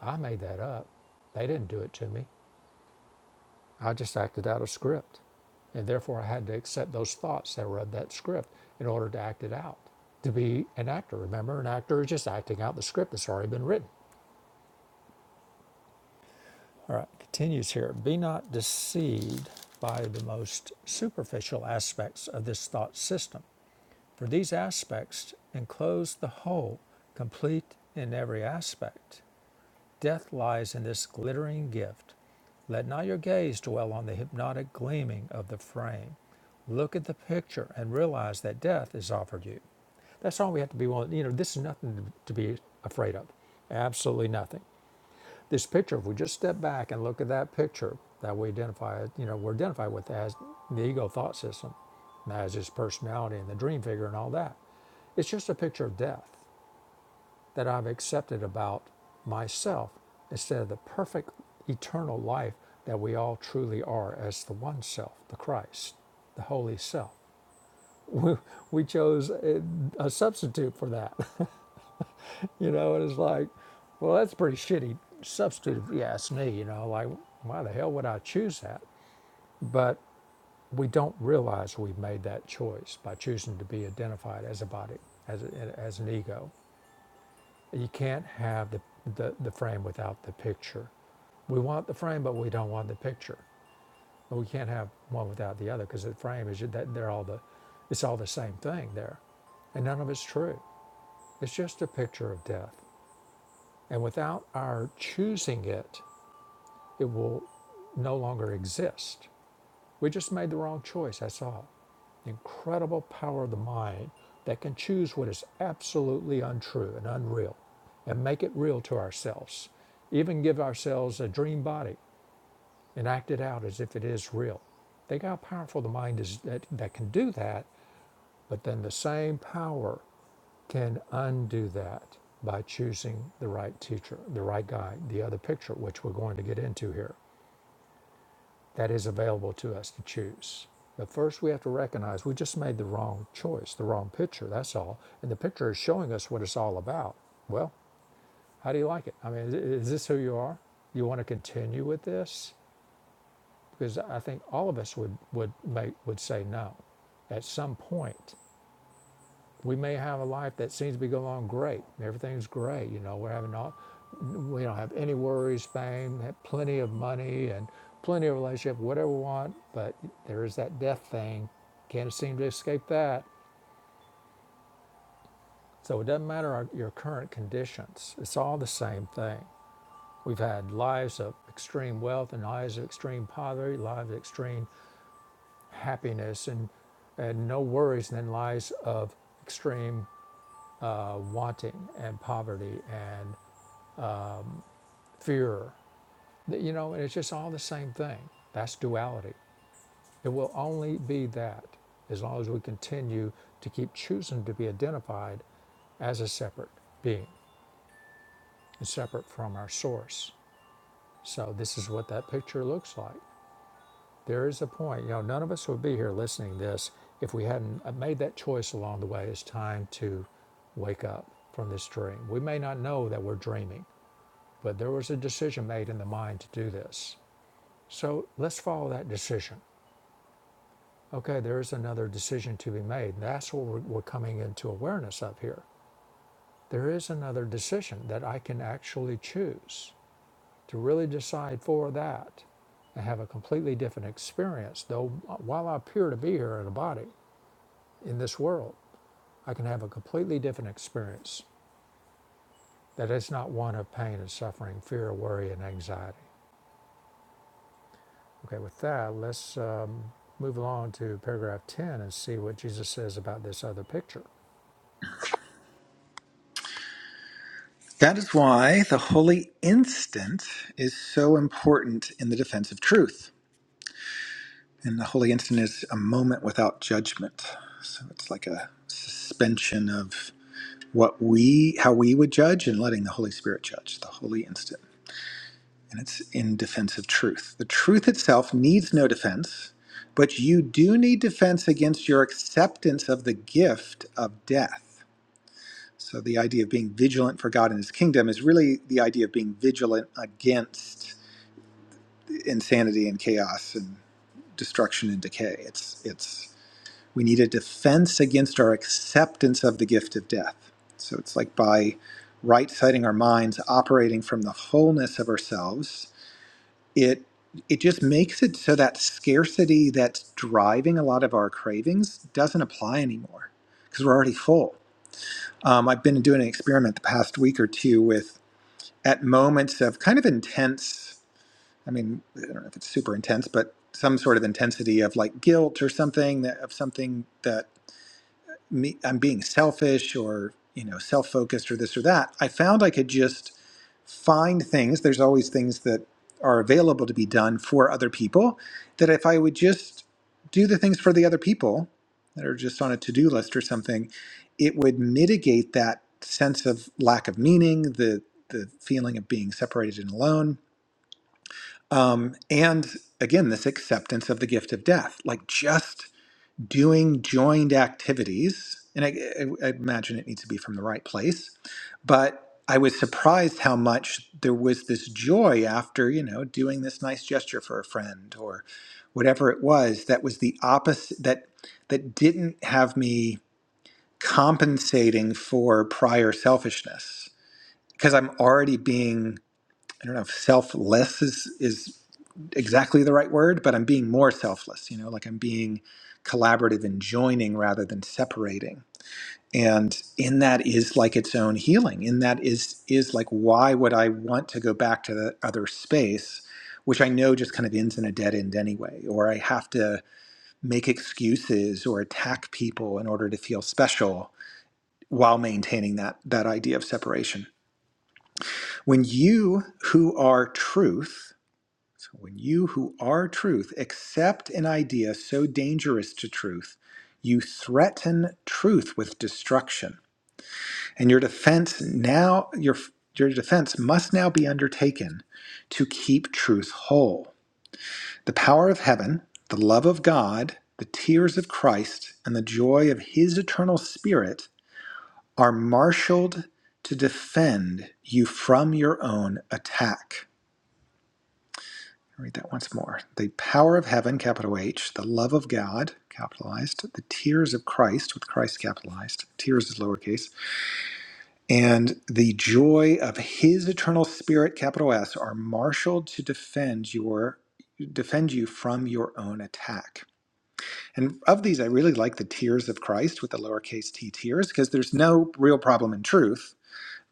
Speaker 1: I made that up. They didn't do it to me. I just acted out a script. And therefore I had to accept those thoughts that were of that script in order to act it out. To be an actor, remember, an actor is just acting out the script that's already been written. All right, continues here. Be not deceived by the most superficial aspects of this thought system, for these aspects enclose the whole, complete in every aspect. Death lies in this glittering gift. Let not your gaze dwell on the hypnotic gleaming of the frame. Look at the picture and realize that death is offered you. That's all we have to be willing. You know, this is nothing to be afraid of. Absolutely nothing. This picture, if we just step back and look at that picture that we identify, you know, we're identified with as the ego thought system, as his personality and the dream figure and all that. It's just a picture of death that I've accepted about myself instead of the perfect eternal life that we all truly are as the one self, the Christ, the holy self. We chose a substitute for that. You know, and it's like, well, that's a pretty shitty substitute if you ask me, you know, like, why the hell would I choose that? But we don't realize we've made that choice by choosing to be identified as a body, as, a, as an ego. You can't have the, the, the frame without the picture. We want the frame, but we don't want the picture. But we can't have one without the other because the frame is that they're all the, it's all the same thing there, and none of it's true. It's just a picture of death, and without our choosing it, it will no longer exist. We just made the wrong choice, that's all. The incredible power of the mind that can choose what is absolutely untrue and unreal and make it real to ourselves, even give ourselves a dream body and act it out as if it is real. Think how powerful the mind is that, that can do that, but then the same power can undo that by choosing the right teacher, the right guide, the other picture, which we're going to get into here. that is available to us to choose. But first, we have to recognize we just made the wrong choice, the wrong picture, that's all. And the picture is showing us what it's all about. Well, how do you like it? I mean, is this who you are? You want to continue with this? Because I think all of us would, would, make, would say no at some point. We may have a life that seems to be going on great. Everything's great. You know, we're having all, we don't have any worries, fame, have plenty of money, and plenty of relationship, whatever we want. But there is that death thing. Can't seem to escape that. So it doesn't matter our, your current conditions. It's all the same thing. We've had lives of extreme wealth and lives of extreme poverty, lives of extreme happiness and, and no worries, and then lives of extreme uh, wanting and poverty and fear. You know, and it's just all the same thing. That's duality. It will only be that as long as we continue to keep choosing to be identified as a separate being and separate from our source. So this is what that picture looks like. There is a point, you know, none of us would be here listening to this if we hadn't uh, made that choice along the way. It's time to wake up from this dream. We may not know that we're dreaming, but there was a decision made in the mind to do this. So let's follow that decision. Okay, there is another decision to be made. That's what we're, we're coming into awareness of here. There is another decision that I can actually choose to really decide for that and have a completely different experience. Though uh, while I appear to be here in a body in this world, I can have a completely different experience that is not one of pain and suffering, fear, worry, and anxiety. Okay, with that, let's um, move along to paragraph 10 and see what Jesus says about this other picture.
Speaker 2: That is why the holy instant is so important in the defense of truth And the holy instant is a moment without judgment. So it's like a suspension of what we, how we would judge, and letting the Holy Spirit judge the holy instant. And it's in defense of truth. The truth itself needs no defense, but you do need defense against your acceptance of the gift of death. So the idea of being vigilant for God and His kingdom is really the idea of being vigilant against insanity and chaos and destruction and decay. It's it's We need a defense against our acceptance of the gift of death. So it's like by right siding our minds, operating from the wholeness of ourselves, it it just makes it so that scarcity that's driving a lot of our cravings doesn't apply anymore because we're already full. Um, I've been doing an experiment the past week or two with at moments of kind of intense. I mean, I don't know if it's super intense, but some sort of intensity of like guilt or something that, of something that me I'm being selfish or you know self-focused or this or that. I found I could just find things. There's always things that are available to be done for other people that if I would just do the things for the other people that are just on a to-do list or something, it would mitigate that sense of lack of meaning, the the feeling of being separated and alone. Um, and again, this acceptance of the gift of death. Like just doing joined activities, and I, I I imagine it needs to be from the right place, but I was surprised how much there was this joy after, you know, doing this nice gesture for a friend or whatever it was that was the opposite that that didn't have me compensating for prior selfishness because I'm already being I don't know if selfless is is exactly the right word, but I'm being more selfless, you know, like I'm being collaborative and joining rather than separating. And in that is like its own healing. In that is is like why would I want to go back to the other space, which I know just kind of ends in a dead end anyway, or I have to make excuses or attack people in order to feel special while maintaining that that idea of separation. When you who are truth so when you who are truth accept an idea so dangerous to truth, you threaten truth with destruction. And your defense now your your defense must now be undertaken to keep truth whole. The power of heaven, the love of God, the tears of Christ, and the joy of his eternal spirit are marshaled to defend you from your own attack. read that once more. The power of heaven, capital H, the love of God, capitalized, the tears of Christ, with Christ capitalized, tears is lowercase, and the joy of his eternal spirit, capital S, are marshaled to defend your defend you from your own attack. And of these I really like the tears of Christ with the lowercase t tears, because there's no real problem in truth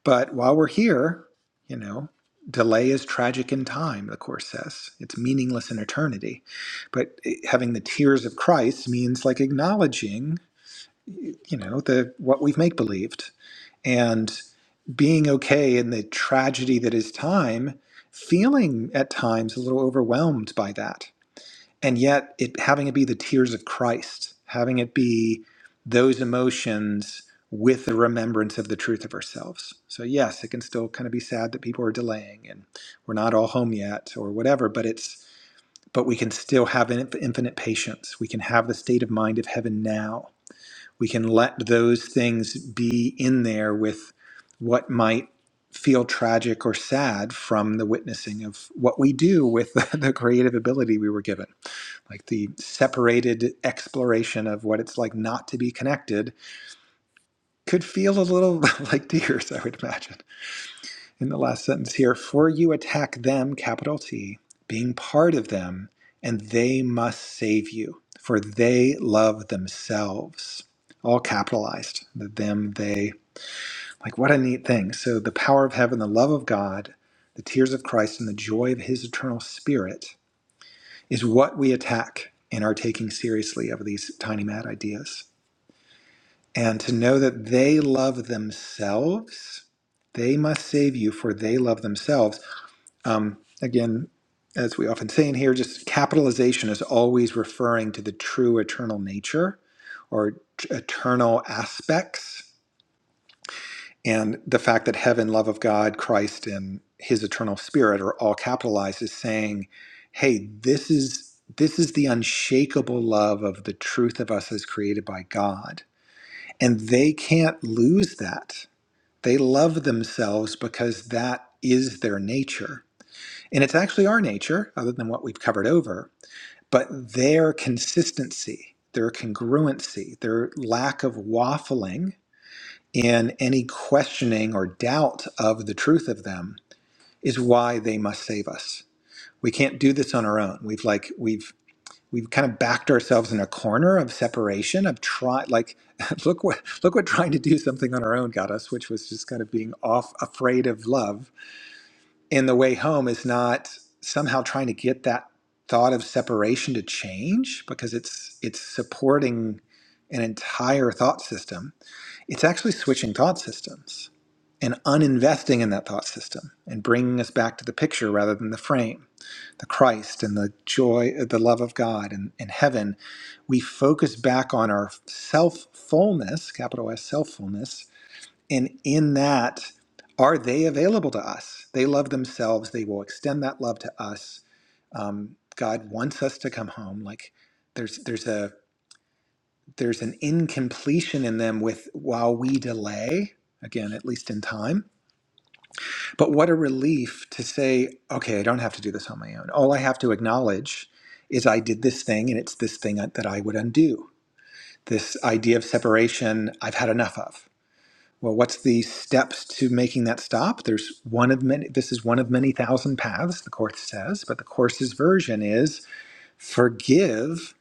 Speaker 2: but while we're here, you know, delay is tragic in time, the Course says. It's meaningless in eternity. But it- having the tears of Christ means like acknowledging, you know, the what we've make believed and being okay in the tragedy that is time, feeling at times a little overwhelmed by that and yet it having it be the tears of Christ, having it be those emotions with the remembrance of the truth of ourselves. So yes, it can still kind of be sad that people are delaying and we're not all home yet or whatever, but it's but we can still have in- infinite patience. We can have the state of mind of heaven now. We can let those things be in there with what might feel tragic or sad from the witnessing of what we do with the creative ability we were given like the separated exploration of what it's like not to be connected could feel a little like tears, I would imagine. In the last sentence here, for you attack them, capital T, being part of them, and they must save you, for they love themselves. All capitalized, the them, they. Like, what a neat thing. So, the power of heaven, the love of God, the tears of Christ, and the joy of his eternal spirit is what we attack in our taking seriously of these tiny mad ideas. And to know that they love themselves, they must save you, for they love themselves. Um, again, as we often say in here, just capitalization is always referring to the true eternal nature or t- eternal aspects and the fact that heaven, love of God, Christ, and his eternal spirit are all capitalized is saying, hey, this is this is the unshakable love of the truth of us as created by God. And they can't lose that. They love themselves because that is their nature. And it's actually our nature, other than what we've covered over, but their consistency, their congruency, their lack of waffling in any questioning or doubt of the truth of them is why they must save us. We can't do this on our own. We've like we've we've kind of backed ourselves in a corner of separation of try like look what look what trying to do something on our own got us, which was just kind of being off afraid of love. And the way home is not somehow trying to get that thought of separation to change because it's it's supporting an entire thought system. It's actually switching thought systems and uninvesting in that thought system and bringing us back to the picture rather than the frame the christ and the joy the love of god and, and heaven we focus back on our self fullness capital s self fullness and in that are they available to us they love themselves they will extend that love to us um, god wants us to come home like there's there's a there's an incompletion in them with while we delay again at least in time But what a relief to say, okay, I don't have to do this on my own. All I have to acknowledge is I did this thing and it's this thing uh, that I would undo. This idea of separation, I've had enough of. Well, what's the steps to making that stop? There's one of many, this is one of many thousand paths, the Course says, but the Course's version is forgive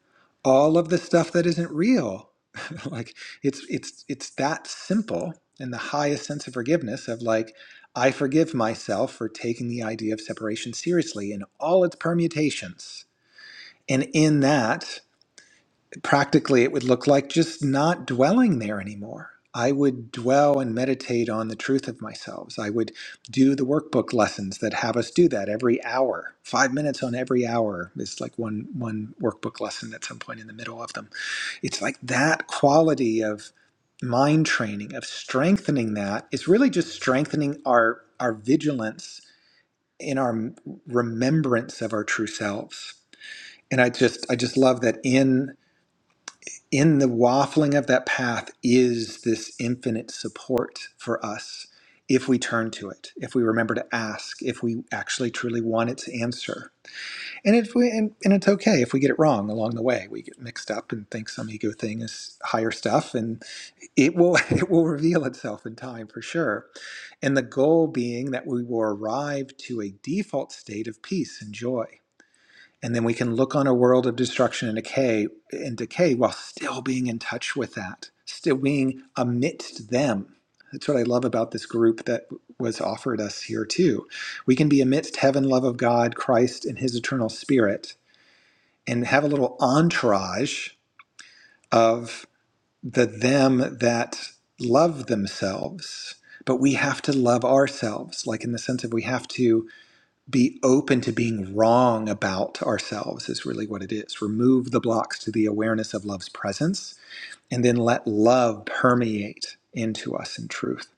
Speaker 2: all of the stuff that isn't real like it's it's it's that simple and the highest sense of forgiveness of like i forgive myself for taking the idea of separation seriously in all its permutations and in that practically it would look like just not dwelling there anymore i would dwell and meditate on the truth of myself i would do the workbook lessons that have us do that every hour five minutes on every hour is like one one workbook lesson at some point in the middle of them it's like that quality of mind training of strengthening that is really just strengthening our our vigilance in our remembrance of our true selves and i just i just love that in in the waffling of that path is this infinite support for us if we turn to it, if we remember to ask, if we actually truly want its answer. And if we and, and it's okay if we get it wrong along the way. We get mixed up and think some ego thing is higher stuff and it will it will reveal itself in time for sure. And the goal being that we will arrive to a default state of peace and joy and then we can look on a world of destruction and decay and decay while still being in touch with that still being amidst them that's what i love about this group that was offered us here too we can be amidst heaven love of god christ and his eternal spirit and have a little entourage of the them that love themselves but we have to love ourselves like in the sense of we have to be open to being wrong about ourselves is really what it is. Remove the blocks to the awareness of love's presence and then let love permeate into us in truth.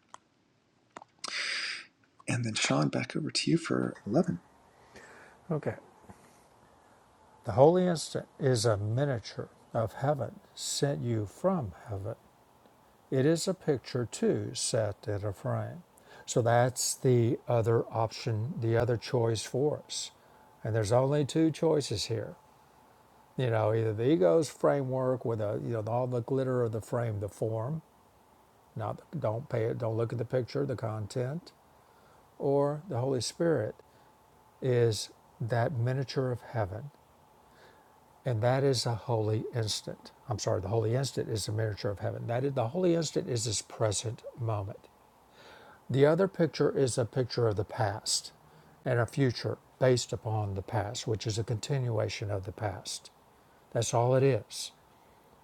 Speaker 2: And then Sean, back over to you for 11.
Speaker 1: Okay. The holy instant is a miniature of heaven sent you from heaven. It is a picture too set in a frame. So that's the other option, the other choice for us. And there's only two choices here. You know, either the ego's framework with a you know all the glitter of the frame, the form, not don't pay it, don't look at the picture, the content, or the Holy Spirit is that miniature of heaven And that is a holy instant. I'm sorry, the holy instant is the miniature of heaven. That is, the holy instant is this present moment. The other picture is a picture of the past and a future based upon the past, which is a continuation of the past. That's all it is.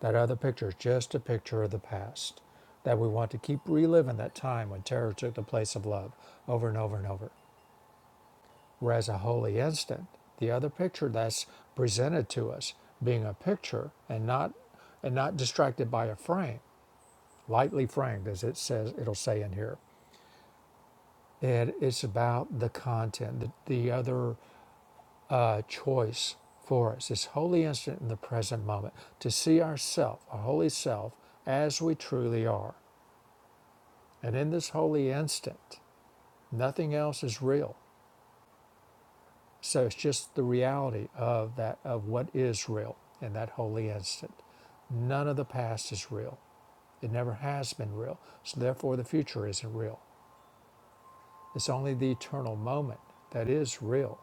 Speaker 1: That other picture is just a picture of the past. That we want to keep reliving that time when terror took the place of love over and over and over or as a holy instant, the other picture that's presented to us being a picture and not and not distracted by a frame, lightly framed, as it says it'll say in here. and it's about the content, the, the other uh, choice for us. This holy instant in the present moment to see ourself, our holy self, as we truly are. And in this holy instant, nothing else is real. So it's just the reality of that of what is real in that holy instant. None of the past is real. It never has been real. So therefore the future isn't real. It's only the eternal moment that is real.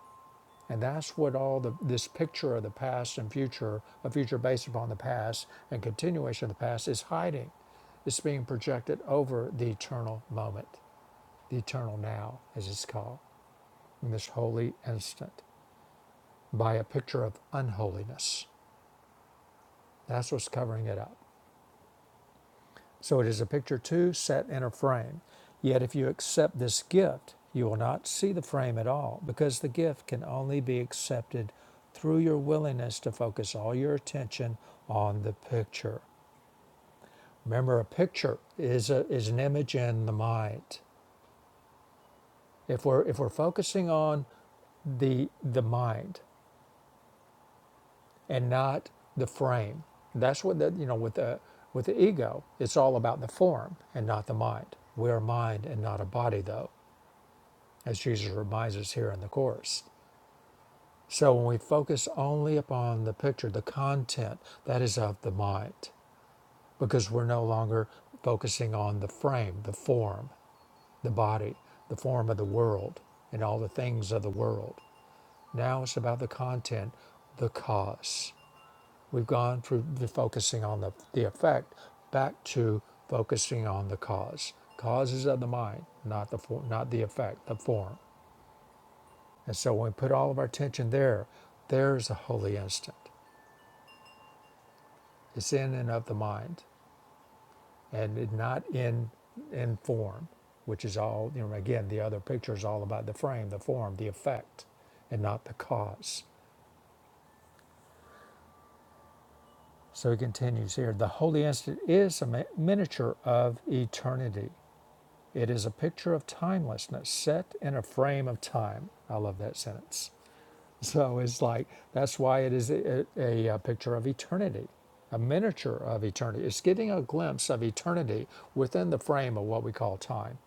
Speaker 1: And that's what all the this picture of the past and future, a future based upon the past and continuation of the past is hiding. It's being projected over the eternal moment, the eternal now, as it's called, in this holy instant, by a picture of unholiness That's what's covering it up. So it is a picture too set in a frame. Yet if you accept this gift, you will not see the frame at all, because the gift can only be accepted through your willingness to focus all your attention on the picture. Remember, a picture is, a, is an image in the mind. If we're, if we're focusing on the, the mind, and not the frame. That's what the you know with the with the ego, it's all about the form and not the mind. We are mind and not a body, though, as Jesus reminds us here in the course. So when we focus only upon the picture, the content that is of the mind, because we're no longer focusing on the frame, the form, the body, the form of the world, and all the things of the world. Now it's about the content, the cause. We've gone from focusing on the, the effect back to focusing on the cause. Causes of the mind, not the for, not the effect, the form. And so when we put all of our attention there, there's a holy instant. It's in and of the mind, and not in in form, which is all you know. Again, the other picture is all about the frame, the form, the effect, and not the cause. So he continues here. The holy instant is a mi- miniature of eternity It is a picture of timelessness set in a frame of time. I love that sentence. So it's like, that's why it is a, a, a picture of eternity, a miniature of eternity. It's getting a glimpse of eternity within the frame of what we call time.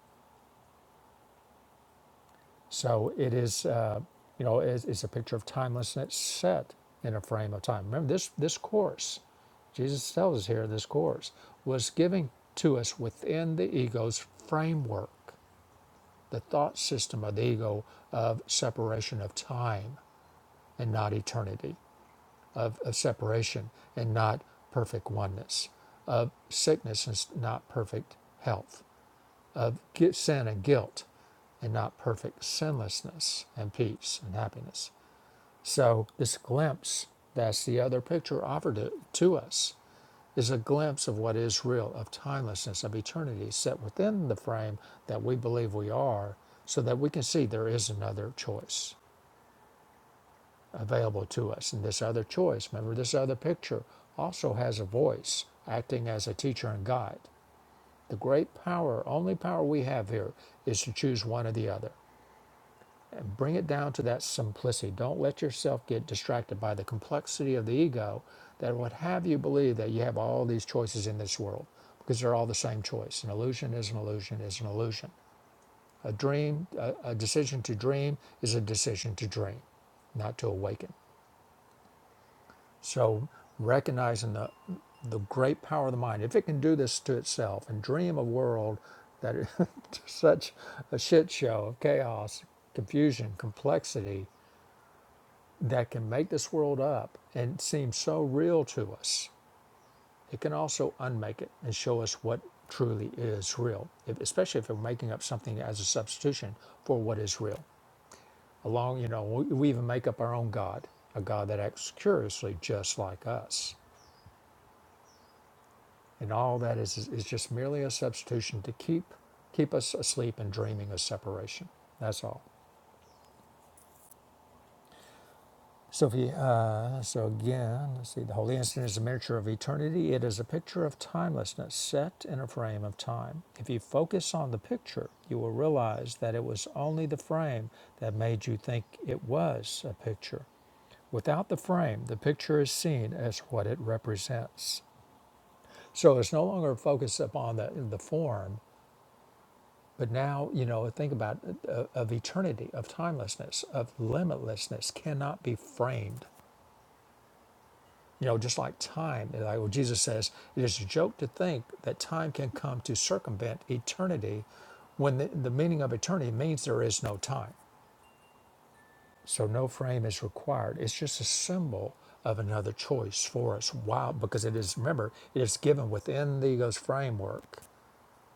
Speaker 1: So it is, uh, you know, it's, it's a picture of timelessness set in a frame of time. Remember, this, this course, Jesus tells us here this course, was given to us within the ego's framework the thought system of the ego of separation of time and not eternity, of, of separation and not perfect oneness, of sickness and not perfect health, of sin and guilt and not perfect sinlessness and peace and happiness. So, this glimpse that's the other picture offered to, to us is a glimpse of what is real, of timelessness, of eternity set within the frame that we believe we are, so that we can see there is another choice available to us. And this other choice, remember, this other picture also has a voice acting as a teacher and guide. The great power, only power we have here, is to choose one or the other. Bring it down to that simplicity. Don't let yourself get distracted by the complexity of the ego that would have you believe that you have all these choices in this world because they're all the same choice. An illusion is an illusion is an illusion. A dream, a, a decision to dream is a decision to dream, not to awaken. So recognizing the the great power of the mind, if it can do this to itself and dream a world that is such a shit show of chaos, confusion, complexity, that can make this world up and seem so real to us, it can also unmake it and show us what truly is real, if, especially if we're making up something as a substitution for what is real. Along, you know, we, we even make up our own God, a God that acts curiously just like us. And all that is, is, is just merely a substitution to keep, keep us asleep and dreaming of separation. That's all. So, if you, uh, so again, let's see. The holy instant is a miniature of eternity. It is a picture of timelessness set in a frame of time. If you focus on the picture, you will realize that it was only the frame that made you think it was a picture. Without the frame, the picture is seen as what it represents. So it's no longer focused upon the the form, but now you know think about uh, of eternity, of timelessness, of limitlessness cannot be framed You know, just like time, like what Jesus says, it is a joke to think that time can come to circumvent eternity when the, the meaning of eternity means there is no time. So no frame is required. It's just a symbol of another choice for us. Wow, because it is, remember, it is given within the ego's framework,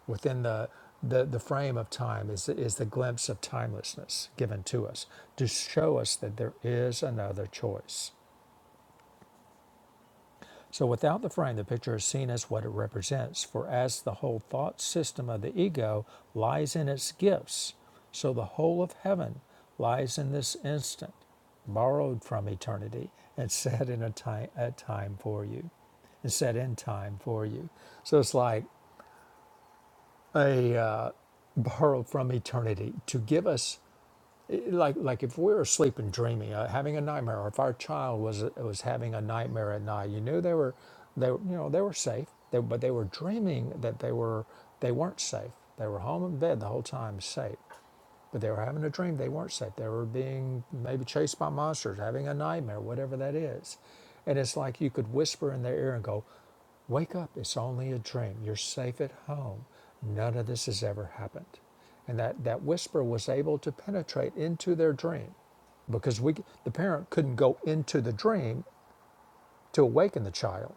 Speaker 1: within the the, the frame of time is, is the glimpse of timelessness given to us to show us that there is another choice. So without the frame, the picture is seen as what it represents. For as the whole thought system of the ego lies in its gifts, so the whole of heaven lies in this instant, borrowed from eternity and set in a time, a time for you, and set in time for you. So it's like a uh, borrowed from eternity to give us like like if we were asleep and dreaming, uh, having a nightmare, or if our child was was having a nightmare at night, you knew they were they were- you know they were safe, they, but they were dreaming that they were they weren't safe. They were home in bed the whole time, safe. But they were having a dream. They weren't safe. They were being maybe chased by monsters, having a nightmare, whatever that is. And it's like you could whisper in their ear and go, Wake up. It's only a dream. You're safe at home. None of this has ever happened. And that, that whisper was able to penetrate into their dream because we, the parent couldn't go into the dream to awaken the child.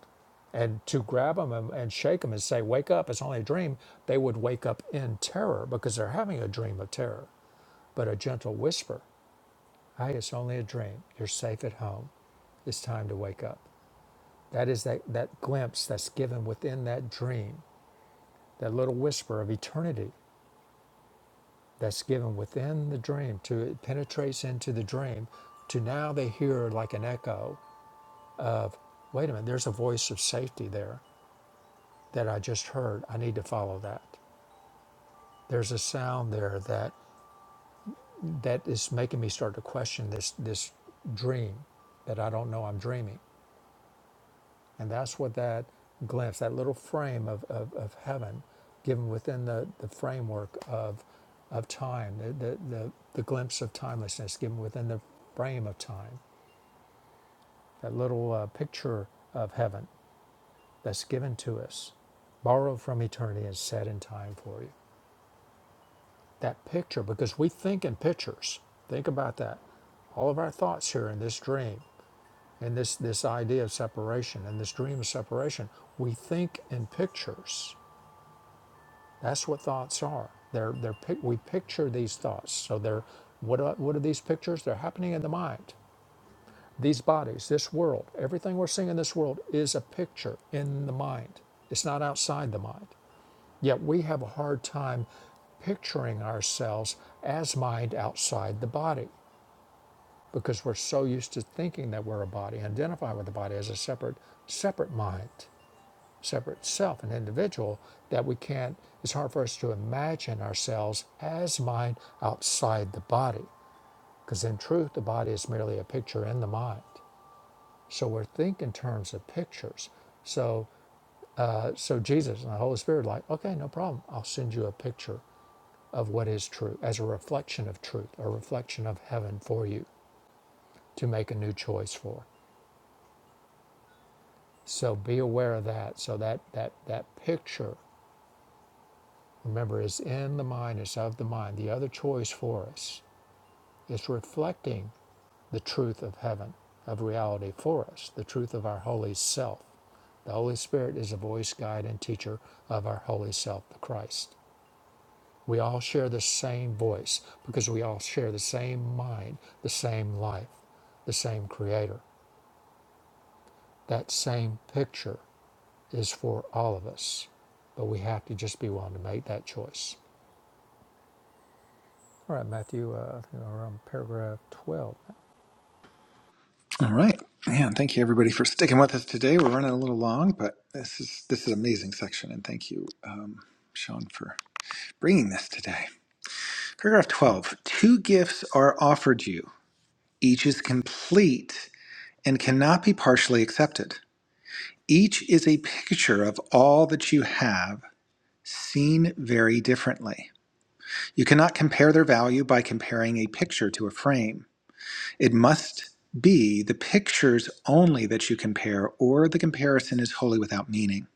Speaker 1: And to grab them and, and shake them and say, Wake up. It's only a dream. They would wake up in terror because they're having a dream of terror but a gentle whisper, hey, it's only a dream. You're safe at home. It's time to wake up. That is that, that glimpse that's given within that dream, that little whisper of eternity that's given within the dream to it penetrates into the dream to now they hear like an echo. Wait a minute, there's a voice of safety there that I just heard. I need to follow that. There's a sound there that that is making me start to question this this dream that I don't know I'm dreaming. And that's what that glimpse, that little frame of, of, of heaven given within the, the framework of, of time, the, the, the, the glimpse of timelessness given within the frame of time, that little uh, picture of heaven that's given to us, borrowed from eternity and set in time for you. That picture, because we think in pictures. Think about that. All of our thoughts here in this dream, in this, this idea of separation, in this dream of separation, we think in pictures That's what thoughts are. They're, they're, we picture these thoughts. So they're, what are, what are these pictures? They're happening in the mind. These bodies, this world, everything we're seeing in this world is a picture in the mind. It's not outside the mind. Yet we have a hard time picturing ourselves as mind outside the body because we're so used to thinking that we're a body, identify with the body as a separate, separate mind separate self, an individual, that we can't, it's hard for us to imagine ourselves as mind outside the body. Because in truth, the body is merely a picture in the mind. So we're thinking in terms of pictures. So, uh, so Jesus and the Holy Spirit, are like, okay, no problem. I'll send you a picture of what is true as a reflection of truth, a reflection of heaven for you to make a new choice for. So be aware of that. So that that that picture Remember, it's in the mind, it's of the mind. The other choice for us is reflecting the truth of heaven, of reality for us, the truth of our holy self. The Holy Spirit is a voice, guide, and teacher of our holy self, the Christ. We all share the same voice because we all share the same mind, the same life, the same Creator. That same picture is for all of us, but we have to just be willing to make that choice. All right, Matthew, uh, I think we paragraph 12.
Speaker 2: All right. Man, thank you everybody for sticking with us today. We're running a little long, but this is this is an amazing section and thank you um, Sean for bringing this today. Paragraph 12. Two gifts are offered you. Each is complete and cannot be partially accepted. Each is a picture of all that you have seen very differently. You cannot compare their value by comparing a picture to a frame. It must be the pictures only that you compare, or the comparison is wholly without meaning.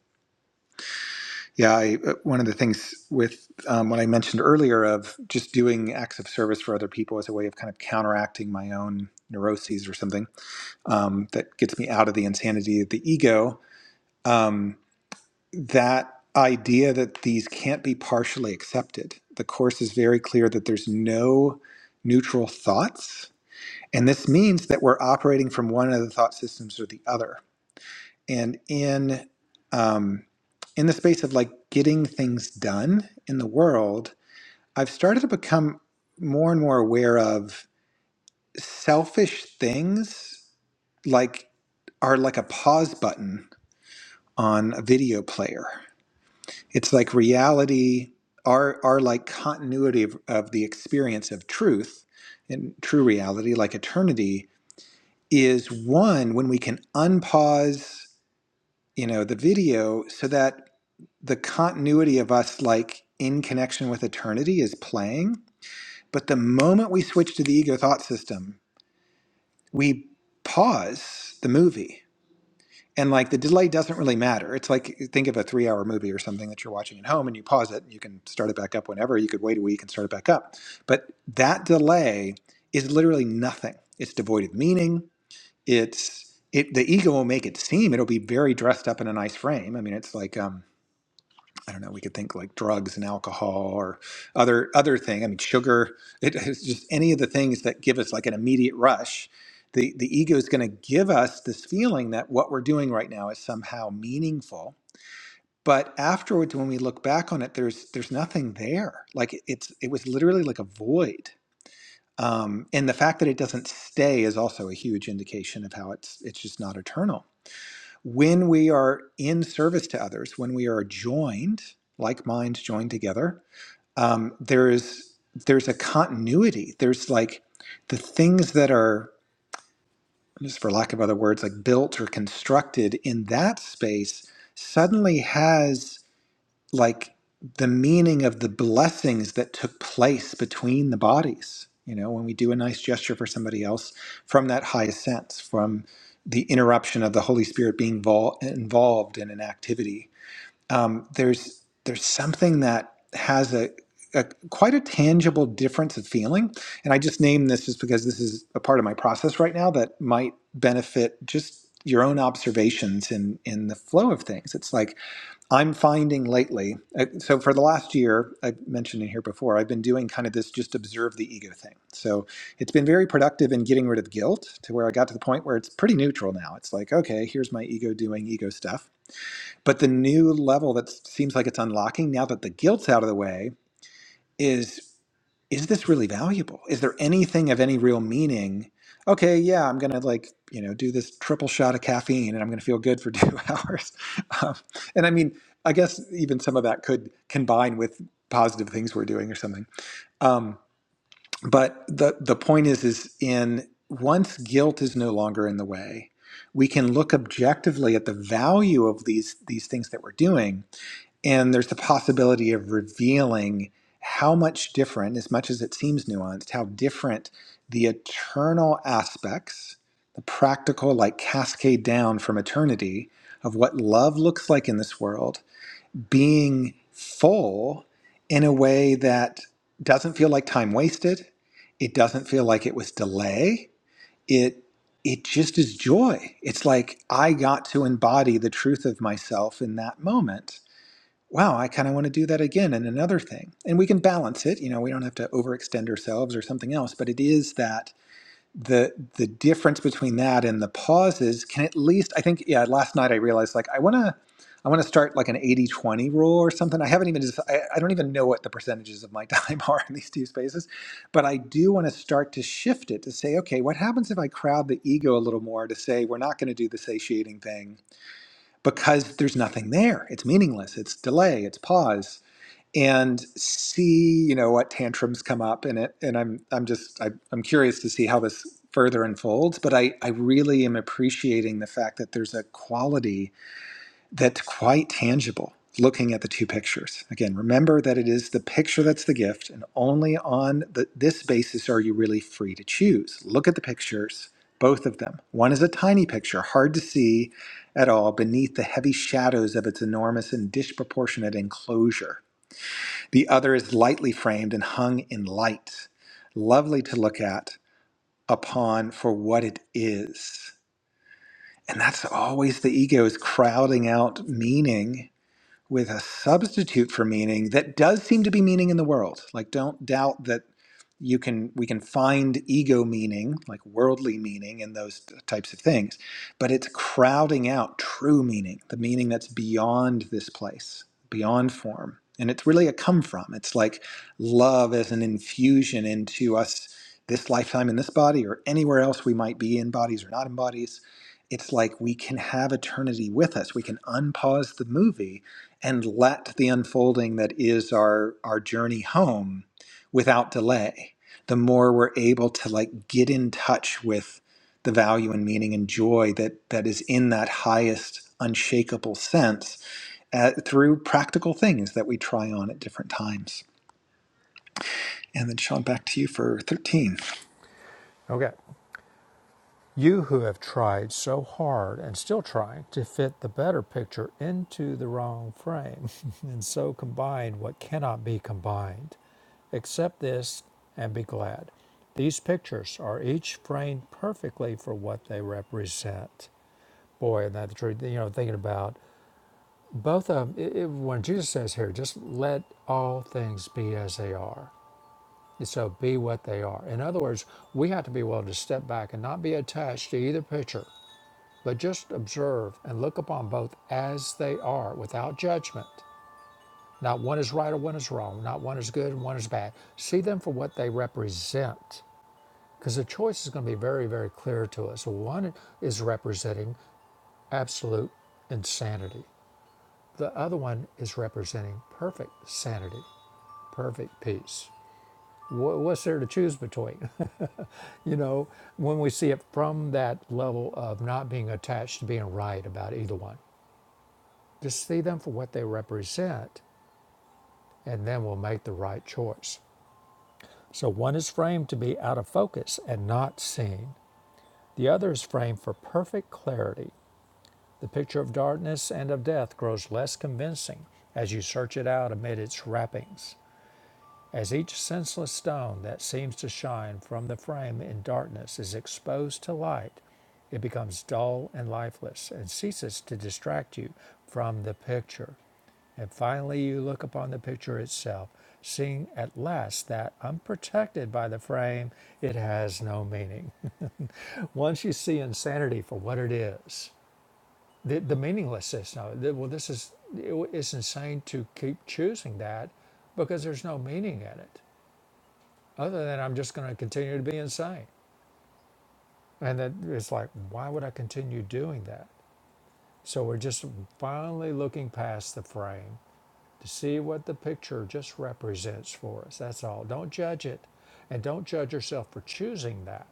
Speaker 2: Yeah, I, uh, one of the things with um, what I mentioned earlier of just doing acts of service for other people as a way of kind of counteracting my own neuroses or something um, that gets me out of the insanity of the ego. Um, that idea that these can't be partially accepted. The course is very clear that there's no neutral thoughts. And this means that we're operating from one of the thought systems or the other. And in um, in the space of like getting things done in the world, I've started to become more and more aware of selfish things like are like a pause button on a video player it's like reality our our like continuity of, of the experience of truth and true reality like eternity is one when we can unpause you know the video so that the continuity of us like in connection with eternity is playing but the moment we switch to the ego thought system we pause the movie and like the delay doesn't really matter it's like think of a three hour movie or something that you're watching at home and you pause it and you can start it back up whenever you could wait a week and start it back up but that delay is literally nothing it's devoid of meaning it's it the ego will make it seem it'll be very dressed up in a nice frame i mean it's like um I don't know, we could think like drugs and alcohol or other other thing. I mean, sugar, it, it's just any of the things that give us like an immediate rush. The the ego is going to give us this feeling that what we're doing right now is somehow meaningful. But afterwards, when we look back on it, there's there's nothing there. Like it's it was literally like a void. Um, and the fact that it doesn't stay is also a huge indication of how it's it's just not eternal when we are in service to others, when we are joined, like minds joined together, um, there's there's a continuity. There's like the things that are, just for lack of other words, like built or constructed in that space suddenly has like the meaning of the blessings that took place between the bodies you know when we do a nice gesture for somebody else from that highest sense from the interruption of the holy spirit being vol- involved in an activity um, there's there's something that has a, a quite a tangible difference of feeling and i just name this just because this is a part of my process right now that might benefit just your own observations in in the flow of things it's like I'm finding lately, uh, so for the last year, I mentioned it here before, I've been doing kind of this just observe the ego thing. So it's been very productive in getting rid of guilt to where I got to the point where it's pretty neutral now. It's like, okay, here's my ego doing ego stuff. But the new level that seems like it's unlocking now that the guilt's out of the way is is this really valuable? Is there anything of any real meaning? Okay, yeah, I'm gonna like you know do this triple shot of caffeine, and I'm gonna feel good for two hours. Um, and I mean, I guess even some of that could combine with positive things we're doing or something. Um, but the the point is, is in once guilt is no longer in the way, we can look objectively at the value of these these things that we're doing, and there's the possibility of revealing how much different, as much as it seems nuanced, how different the eternal aspects, the practical, like cascade down from eternity, of what love looks like in this world, being full in a way that doesn't feel like time wasted. It doesn't feel like it was delay. It it just is joy. It's like I got to embody the truth of myself in that moment wow, I kind of want to do that again and another thing. And we can balance it. You know, we don't have to overextend ourselves or something else, but it is that the the difference between that and the pauses can at least I think yeah, last night I realized like I want to I want to start like an eighty twenty rule or something. I haven't even just, I, I don't even know what the percentages of my time are in these two spaces, but I do want to start to shift it to say, okay, what happens if I crowd the ego a little more to say we're not going to do the satiating thing because there's nothing there. It's meaningless. It's delay. It's pause. And see, you know, what tantrums come up in it. And I'm, I'm just, I, I'm curious to see how this further unfolds. But I, I really am appreciating the fact that there's a quality that's quite tangible looking at the two pictures. Again, remember that it is the picture that's the gift, and only on the, this basis are you really free to choose. Look at the pictures, both of them. One is a tiny picture, hard to see at all beneath the heavy shadows of its enormous and disproportionate enclosure. The other is lightly framed and hung in light, lovely to look at upon for what it is. And that's always the ego is crowding out meaning with a substitute for meaning that does seem to be meaning in the world. Like, don't doubt that you can we can find ego meaning, like worldly meaning, in those t- types of things, but it's crowding out true meaning, the meaning that's beyond this place, beyond form. And it's really a come from. It's like love as an infusion into us this lifetime in this body or anywhere else we might be in bodies or not in bodies. It's like we can have eternity with us. We can unpause the movie and let the unfolding that is our our journey home without delay the more we're able to like get in touch with the value and meaning and joy that that is in that highest unshakable sense uh, through practical things that we try on at different times and then sean back to you for 13
Speaker 1: Okay. You who have tried so hard and still trying to fit the better picture into the wrong frame, and so combine what cannot be combined. Accept this and be glad. These pictures are each framed perfectly for what they represent. Boy, isn't that the truth? You know, thinking about both of them, it, when Jesus says here, just let all things be as they are. And So be what they are. In other words, we have to be willing to step back and not be attached to either picture But just observe and look upon both as they are, without judgment. Not one is right or one is wrong. Not one is good and one is bad. See them for what they represent, because the choice is going to be very, very clear to us. One is representing absolute insanity. The other one is representing perfect sanity, perfect peace. What's there to choose between? you know, when we see it from that level of not being attached to being right about either one. Just see them for what they represent, and then we'll make the right choice. So one is framed to be out of focus and not seen, the other is framed for perfect clarity. The picture of darkness and of death grows less convincing as you search it out amid its wrappings, as each senseless stone that seems to shine from the frame in darkness is exposed to light. It becomes dull and lifeless and ceases to distract you from the picture. And finally, you look upon the picture itself, seeing at last that, unprotected by the frame, it has no meaning. Once you see insanity for what it is, the, the meaninglessness now, the, well, this is, it, it's insane to keep choosing that because there's no meaning in it other than I'm just going to continue to be insane. And that it's like, why would I continue doing that? So we're just finally looking past the frame to see what the picture just represents for us. That's all. Don't judge it and don't judge yourself for choosing that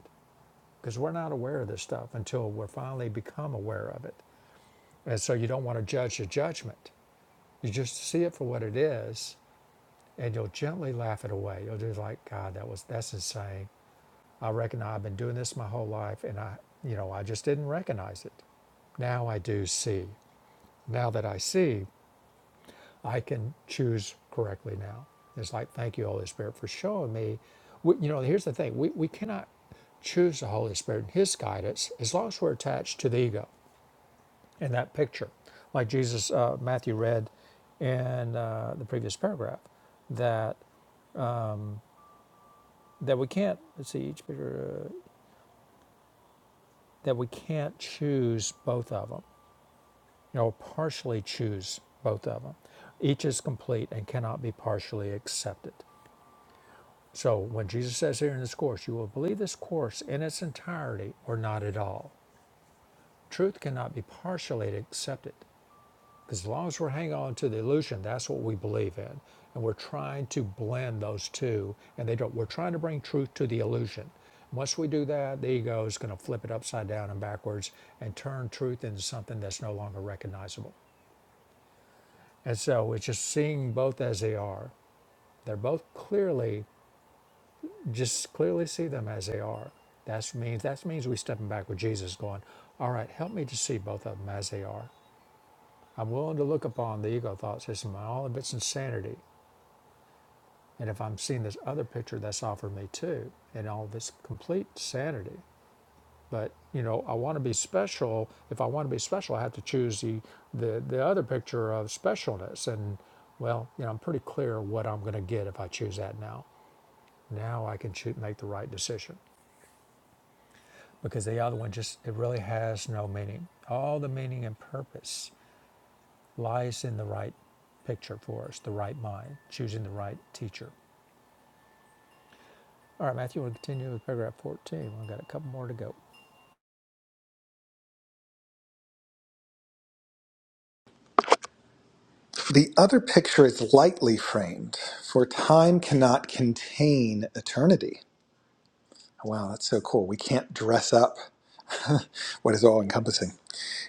Speaker 1: because we're not aware of this stuff until we're finally become aware of it. And so you don't want to judge the judgment. You just see it for what it is and you'll gently laugh it away. You'll just like, God, that was that's insane. I reckon I've been doing this my whole life and I you know, I just didn't recognize it. Now I do see. Now that I see, I can choose correctly now. It's like, thank you, Holy Spirit, for showing me. We, you know, here's the thing we, we cannot choose the Holy Spirit and His guidance as long as we're attached to the ego in that picture. Like Jesus, uh, Matthew read in uh, the previous paragraph that that we can't let's see each picture uh, that we can't choose both of them you know partially choose both of them each is complete and cannot be partially accepted So when Jesus says here in this course, you will believe this course in its entirety or not at all. Truth cannot be partially accepted because as long as we're hanging on to the illusion, that's what we believe in, and we're trying to blend those two, and they don't. We're trying to bring truth to the illusion. Once we do that, the ego is going to flip it upside down and backwards and turn truth into something that's no longer recognizable. And so it's just seeing both as they are. They're both clearly Just clearly see them as they are. That means that means we stepping back with Jesus, going, "All right, help me to see both of them as they are. I'm willing to look upon the ego thoughts as in all of its insanity, and if I'm seeing this other picture that's offered me too, in all of its complete sanity. But you know, I want to be special. If I want to be special, I have to choose the the the other picture of specialness. And well, you know, I'm pretty clear what I'm going to get if I choose that now. Now I can choose, make the right decision. because the other one just it really has no meaning. All the meaning and purpose lies in the right picture for us, the right mind, choosing the right teacher. All right, Matthew, we'll continue with paragraph 14. We've got a couple more to go.
Speaker 2: the other picture is lightly framed for time cannot contain eternity Wow, that's so cool. We can't dress up what is all encompassing.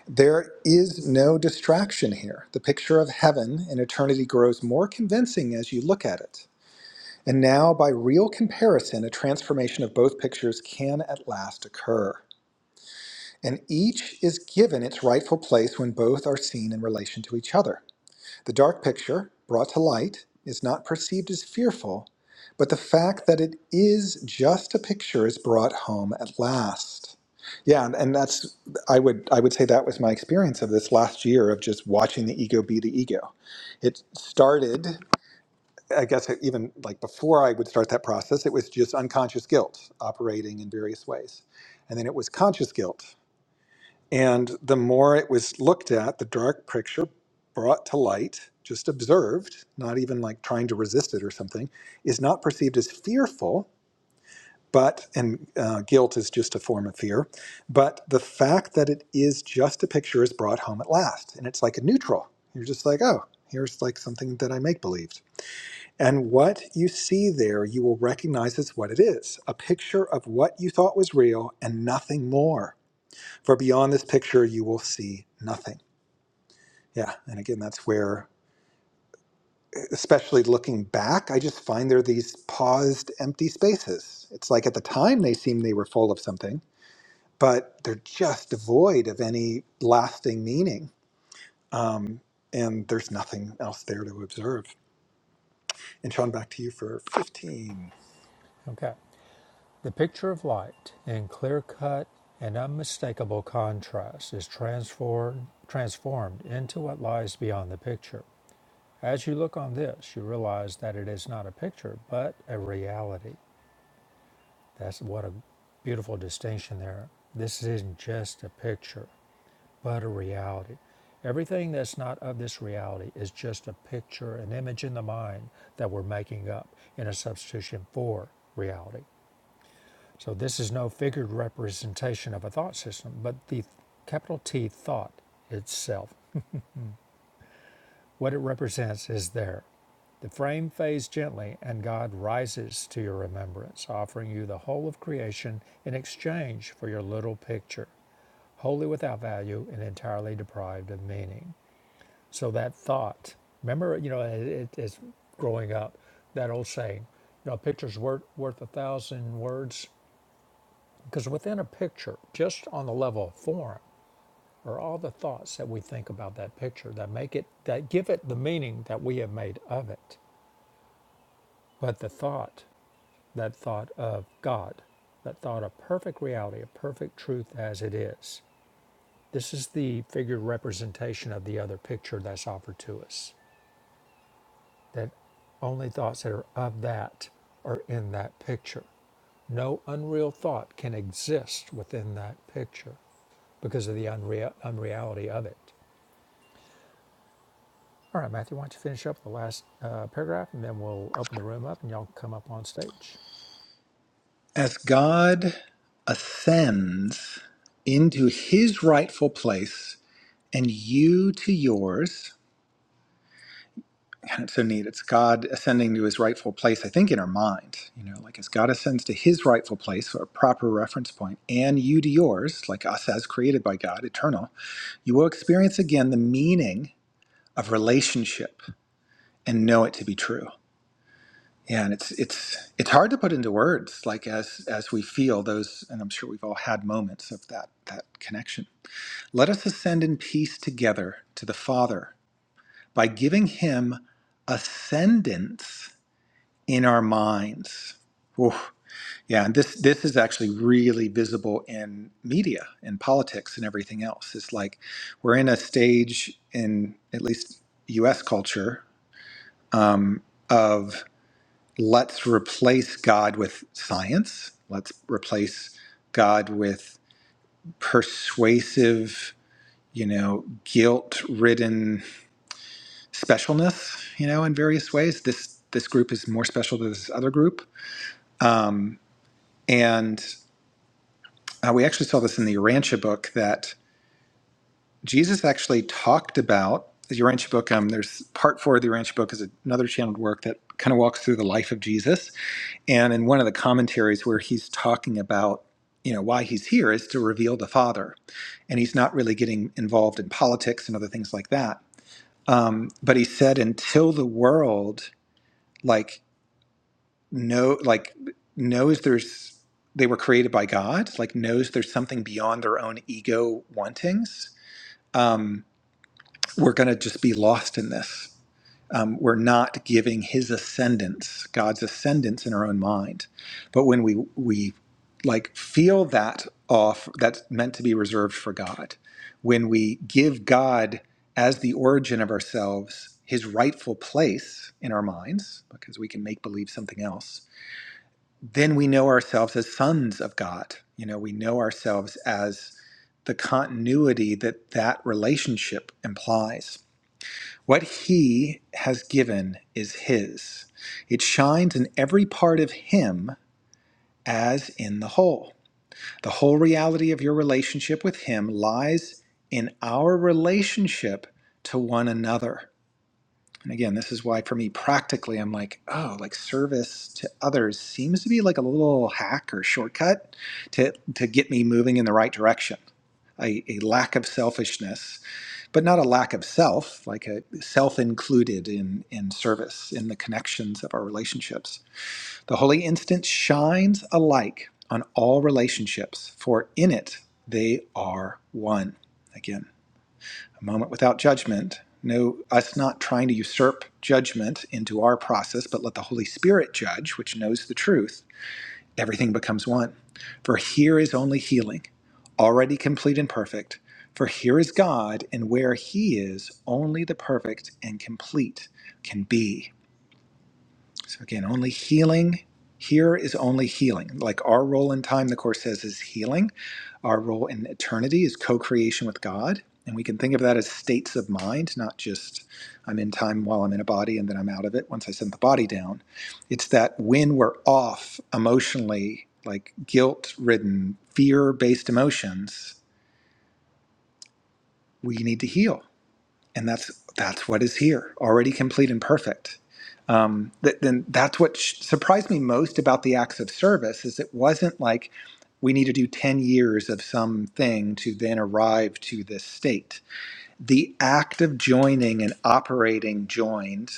Speaker 2: There is no distraction here. The picture of heaven and eternity grows more convincing as you look at it. And now, by real comparison, a transformation of both pictures can at last occur. And each is given its rightful place when both are seen in relation to each other. The dark picture, brought to light, is not perceived as fearful, but the fact that it is just a picture is brought home at last. Yeah, and, and that's I would I would say that was my experience of this last year of just watching the ego be the ego. It started, I guess, even like before I would start that process, it was just unconscious guilt operating in various ways, and then it was conscious guilt and the more it was looked at, the dark picture brought to light, just observed, not even like trying to resist it or something, is not perceived as fearful, but, and uh, guilt is just a form of fear, but the fact that it is just a picture is brought home at last. And it's like a neutral. You're just like, oh, here's like something that I make believed. And what you see there, you will recognize as what it is a picture of what you thought was real and nothing more. For beyond this picture, you will see nothing. Yeah. And again, that's where, especially looking back, I just find there are these paused, empty spaces. It's like at the time they seem they were full of something, but they're just devoid of any lasting meaning. Um, and there's nothing else there to observe. And Sean, back to you for 15.
Speaker 1: Okay. The picture of light in clear cut and unmistakable contrast is transformed transformed into what lies beyond the picture. As you look on this, you realize that it is not a picture, but a reality. That's what a beautiful distinction there. This isn't just a picture, but a reality. Everything that's not of this reality is just a picture, an image in the mind that we're making up in a substitution for reality. So this is no figured representation of a thought system, but the capital T thought itself. What it represents is there. The frame fades gently, and God rises to your remembrance, offering you the whole of creation in exchange for your little picture, wholly without value and entirely deprived of meaning. So that thought, remember, you know, it, it's growing up, that old saying, you know, a picture's worth, worth a thousand words, because within a picture, just on the level of form, are all the thoughts that we think about that picture that make it that give it the meaning that we have made of it but the thought that thought of god that thought of perfect reality of perfect truth as it is this is the figure representation of the other picture that's offered to us that only thoughts that are of that are in that picture no unreal thought can exist within that picture because of the unreal, unreality of it All right, Matthew, why don't you finish up the last uh, paragraph and then we'll open the room up and y'all come up on stage.
Speaker 2: As God ascends into his rightful place and you to yours. And it's so neat. It's God ascending to his rightful place, I think, in our mind. You know, like as God ascends to his rightful place, or a proper reference point, and you to yours, like us as created by God, eternal, you will experience again the meaning of relationship and know it to be true. Yeah, and it's it's it's hard to put into words, like as as we feel those, and I'm sure we've all had moments of that that connection. Let us ascend in peace together to the Father by giving him ascendance in our minds. Oof. Yeah, and this this is actually really visible in media and politics and everything else. It's like we're in a stage in at least U.S. culture um, of let's replace God with science. Let's replace God with persuasive, you know, guilt-ridden specialness. You know, in various ways, this this group is more special than this other group. Um, and Uh, we actually saw this in the Urantia book that Jesus actually talked about the Urantia book. Um, there's part four of the Urantia book is another channeled work that kind of walks through the life of Jesus. And in one of the commentaries where he's talking about, you know, why he's here is to reveal the Father. And he's not really getting involved in politics and other things like that. Um, but he said, until the world, like know like knows there's they were created by god like knows there's something beyond their own ego wantings um, we're going to just be lost in this um, we're not giving his ascendance god's ascendance in our own mind but when we we like feel that off that's meant to be reserved for god when we give god as the origin of ourselves his rightful place in our minds because we can make believe something else then we know ourselves as sons of God. You know, we know ourselves as the continuity that that relationship implies. What He has given is His, it shines in every part of Him as in the whole. The whole reality of your relationship with Him lies in our relationship to one another. And again, this is why for me practically I'm like, oh, like service to others seems to be like a little hack or shortcut to to get me moving in the right direction. A, a lack of selfishness, but not a lack of self, like a self included in in service, in the connections of our relationships. The holy instant shines alike on all relationships, for in it they are one. Again a moment without judgment. No, us not trying to usurp judgment into our process, but let the Holy Spirit judge, which knows the truth. Everything becomes one. For here is only healing, already complete and perfect. For here is God, and where He is, only the perfect and complete can be. So again, only healing here is only healing. Like our role in time, the Course says, is healing. Our role in eternity is co creation with God. And we can think of that as states of mind, not just I'm in time while I'm in a body and then I'm out of it once I send the body down. It's that when we're off emotionally, like guilt ridden, fear based emotions, we need to heal and that's that's what is here already complete and perfect um, that then that's what sh- surprised me most about the acts of service is it wasn't like we need to do 10 years of something to then arrive to this state the act of joining and operating joined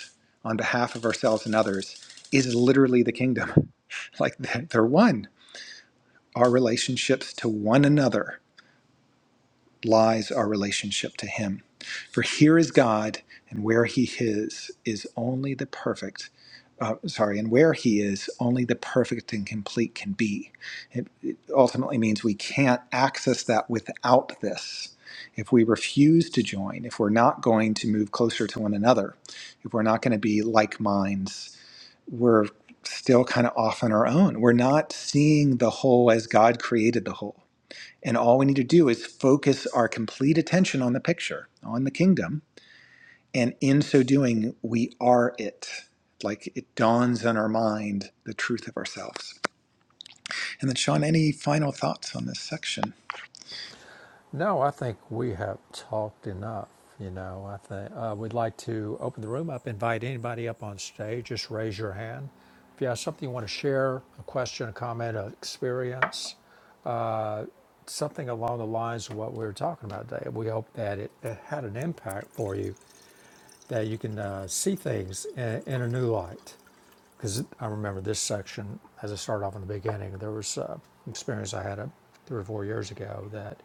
Speaker 2: on behalf of ourselves and others is literally the kingdom like they're they're one our relationships to one another lies our relationship to Him. For here is God, and where He is, is only the perfect. Uh, sorry, and where He is, only the perfect and complete can be. It, it ultimately means we can't access that without this. If we refuse to join, if we're not going to move closer to one another, if we're not going to be like minds, we're still kind of off on our own. We're not seeing the whole as God created the whole and all we need to do is focus our complete attention on the picture, on the kingdom. And in so doing, we are it. Like it dawns on our mind the truth of ourselves. And then, Sean, any final thoughts on this section?
Speaker 1: No, I think we have talked enough. You know, I think uh, we'd like to open the room up, invite anybody up on stage. Just raise your hand. If you have something you want to share, a question, a comment, an experience, uh, something along the lines of what we were talking about today. We hope that it, it had an impact for you, that you can uh, see things in, in a new light. because I remember this section as I started off in the beginning. There was uh, an experience I had uh, three or four years ago that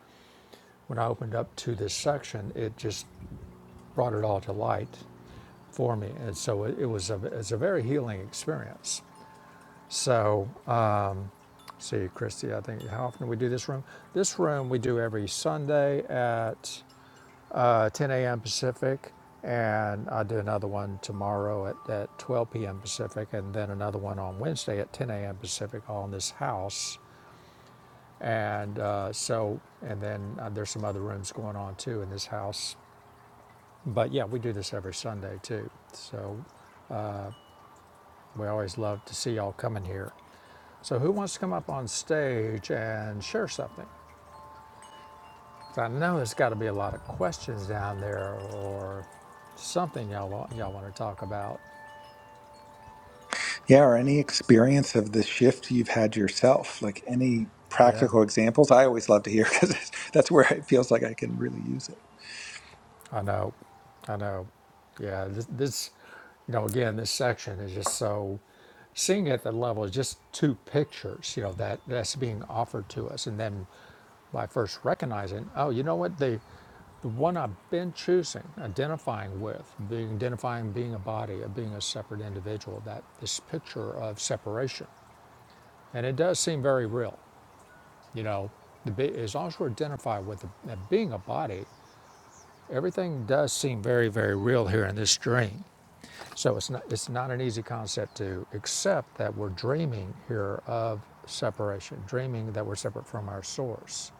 Speaker 1: when I opened up to this section, it just brought it all to light for me, and so it, it was a it's a very healing experience. So, uh, see, Christy, I think how often do we do this room? This room we do every Sunday at uh, 10 a.m. Pacific, and I do another one tomorrow at, at 12 p.m. Pacific, and then another one on Wednesday at 10 a.m. Pacific on this house. And uh, so, and then uh, there's some other rooms going on too in this house. But yeah, we do this every Sunday too. So we always love to see y'all coming here. So who wants to come up on stage and share something? 'Cause I know there's got to be a lot of questions down there or something y'all want, y'all want to talk about.
Speaker 2: Yeah, or any experience of the shift you've had yourself? Like any
Speaker 1: Yeah.
Speaker 2: practical examples? I always love to hear because that's where it feels like I can really use
Speaker 1: I know, I know. Yeah, this, this, you know, again, this section is just so seeing it at that level is just two pictures, you know, that that's being offered to us, and then by first recognizing, oh, you know what, the the one I've been choosing, identifying with, being identifying being a body, of being a separate individual, that this picture of separation, and it does seem very real, you know, the, bi- as long as we're identified with the, that being a body, Everything does seem very, very real here in this dream. So it's not, it's not an easy concept to accept that we're dreaming here of separation, dreaming that we're separate from our source.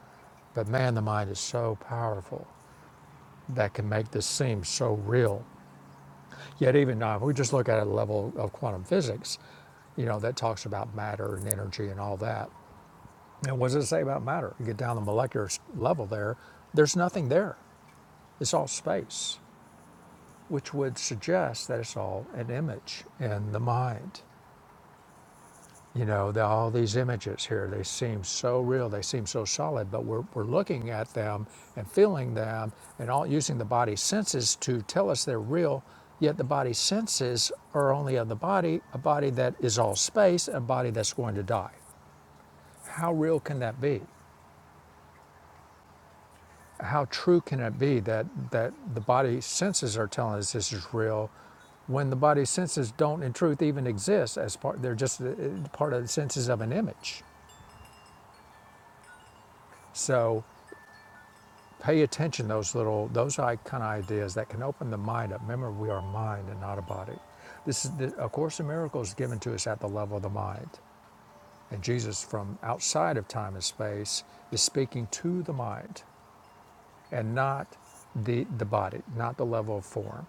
Speaker 1: But man, the mind is so powerful that can make this seem so real. Yet even now, if we just look at a level of quantum physics, you know, that talks about matter and energy and all that. And what does it say about matter? You get down the molecular level there, there's nothing there. It's all space. which would suggest that it's all an image in the mind. You know, the, all these images here, they seem so real, they seem so solid, but we're, we're looking at them and feeling them and all using the body's senses to tell us they're real, yet the body's senses are only of the body, a body that is all space, a body that's going to die. How real can that be? How true can it be that, that the body senses are telling us this is real when the body senses don't in truth even exist as part they're just uh, part of the senses of an image. So pay attention to those little those i- kind of ideas that can open the mind up. Remember we are mind and not a body. This is the, of course a miracles is given to us at the level of the mind. And Jesus from outside of time and space is speaking to the mind and not the the body, not the level of form.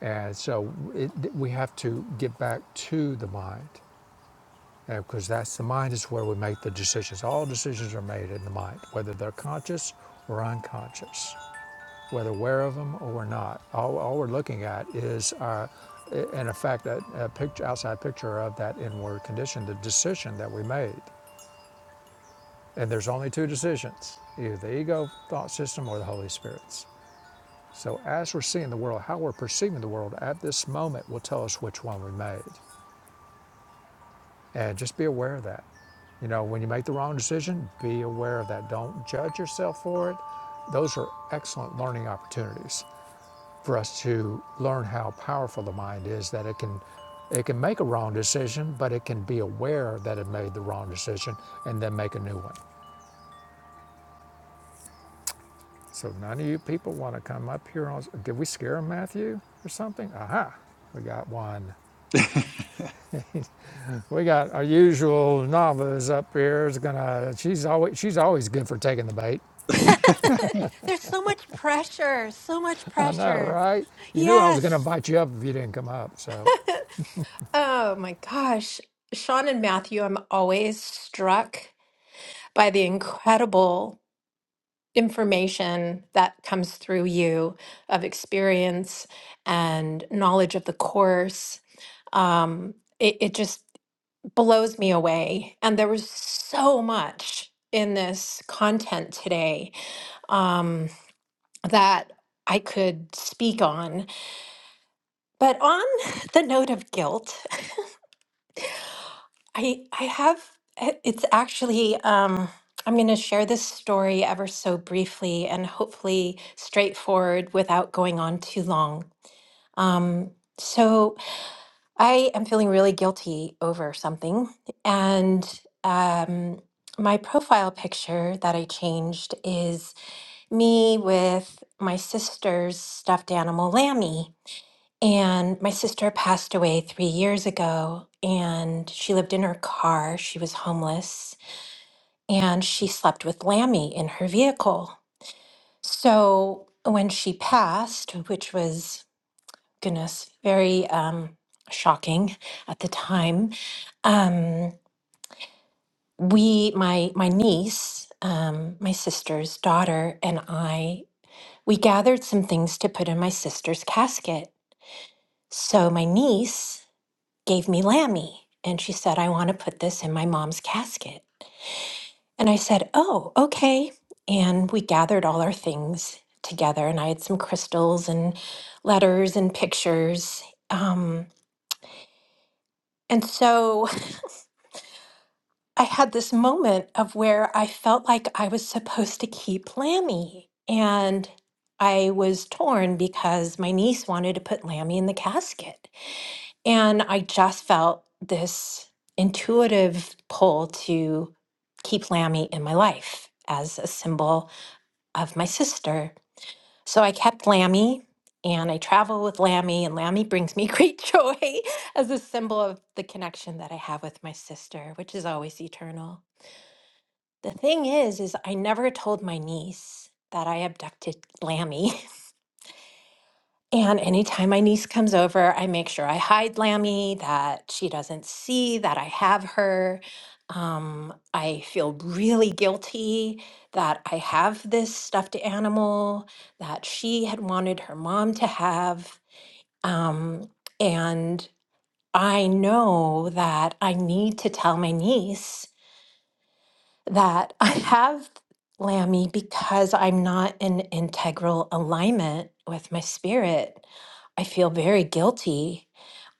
Speaker 1: And so it, we have to get back to the mind because that's the mind is where we make the decisions. All decisions are made in the mind, whether they're conscious or unconscious, whether aware of them or we're not. All, all we're looking at is our, in effect, a, a picture, outside picture of that inward condition, the decision that we made. And there's only two decisions, either the ego thought system or the Holy Spirit's. So as we're seeing the world, how we're perceiving the world at this moment will tell us which one we made. And just be aware of that. You know, when you make the wrong decision, be aware of that. Don't judge yourself for it. Those are excellent learning opportunities for us to learn how powerful the mind is that it can it can make a wrong decision, but it can be aware that it made the wrong decision and then make a new one. So none of you people want to come up here on did we scare them, Matthew or something? Aha. We got one.
Speaker 2: it.
Speaker 1: We got our usual novice up here is gonna she's always she's always good for taking the bait.
Speaker 3: There's so much pressure, so much
Speaker 1: I know,
Speaker 3: pressure.
Speaker 1: right? You knew I was going to
Speaker 3: Yes.
Speaker 1: invite you up if you didn't come up. So,
Speaker 3: Oh my gosh. Sean and Matthew, I'm always struck by the incredible information that comes through you of experience and knowledge of the course. Um, it, it just blows me away. And there was so much in this content today. Um, that I could speak on. But on the note of guilt, I I have eh, it's actually um, I'm going to share this story ever so briefly and hopefully straightforward without going on too long. Um, so I am feeling really guilty over something, and um, my profile picture that I changed is me with my sister's stuffed animal, Lammy. And my sister passed away three years ago, and she lived in her car. She was homeless, and she slept with Lammy in her vehicle. So when she passed, which was, goodness, very um, shocking at the time, um, we, my my niece, um, my sister's daughter, and I, we gathered some things to put in my sister's casket. So my niece gave me Lammy. And she said, I want to put this in my mom's casket. And I said, Oh, okay. And we gathered all our things together, and I had some crystals and letters and pictures. Um, and so I had this moment of where I felt like I was supposed to keep Lammy. And I was torn because my niece wanted to put Lammy in the casket. And I just felt this intuitive pull to keep Lammy in my life as a symbol of my sister. So I kept Lammy and I travel with Lammy, and Lammy brings me great joy as a symbol of the connection that I have with my sister, which is always eternal. The thing is, is I never told my niece that I abducted Lammy. And anytime my niece comes over, I make sure I hide Lammy, that she doesn't see that I have her. Um, I feel really guilty that I have this stuffed animal that she had wanted her mom to have. Um, and I know that I need to tell my niece that I have Lammy because I'm not in integral alignment with my spirit. I feel very guilty.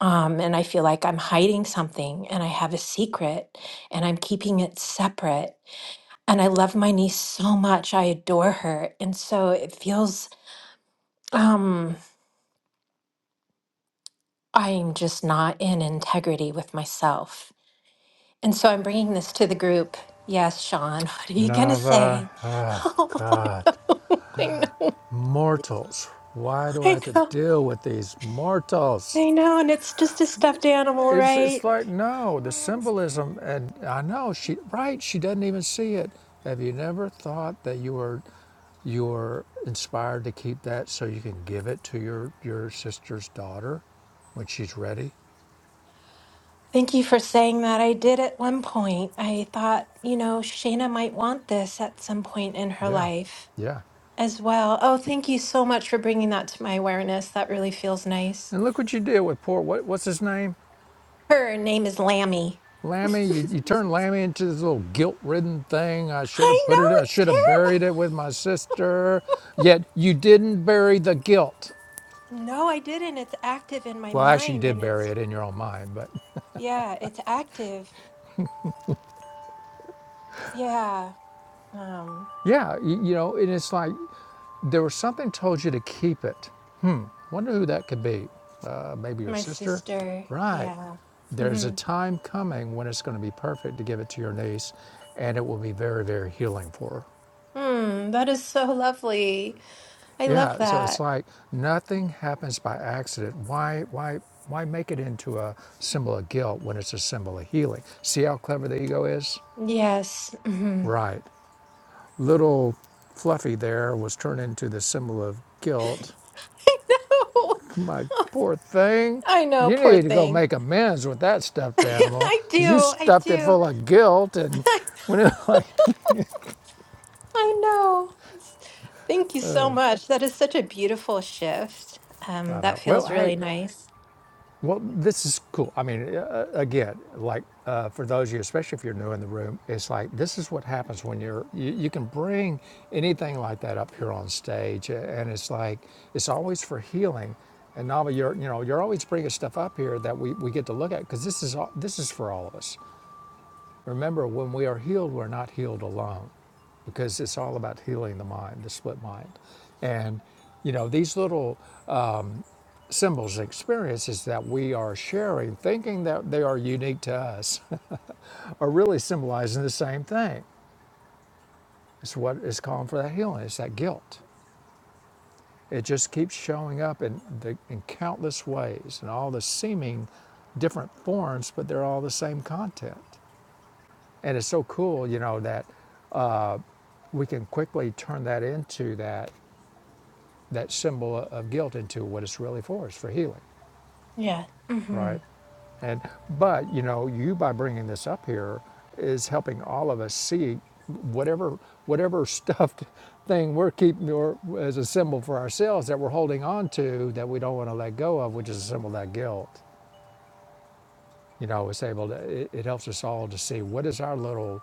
Speaker 3: Um, and I feel like I'm hiding something and I have a secret and I'm keeping it separate. And I love my niece so much. I adore her. And so it feels um, I'm just not in integrity with myself. And so I'm bringing this to the group. Yes, Sean, what are you going to
Speaker 1: Nava,
Speaker 3: say?
Speaker 1: oh
Speaker 3: Oh,
Speaker 1: God,
Speaker 3: I know,
Speaker 1: mortals. Why do I
Speaker 3: I know, I
Speaker 1: have to
Speaker 3: know,
Speaker 1: deal with these mortals?
Speaker 3: I know. And it's just a stuffed animal,
Speaker 1: It's
Speaker 3: right?
Speaker 1: it's like no, the symbolism, and I know she right. She doesn't even see it. Have you never thought that you were you were inspired to keep that so you can give it to your your sister's daughter when she's ready?
Speaker 3: Thank you for saying that. I did at one point. I thought, you know, Shayna might want this at some point in her
Speaker 1: Yeah,
Speaker 3: life
Speaker 1: yeah.
Speaker 3: as well. Oh, thank you so much for bringing that to my awareness. That really feels nice.
Speaker 1: And look what you did with poor what what's his name?
Speaker 3: Her name is Lammy. I
Speaker 1: Lammy, you, you turned Lammy into this little guilt-ridden thing. I should have put it.
Speaker 3: know,
Speaker 1: I
Speaker 3: it's
Speaker 1: should have
Speaker 3: terrible.
Speaker 1: buried it with my sister. Yet you didn't bury the guilt.
Speaker 3: No, I didn't. It's active in my
Speaker 1: Well, actually, you
Speaker 3: mind
Speaker 1: did
Speaker 3: and
Speaker 1: bury
Speaker 3: it's
Speaker 1: it in your own mind. But
Speaker 3: yeah, it's active. Yeah. Um
Speaker 1: yeah, you, you know, and it's like there was something told you to keep it. Wonder who that could be. Uh, maybe your
Speaker 3: my
Speaker 1: sister,
Speaker 3: sister.
Speaker 1: right?
Speaker 3: Yeah.
Speaker 1: There's a
Speaker 3: Mm-hmm.
Speaker 1: time coming when it's going to be perfect to give it to your niece, and it will be very, very healing for her.
Speaker 3: Mm, that is so lovely. I love
Speaker 1: Yeah, so it's
Speaker 3: that.
Speaker 1: like nothing happens by accident. Why, why, why make it into a symbol of guilt when it's a symbol of healing? See how clever the ego is?
Speaker 3: Yes. Mm-hmm.
Speaker 1: Right. Little Fluffy there was turned into the symbol of guilt.
Speaker 3: I know.
Speaker 1: My poor thing.
Speaker 3: I know,
Speaker 1: You
Speaker 3: poor
Speaker 1: need to go
Speaker 3: thing.
Speaker 1: make amends with that stuffed animal
Speaker 3: I
Speaker 1: because you
Speaker 3: do. I
Speaker 1: stuffed it
Speaker 3: do.
Speaker 1: full of guilt and
Speaker 3: I,
Speaker 1: when it like,
Speaker 3: know. It's- thank you so much. That is such a beautiful shift. Um,
Speaker 1: I
Speaker 3: that
Speaker 1: thought, well,
Speaker 3: feels
Speaker 1: hey,
Speaker 3: really nice.
Speaker 1: Well, this is cool. I mean, uh, uh, again, like uh, for those of you, especially if you're new in the room, it's like this is what happens when you're, you, you can bring anything like that up here on stage. And it's like, it's always for healing. And Nava, you're, you know, you're always bringing stuff up here that we, we get to look at because this is, all, this is for all of us. Remember, when we are healed, we're not healed alone because it's all about healing the mind, the split mind. And, you know, these little symbols and experiences that we are sharing, thinking that they are unique to us, are really symbolizing the same thing. It's what is calling for that healing. It's that guilt. It just keeps showing up in, the, in countless ways and all the seeming different forms, but they're all the same content. And it's so cool, you know, that uh, we can quickly turn that into that that symbol of guilt into what it's really for is for healing
Speaker 3: Yeah. Mm-hmm.
Speaker 1: Right. And but you know, you by bringing this up here is helping all of us see whatever whatever stuffed thing we're keeping or as a symbol for ourselves that we're holding on to that we don't want to let go of, which is a symbol of that guilt. You know, it's able to it, it helps us all to see what is our little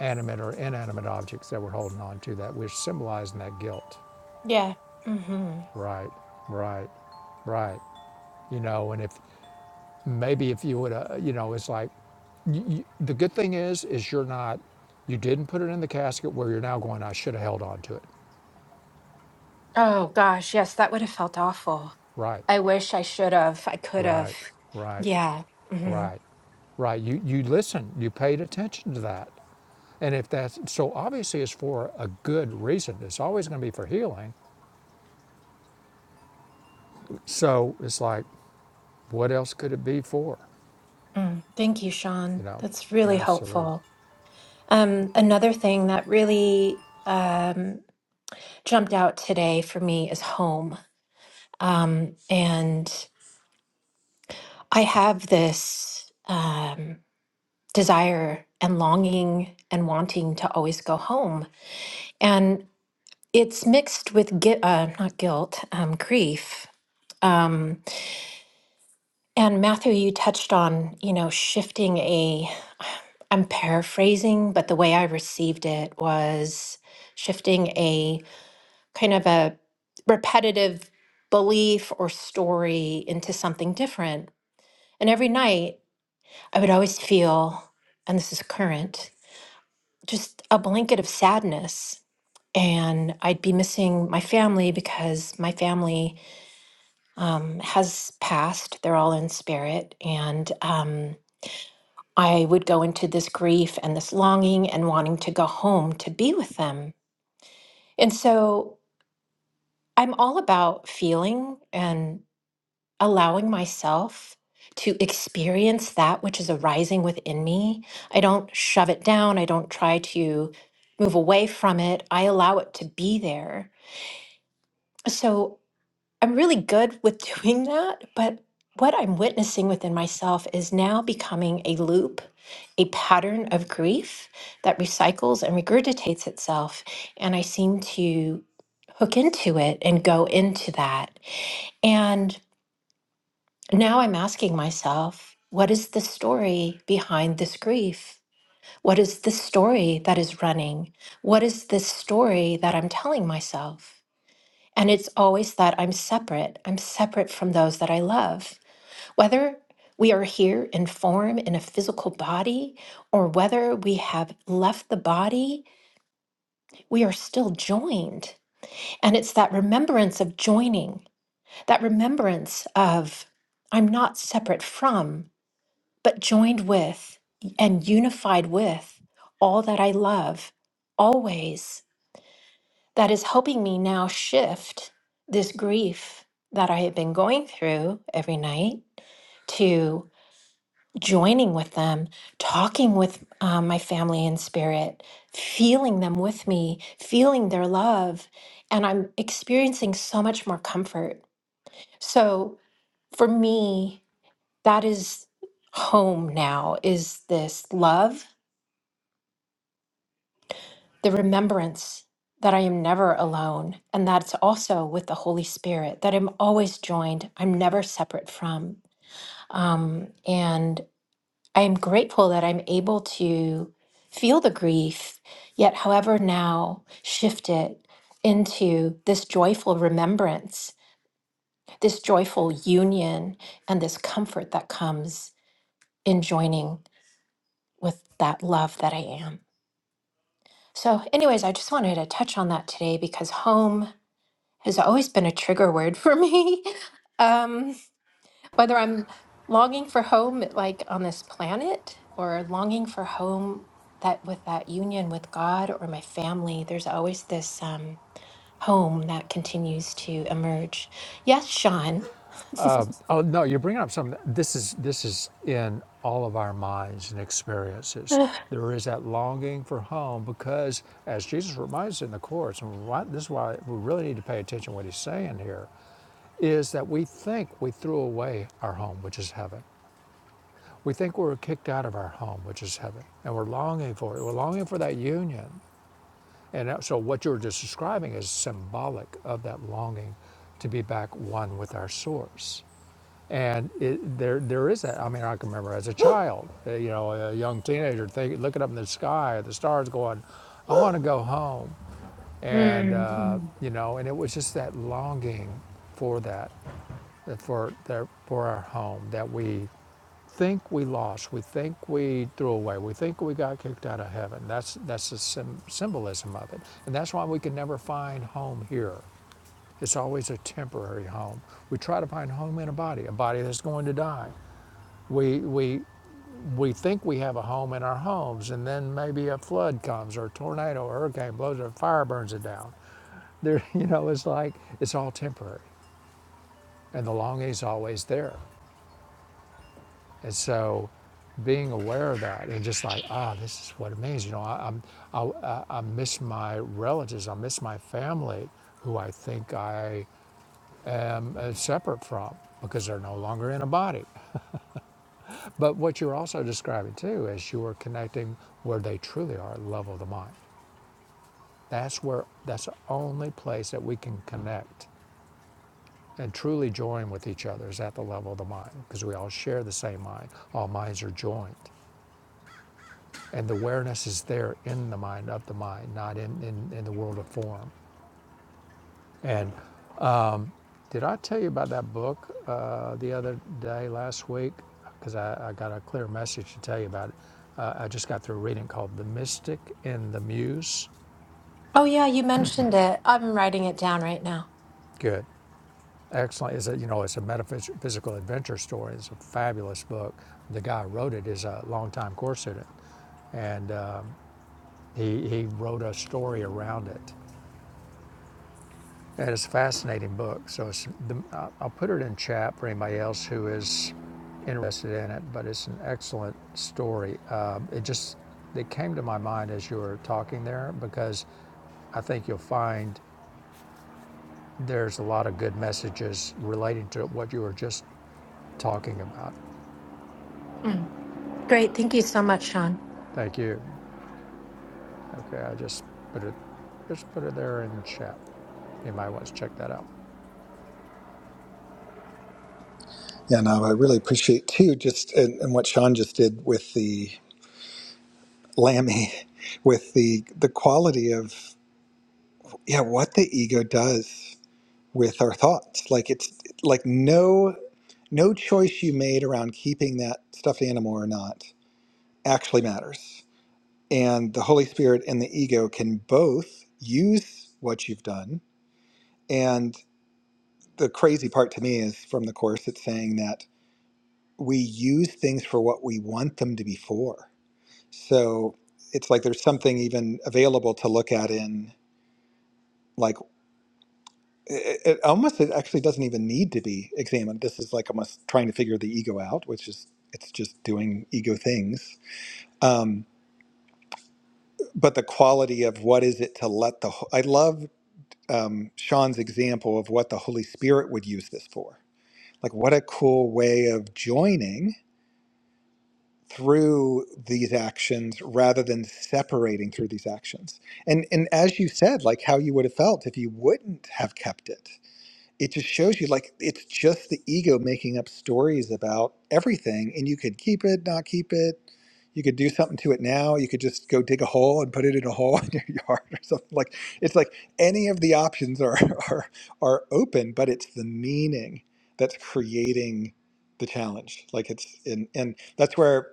Speaker 1: animate or inanimate objects that we're holding on to that we're symbolizing that guilt.
Speaker 3: Yeah. Mm-hmm.
Speaker 1: Right, right, right. You know, and if maybe if you would uh, you know it's like y y the good thing is is you're not you didn't put it in the casket where you're now going i should have held on to it
Speaker 3: Oh gosh, yes, that would have felt awful.
Speaker 1: right
Speaker 3: I wish I should have. I could have.
Speaker 1: right right
Speaker 3: Yeah. hmm
Speaker 1: right right you you listened you paid attention to that and if that's so obviously it's for a good reason it's always going to be for healing so it's like what else could it be for
Speaker 3: Mm. Thank you,
Speaker 1: you
Speaker 3: Sean.
Speaker 1: know
Speaker 3: That's really
Speaker 1: absolutely
Speaker 3: helpful. Um, another thing that really um, jumped out today for me is home. Um, and I have this um, desire and longing and wanting to always go home. And it's mixed with, gui- uh, not guilt, um, grief. Um, And Matthew, you touched on, you know, shifting a, I'm paraphrasing, but the way I received it was shifting a kind of a repetitive belief or story into something different. And every night I would always feel, and this is current, just a blanket of sadness. And I'd be missing my family because my family um, has passed. They're all in spirit. And, um, I would go into this grief and this longing and wanting to go home to be with them. And so I'm all about feeling and allowing myself to experience that which is arising within me. I don't shove it down, I don't try to move away from it. I allow it to be there. So I'm really good with doing that, but what I'm witnessing within myself is now becoming a loop, a pattern of grief that recycles and regurgitates itself. And I seem to hook into it and go into that. And now I'm asking myself, what is the story behind this grief? What is the story that is running? What is this story that I'm telling myself? And it's always that I'm separate. I'm separate from those that I love. Whether we are here in form in a physical body or whether we have left the body, we are still joined. And it's that remembrance of joining, that remembrance of I'm not separate from, but joined with and unified with all that I love always that is helping me now shift this grief that I had been going through every night to joining with them, talking with um, my family in spirit, feeling them with me, feeling their love. And I'm experiencing so much more comfort. So for me, that is home now is this love the remembrance that I am never alone. And that's also with the Holy Spirit, that I'm always joined, I'm never separate from. Um, and I am grateful that I'm able to feel the grief, yet, however, now shift it into this joyful remembrance, this joyful union, and this comfort that comes in joining with that love that I am. So, anyways, I just wanted to touch on that today because home has always been a trigger word for me. Um, whether I'm longing for home, like on this planet, or longing for home that with that union with God or my family, there's always this um, home that continues to emerge. Yes, Sean.
Speaker 1: Oh no, you're bringing up something. This is this is in all of our minds and experiences.
Speaker 3: Ugh.
Speaker 1: There is that longing for home because, as Jesus reminds us in the Course, and why, this is why we really need to pay attention to what He's saying here, is that we think we threw away our home, which is heaven. We think we were kicked out of our home, which is heaven, and we're longing for it. We're longing for that union. And so, what you're just describing is symbolic of that longing to be back one with our source. And it, there, there is that. I mean, I can remember as a child, uh, you know, a young teenager, think, looking up in the sky at the stars, going, "I want to go home," and
Speaker 3: Mm,
Speaker 1: uh,
Speaker 3: mm.
Speaker 1: you know, and it was just that longing for that, uh, for their, for our home that we think we lost, we think we threw away, we think we got kicked out of heaven. That's that's the sym symbolism of it, and that's why we can never find home here. It's always a temporary home. We try to find home in a body, a body that's going to die. We, we, we think we have a home in our homes, and then maybe a flood comes, or a tornado, or a hurricane blows, or a fire burns it down. There, you know, it's like it's all temporary, and the longing's always there. And so, being aware of that, and just like, ah, oh, this is what it means. You know, I, i I, I- miss my relatives, I miss my family, who I think I am uh, separate from because they're no longer in a body. But what you're also describing too is you are connecting where they truly are, level of the mind. That's where that's the only place that we can connect and truly join with each other is at the level of the mind because we all share the same mind. All minds are joined. And the awareness is there in the mind of the mind, not in, in, in the world of form. And Did I tell you about that book uh, the other day, last week? Because I, I got a clear message to tell you about it. Uh, I just got through reading called "The Mystic and the Muse."
Speaker 3: Oh, yeah, you mentioned it. I'm writing it down right now.
Speaker 1: Good, excellent. It's a you know it's a metaphysical adventure story. It's a fabulous book. The guy who wrote it is a longtime course student, and um, he he wrote a story around it. That is a fascinating book. So it's the, I- will put it in chat for anybody else who is interested in it. But it's an excellent story. Um, it just it came to my mind as you were talking there because I think you'll find there's a lot of good messages relating to what you were just talking about.
Speaker 3: Mm. Great. Thank you so much, Sean.
Speaker 1: Thank you. Okay, I just put it just put it there in chat. Anybody wants to check that out?
Speaker 2: Yeah, no, I really appreciate too, just and, and what Sean just did with the Lammy with the the quality of yeah what the ego does with our thoughts like it's like no no choice you made around keeping that stuffed animal or not actually matters and the holy spirit and the ego can both use what you've done and the crazy part to me is from the course it's saying that we use things for what we want them to be for so it's like there's something even available to look at in like it, it almost it actually doesn't even need to be examined. This is like almost trying to figure the ego out, which is it's just doing ego things. Um, but the quality of what is it to let the ho- I love um, Sean's example of what the Holy Spirit would use this for. Like what a cool way of joining through these actions rather than separating through these actions. And and as you said, like how you would have felt if you wouldn't have kept it it just shows you like it's just the ego making up stories about everything and you could keep it not keep it you could do something to it now you could just go dig a hole and put it in a hole in your yard or something like it's like any of the options are are are open but it's the meaning that's creating the challenge like it's and and that's where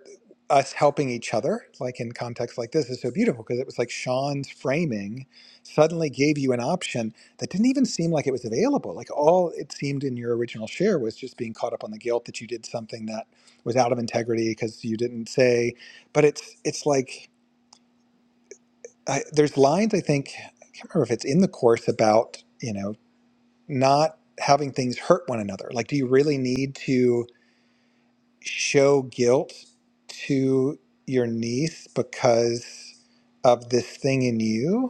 Speaker 2: us helping each other like in contexts like this is so beautiful because it was like sean's framing suddenly gave you an option that didn't even seem like it was available. Like all it seemed in your original share was just being caught up on the guilt that you did something that was out of integrity because you didn't say. But it's it's like I, there's lines I think I can't remember if it's in the course about you know not having things hurt one another. Like, do you really need to show guilt to your niece because of this thing in you?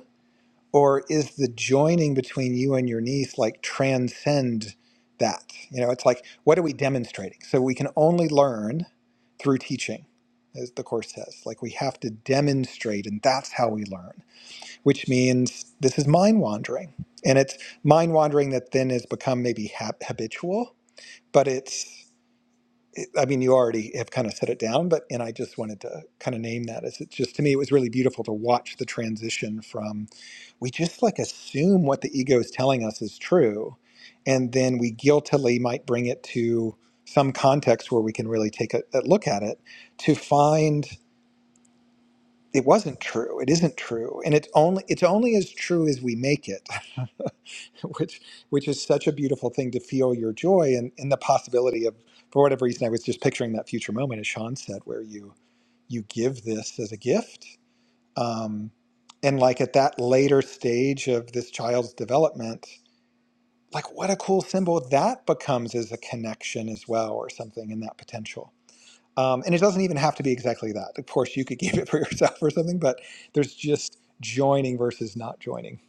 Speaker 2: or is the joining between you and your niece like transcend that you know it's like what are we demonstrating so we can only learn through teaching as the course says like we have to demonstrate and that's how we learn which means this is mind wandering and it's mind wandering that then has become maybe hab habitual but it's I mean, you already have kind of set it down, but and I just wanted to kind of name that as it's just to me, it was really beautiful to watch the transition from we just like assume what the ego is telling us is true, and then we guiltily might bring it to some context where we can really take a, a look at it to find it wasn't true, it isn't true, and it's only it's only as true as we make it. which which is such a beautiful thing to feel your joy and, and the possibility of for whatever reason I was just picturing that future moment as Sean said where you you give this as a gift um, and like at that later stage of this child's development like what a cool symbol that becomes as a connection as well or something in that potential um, and it doesn't even have to be exactly that of course you could give it for yourself or something but there's just joining versus not joining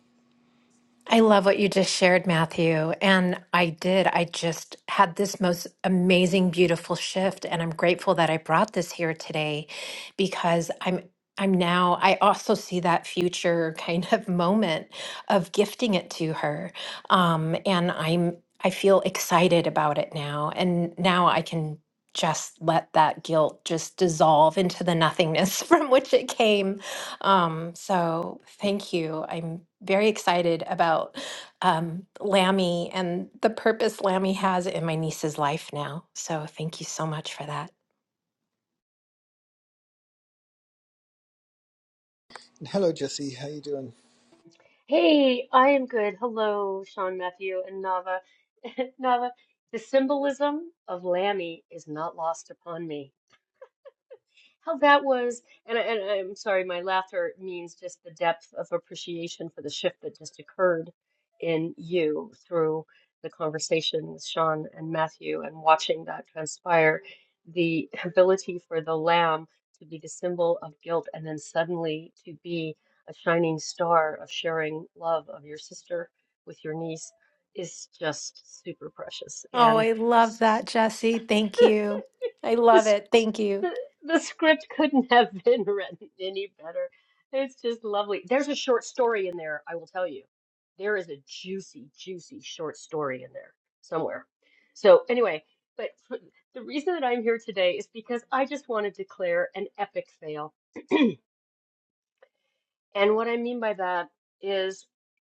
Speaker 3: I love what you just shared, Matthew. And I did. I just had this most amazing, beautiful shift. And I'm grateful that I brought this here today because I'm. I'm now, I also see that future kind of moment of gifting it to her. Um, and I'm, I feel excited about it now. And now I can just let that guilt just dissolve into the nothingness from which it came um, so thank you. I'm very excited about um, Lammy and the purpose Lammy has in my niece's life now. So thank you so much for that.
Speaker 4: Hey, I am good. Hello, Sean Matthew and Nava. Nava, the symbolism of Lammy is not lost upon me how that was and, I- and i'm sorry my laughter means just the depth of appreciation for the shift that just occurred in you through the conversation with sean and matthew and watching that transpire the ability for the lamb to be the symbol of guilt and then suddenly to be a shining star of sharing love of your sister with your niece is just super precious
Speaker 3: Oh,
Speaker 4: and
Speaker 3: I love
Speaker 4: this,
Speaker 3: that, Jesse. Thank you. I love
Speaker 4: this
Speaker 3: it. Thank you.
Speaker 4: the, the script couldn't have been written any better. It's just lovely. There's a short story in there, I will tell you. There is a juicy, juicy short story in there somewhere. So, anyway, but f- the reason that I'm here today is because I just want to declare an epic fail. And what I mean by that is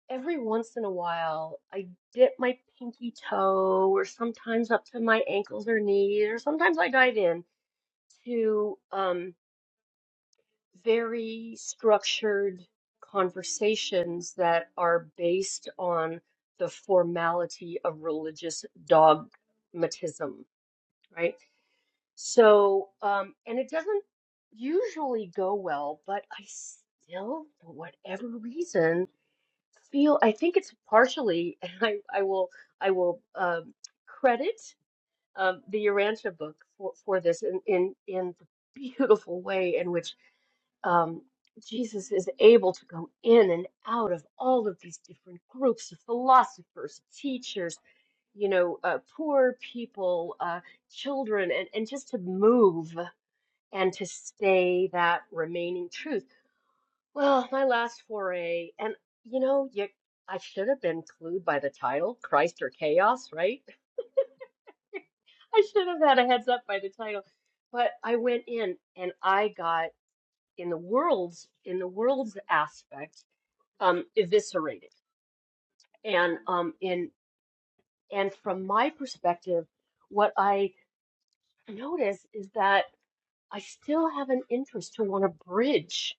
Speaker 4: every once in a while, I dip my pinky toe, or sometimes up to my ankles or knees, or sometimes I dive in to. um. very structured conversations that are based on the formality of religious dogmatism, right? So, um, and it doesn't usually go well, but I still, for whatever reason, feel I think it's partially, and I, I will, I will um, credit um, the Urantia book for, for this in, in, in the beautiful way in which um, Jesus is able to go in and out of all of these different groups of philosophers, teachers, you know, uh, poor people, uh, children, and, and just to move and to stay that remaining truth. Well, my last foray, and you know, you, I should have been clued by the title, Christ or Chaos, right? I should have had a heads up by the title, but I went in and I got in the world's in the world's aspect. um, eviscerated. And um, in and from my perspective, what I notice is that I still have an interest to want to bridge.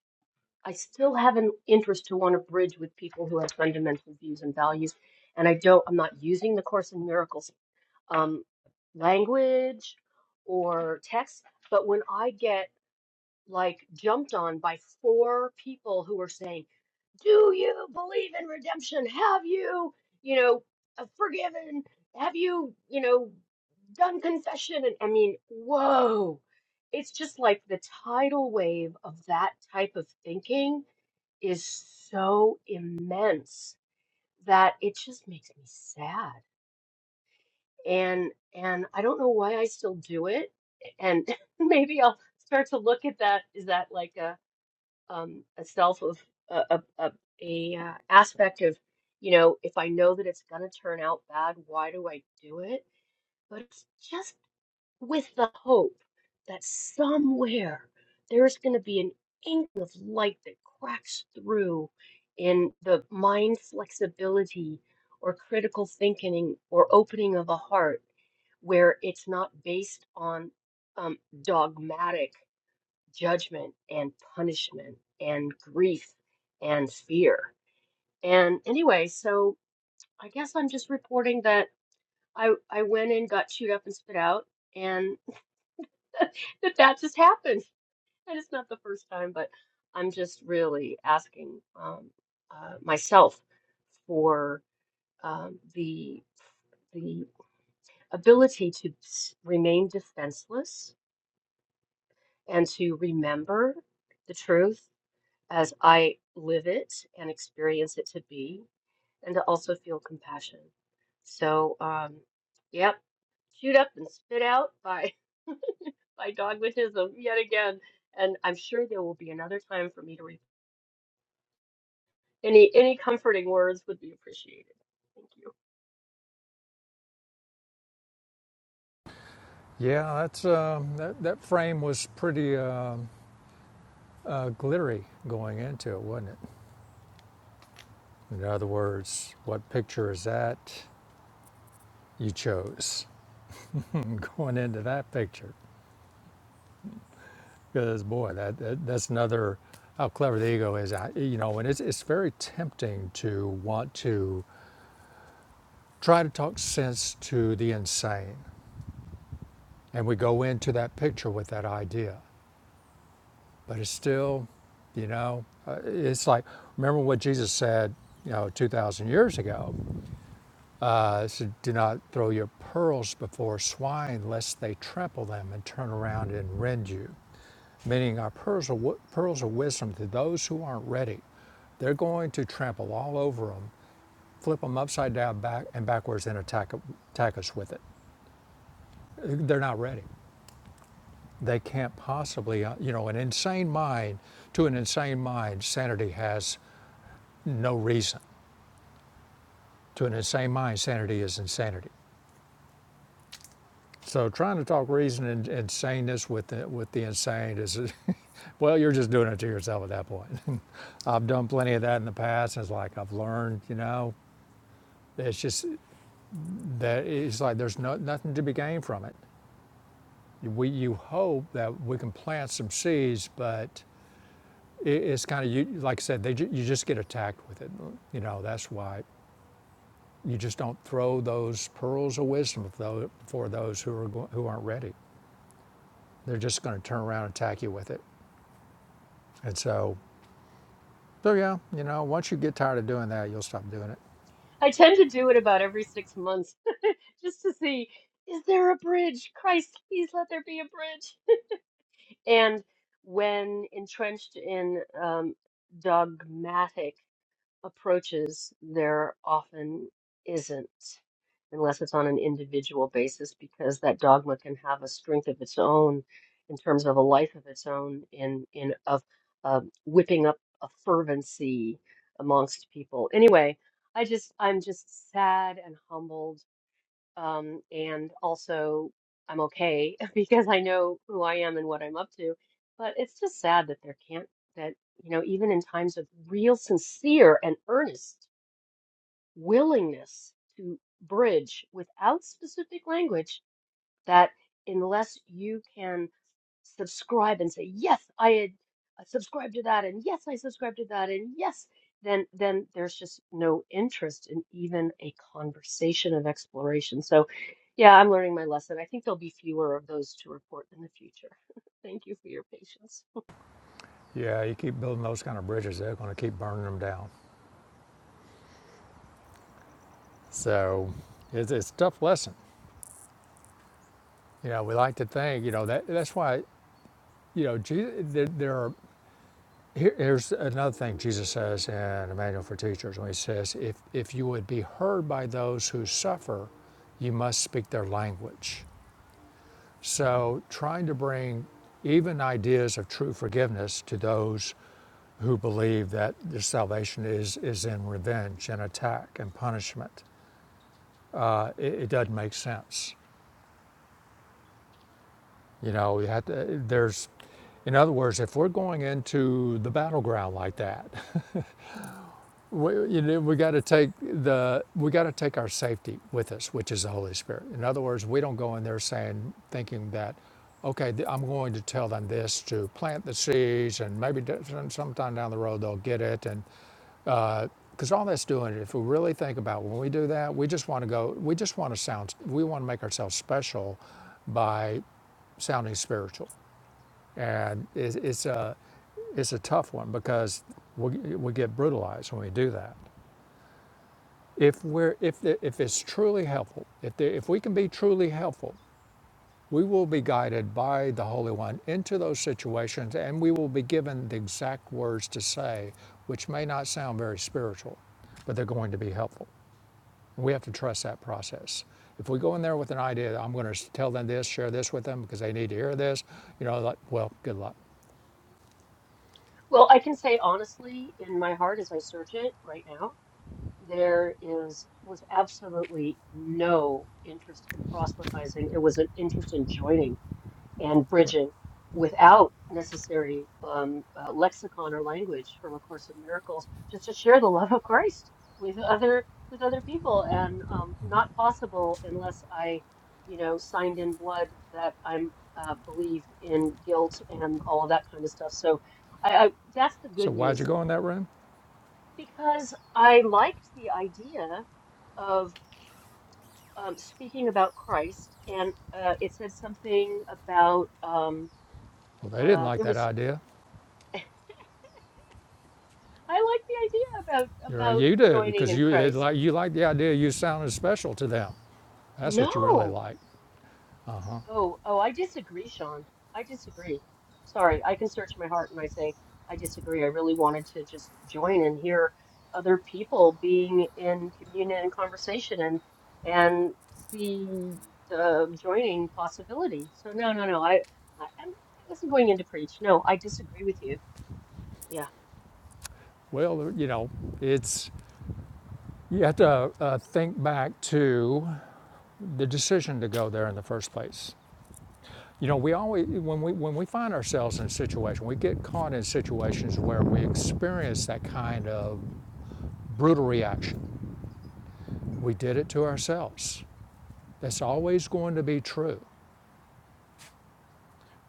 Speaker 4: I still have an interest to want to bridge with people who have fundamental views and values. And I don't. I'm not using the Course in Miracles um, language or text. But when I get like jumped on by four people who were saying, "Do you believe in redemption? Have you, you know, uh, forgiven? Have you, you know, done confession?" And I mean, whoa. It's just like the tidal wave of that type of thinking is so immense that it just makes me sad. And and I don't know why I still do it. And maybe I'll start to look at that. Is that like a um, a self of a, a, a, a uh, aspect of you know if i know that it's going to turn out bad why do i do it but it's just with the hope that somewhere there's going to be an ink of light that cracks through in the mind flexibility or critical thinking or opening of a heart where it's not based on um, dogmatic judgment and punishment and grief and fear. And anyway, so I guess I'm just reporting that I I went in, got chewed up and spit out, and that that just happened. And it's not the first time, but I'm just really asking um, uh, myself for um, the the ability to s- remain defenseless and to remember the truth as I live it and experience it to be, and to also feel compassion. So, um, yep, chewed up and spit out by by dogmatism yet again. And I'm sure there will be another time for me to read. Any any comforting words would be appreciated. Thank you.
Speaker 1: Yeah, that's um, that, that frame was pretty. um uh, glittery going into it, wasn't it? In other words, what picture is that you chose going into that picture? Because boy, that, that that's another how clever the ego is. I, you know, and it's it's very tempting to want to try to talk sense to the insane, and we go into that picture with that idea, but it's still, you know, uh, it's like remember what Jesus said, you know, two thousand years ago Uh, so do not throw your pearls before swine, lest they trample them and turn around and rend you. Meaning, our pearls of, pearls of wisdom to those who aren't ready, they're going to trample all over them, flip them upside down, back and backwards, and attack attack us with it. They're not ready. They can't possibly, uh, you know, an insane mind. To an insane mind, sanity has no reason. To an insane mind, sanity is insanity. So trying to talk reason and, and saneness with the, with the insane is, well, you're just doing it to yourself at that point. I've done plenty of that in the past. it's like I've learned, you know, it's just that it's like there's no, nothing to be gained from it. We you hope that we can plant some seeds, but it, it's kind of you like I said, they you just get attacked with it. You know that's why you just don't throw those pearls of wisdom for those who are who aren't ready. They're just going to turn around and attack you with it. And so So yeah, you know, once you get tired of doing that, you'll stop doing it.
Speaker 4: I tend to do it about every six months, just to see is there a bridge? Christ, please let there be a bridge. And when entrenched in um, dogmatic approaches, there often isn't, unless it's on an individual basis, because that dogma can have a strength of its own in terms of a life of its own in in of um whipping up a fervency amongst people. Anyway, I just I'm just sad and humbled um, and also, I'm okay because I know who I am and what I'm up to. But it's just sad that there can't, that, you know, even in times of real, sincere, and earnest willingness to bridge without specific language that unless you can subscribe and say yes i had I subscribed to that and yes i subscribed to that and yes then then there's just no interest in even a conversation of exploration so yeah i'm learning my lesson i think there'll be fewer of those to report in the future thank you for your patience
Speaker 1: Yeah, you keep building those kind of bridges, they're going to keep burning them down. So it's, it's a tough lesson. You know, we like to think, you know, that that's why, you know, Jesus, there, there are, here, here's another thing Jesus says in the Manual for Teachers when he says, if, if you would be heard by those who suffer, you must speak their language. So trying to bring even ideas of true forgiveness to those who believe that their salvation is, is in revenge and attack and punishment. Uh, it, it doesn't make sense. You know, you have to, there's, in other words, if we're going into the battleground like that, we, you know, we got to take the we got to take our safety with us, which is the Holy Spirit. In other words, we don't go in there saying, thinking that, okay, I'm going to tell them this to plant the seeds, and maybe sometime down the road they'll get it, and Because uh, all that's doing it, if we really think about when we do that, we just want to go, we just want to sound, we want to make ourselves special by sounding spiritual. And it's, it's, a, it's a tough one because we, we get brutalized when we do that. If, we're, if, the, if it's truly helpful, if, the, if we can be truly helpful, we will be guided by the Holy One into those situations and we will be given the exact words to say, which may not sound very spiritual, but they're going to be helpful. We have to trust that process. If we go in there with an idea, that I'm going to tell them this, share this with them because they need to hear this, you know, like, well, good luck.
Speaker 4: well i can say honestly in my heart as i search it right now there is was absolutely no interest in proselytizing it was an interest in joining and bridging without necessary um, uh, lexicon or language from A Course in Miracles, just to share the love of Christ with other with other people, and um, not possible unless I, you know, signed in blood that I'm uh, believe in guilt and all of that kind of stuff. So, I, I that's the
Speaker 1: So
Speaker 4: good
Speaker 1: why'd you
Speaker 4: news
Speaker 1: go in that room?
Speaker 4: because I liked the idea of um, speaking about Christ, and uh, it said something about. Um,
Speaker 1: Well, they didn't
Speaker 4: uh,
Speaker 1: like
Speaker 4: there
Speaker 1: that
Speaker 4: was
Speaker 1: idea.
Speaker 4: I like the idea about
Speaker 1: You're like,
Speaker 4: about
Speaker 1: you do
Speaker 4: joining
Speaker 1: because
Speaker 4: in
Speaker 1: you it,
Speaker 4: Christ.
Speaker 1: like you like the idea. You sounded special to them. That's what you really
Speaker 4: No.
Speaker 1: like.
Speaker 4: Oh, oh, I disagree, Sean. I disagree. Sorry, I can search my heart and I say I disagree. I really wanted to just join and hear other people being in communion and conversation and and see the joining possibility. So no, no, no. I, I I'm- I wasn't going in to preach. No, I disagree with you. Yeah.
Speaker 1: Well, you know, it's you have to uh, think back to the decision to go there in the first place. You know, we always when we when we find ourselves in a situation, we get caught in situations where we experience that kind of brutal reaction. We did it to ourselves. That's always going to be true.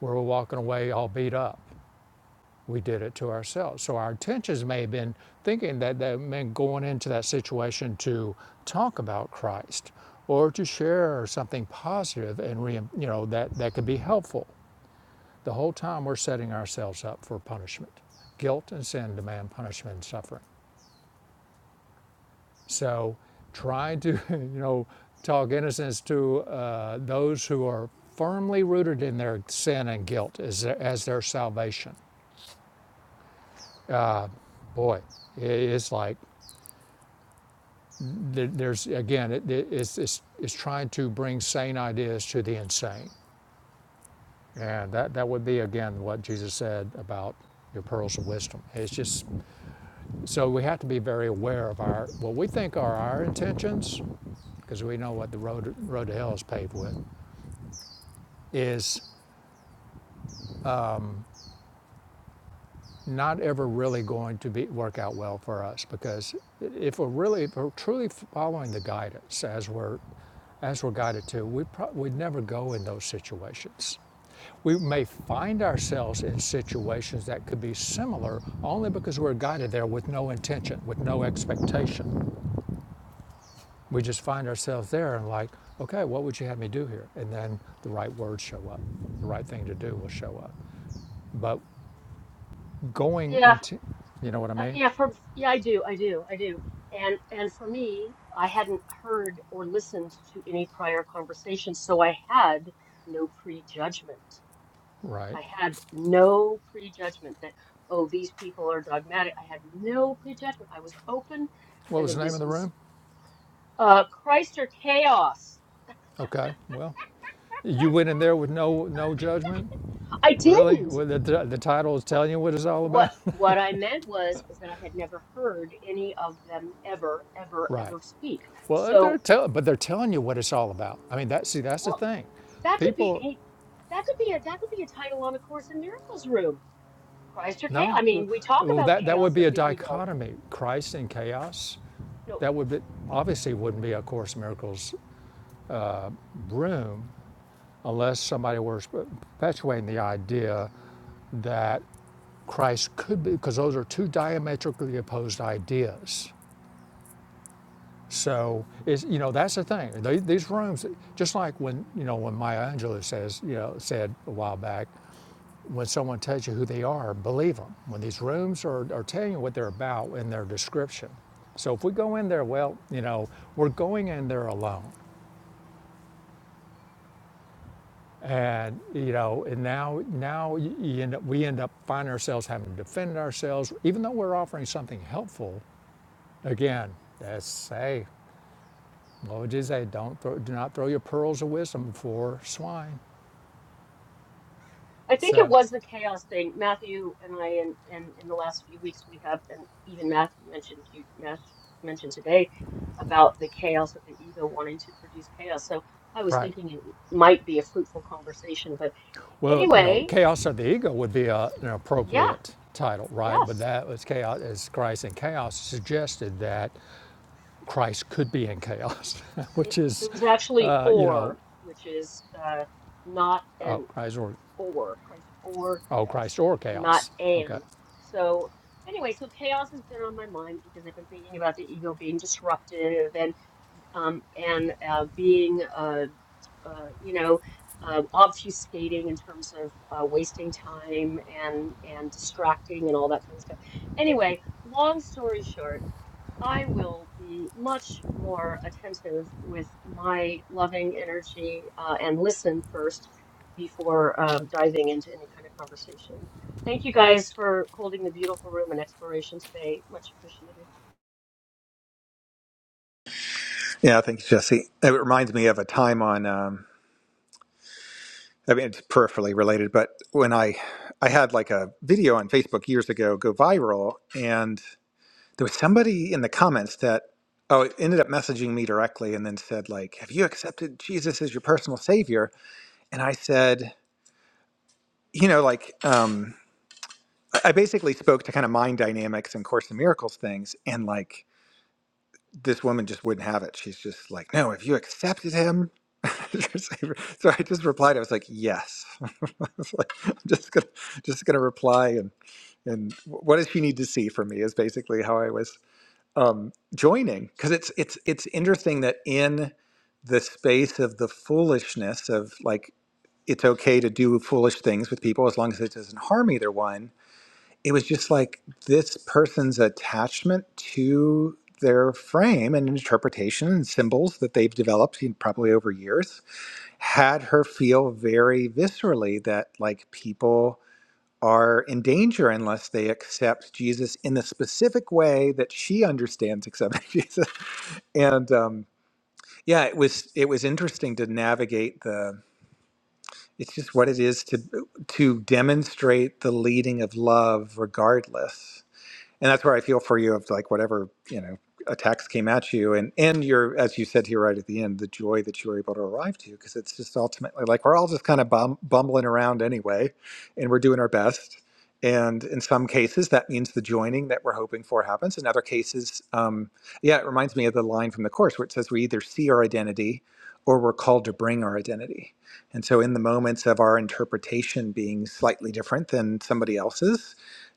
Speaker 1: Where we're walking away all beat up. We did it to ourselves. So our intentions may have been thinking that that meant going into that situation to talk about Christ or to share something positive and you know that that could be helpful The whole time we're setting ourselves up for punishment. Guilt and sin demand punishment and suffering. So try to, you know, talk innocence to uh, those who are firmly rooted in their sin and guilt as their, as their salvation. Boy, it's like there's again, it- it's, it's, it's trying to bring sane ideas to the insane. And that, that would be again what Jesus said about your pearls of wisdom. It's just So we have to be very aware of our what we think are our intentions, because we know what the road road to hell is paved with, is not ever really going to be work out well for us. Because if we're really if we're truly following the guidance as we're as we're guided to, we pro- we'd never go in those situations. We may find ourselves in situations that could be similar only because we're guided there with no intention, with no expectation. We just find ourselves there and like, okay, what would you have me do here? And then the right words show up, the right thing to do will show up. But going
Speaker 4: Yeah,
Speaker 1: into, you know what I
Speaker 4: Uh,
Speaker 1: mean?
Speaker 4: yeah, for yeah, I do, I do, I do. And and for me, I hadn't heard or listened to any prior conversations, so I had no prejudgment.
Speaker 1: Right.
Speaker 4: I had no prejudgment that, oh, these people are dogmatic. I had no prejudgment. I was open,
Speaker 1: What
Speaker 4: and
Speaker 1: was
Speaker 4: that
Speaker 1: the name
Speaker 4: this
Speaker 1: of the
Speaker 4: is
Speaker 1: room?
Speaker 4: uh, Christ or chaos.
Speaker 1: Okay, well, you went in there with no no judgment,
Speaker 4: I
Speaker 1: really?
Speaker 4: didn't.
Speaker 1: Well, the, the, the title is
Speaker 4: Wh-
Speaker 1: telling you what it's all
Speaker 4: What
Speaker 1: about,
Speaker 4: what I meant was is that I had never heard any of them ever, ever,
Speaker 1: right?
Speaker 4: ever speak.
Speaker 1: Well, uh, they're
Speaker 4: So.
Speaker 1: tell, but they're telling you what it's all about. I mean, that see, that's the
Speaker 4: well,
Speaker 1: thing.
Speaker 4: That could be
Speaker 1: People,
Speaker 4: hey, that could be a that could be a title on a Course in Miracles room. Christ or chaos.
Speaker 1: no,
Speaker 4: I mean, we talk
Speaker 1: well,
Speaker 4: about
Speaker 1: that that would
Speaker 4: chaos
Speaker 1: be
Speaker 4: of
Speaker 1: a
Speaker 4: the ego.
Speaker 1: dichotomy: Christ and chaos
Speaker 4: No,
Speaker 1: That would be, obviously wouldn't be A Course in Miracles room unless somebody were perpetuating the idea that Christ could be, because those are two diametrically opposed ideas. So it's, you know that's the thing. They, these rooms, just like when you know when Maya Angelou says you know said a while back, when someone tells you who they are, believe them. When these rooms are, are telling you what they're about in their description. So if we go in there, well, you know, we're going in there alone. And you know, and now now you end up, we end up finding ourselves having to defend ourselves, even though we're offering something helpful. Again, that's hey, what would you say? Don't throw, do not throw your pearls of wisdom before swine.
Speaker 4: I think it
Speaker 1: So,
Speaker 4: was the chaos thing. Matthew and I, and and in the last few weeks, we have, and even Matthew mentioned you Matt mentioned today about the chaos of the ego wanting to produce chaos. So I was
Speaker 1: right.
Speaker 4: thinking it might be a fruitful conversation. But
Speaker 1: Well, you know,
Speaker 4: anyway,
Speaker 1: chaos of the ego would be a, an
Speaker 4: yeah,
Speaker 1: appropriate title, right? But
Speaker 4: yes,
Speaker 1: that was chaos as Christ in chaos suggested that Christ could be in chaos,
Speaker 4: it,
Speaker 1: which
Speaker 4: it
Speaker 1: is,
Speaker 4: was actually
Speaker 1: uh, you know,
Speaker 4: or, which is uh, not an
Speaker 1: oh Christ or
Speaker 4: or Christ or
Speaker 1: oh
Speaker 4: chaos,
Speaker 1: Christ or
Speaker 4: not
Speaker 1: chaos. Okay,
Speaker 4: and. So anyway, so chaos has been on my mind because I've been thinking about the ego being disruptive and um and uh, being uh, uh you know uh, obfuscating in terms of uh, wasting time and and distracting and all that kind of stuff. Anyway, long story short. I will be much more attentive with my loving energy uh, and listen first before um, diving into any kind of conversation. Thank you guys for holding the beautiful room and exploration today. Much appreciated.
Speaker 2: Yeah, thanks, Jesse. It reminds me of a time on. Um, I mean, it's peripherally related, but when I I had like a video on Facebook years ago go viral, and there was somebody in the comments that oh it ended up messaging me directly and then said like Have you accepted Jesus as your personal savior? And I said, you know, like. Um, I basically spoke to kind of mind dynamics and Course in Miracles things, and like this woman just wouldn't have it. She's just like, "No, have you accepted him?" so I just replied. I was like, "Yes." I was like, I'm just gonna just gonna reply and and what does she need to see from me is basically how I was um, joining because it's it's it's interesting that in the space of the foolishness of like it's okay to do foolish things with people as long as it doesn't harm either one it was just like this person's attachment to their frame and interpretation and symbols that they've developed in- probably over years had her feel very viscerally that like people are in danger unless they accept Jesus in the specific way that she understands accepting Jesus. And um, yeah, it was it was interesting to navigate the. It's just what it is to to demonstrate the leading of love, regardless and that's where I feel for you of like whatever you know attacks came at you and and your as you said here right at the end the joy that you were able to arrive to because it's just ultimately like we're all just kind of bum, bumbling around anyway and we're doing our best and in some cases that means the joining that we're hoping for happens in other cases um, yeah it reminds me of the line from the course where it says we either see our identity or we're called to bring our identity and so in the moments of our interpretation being slightly different than somebody else's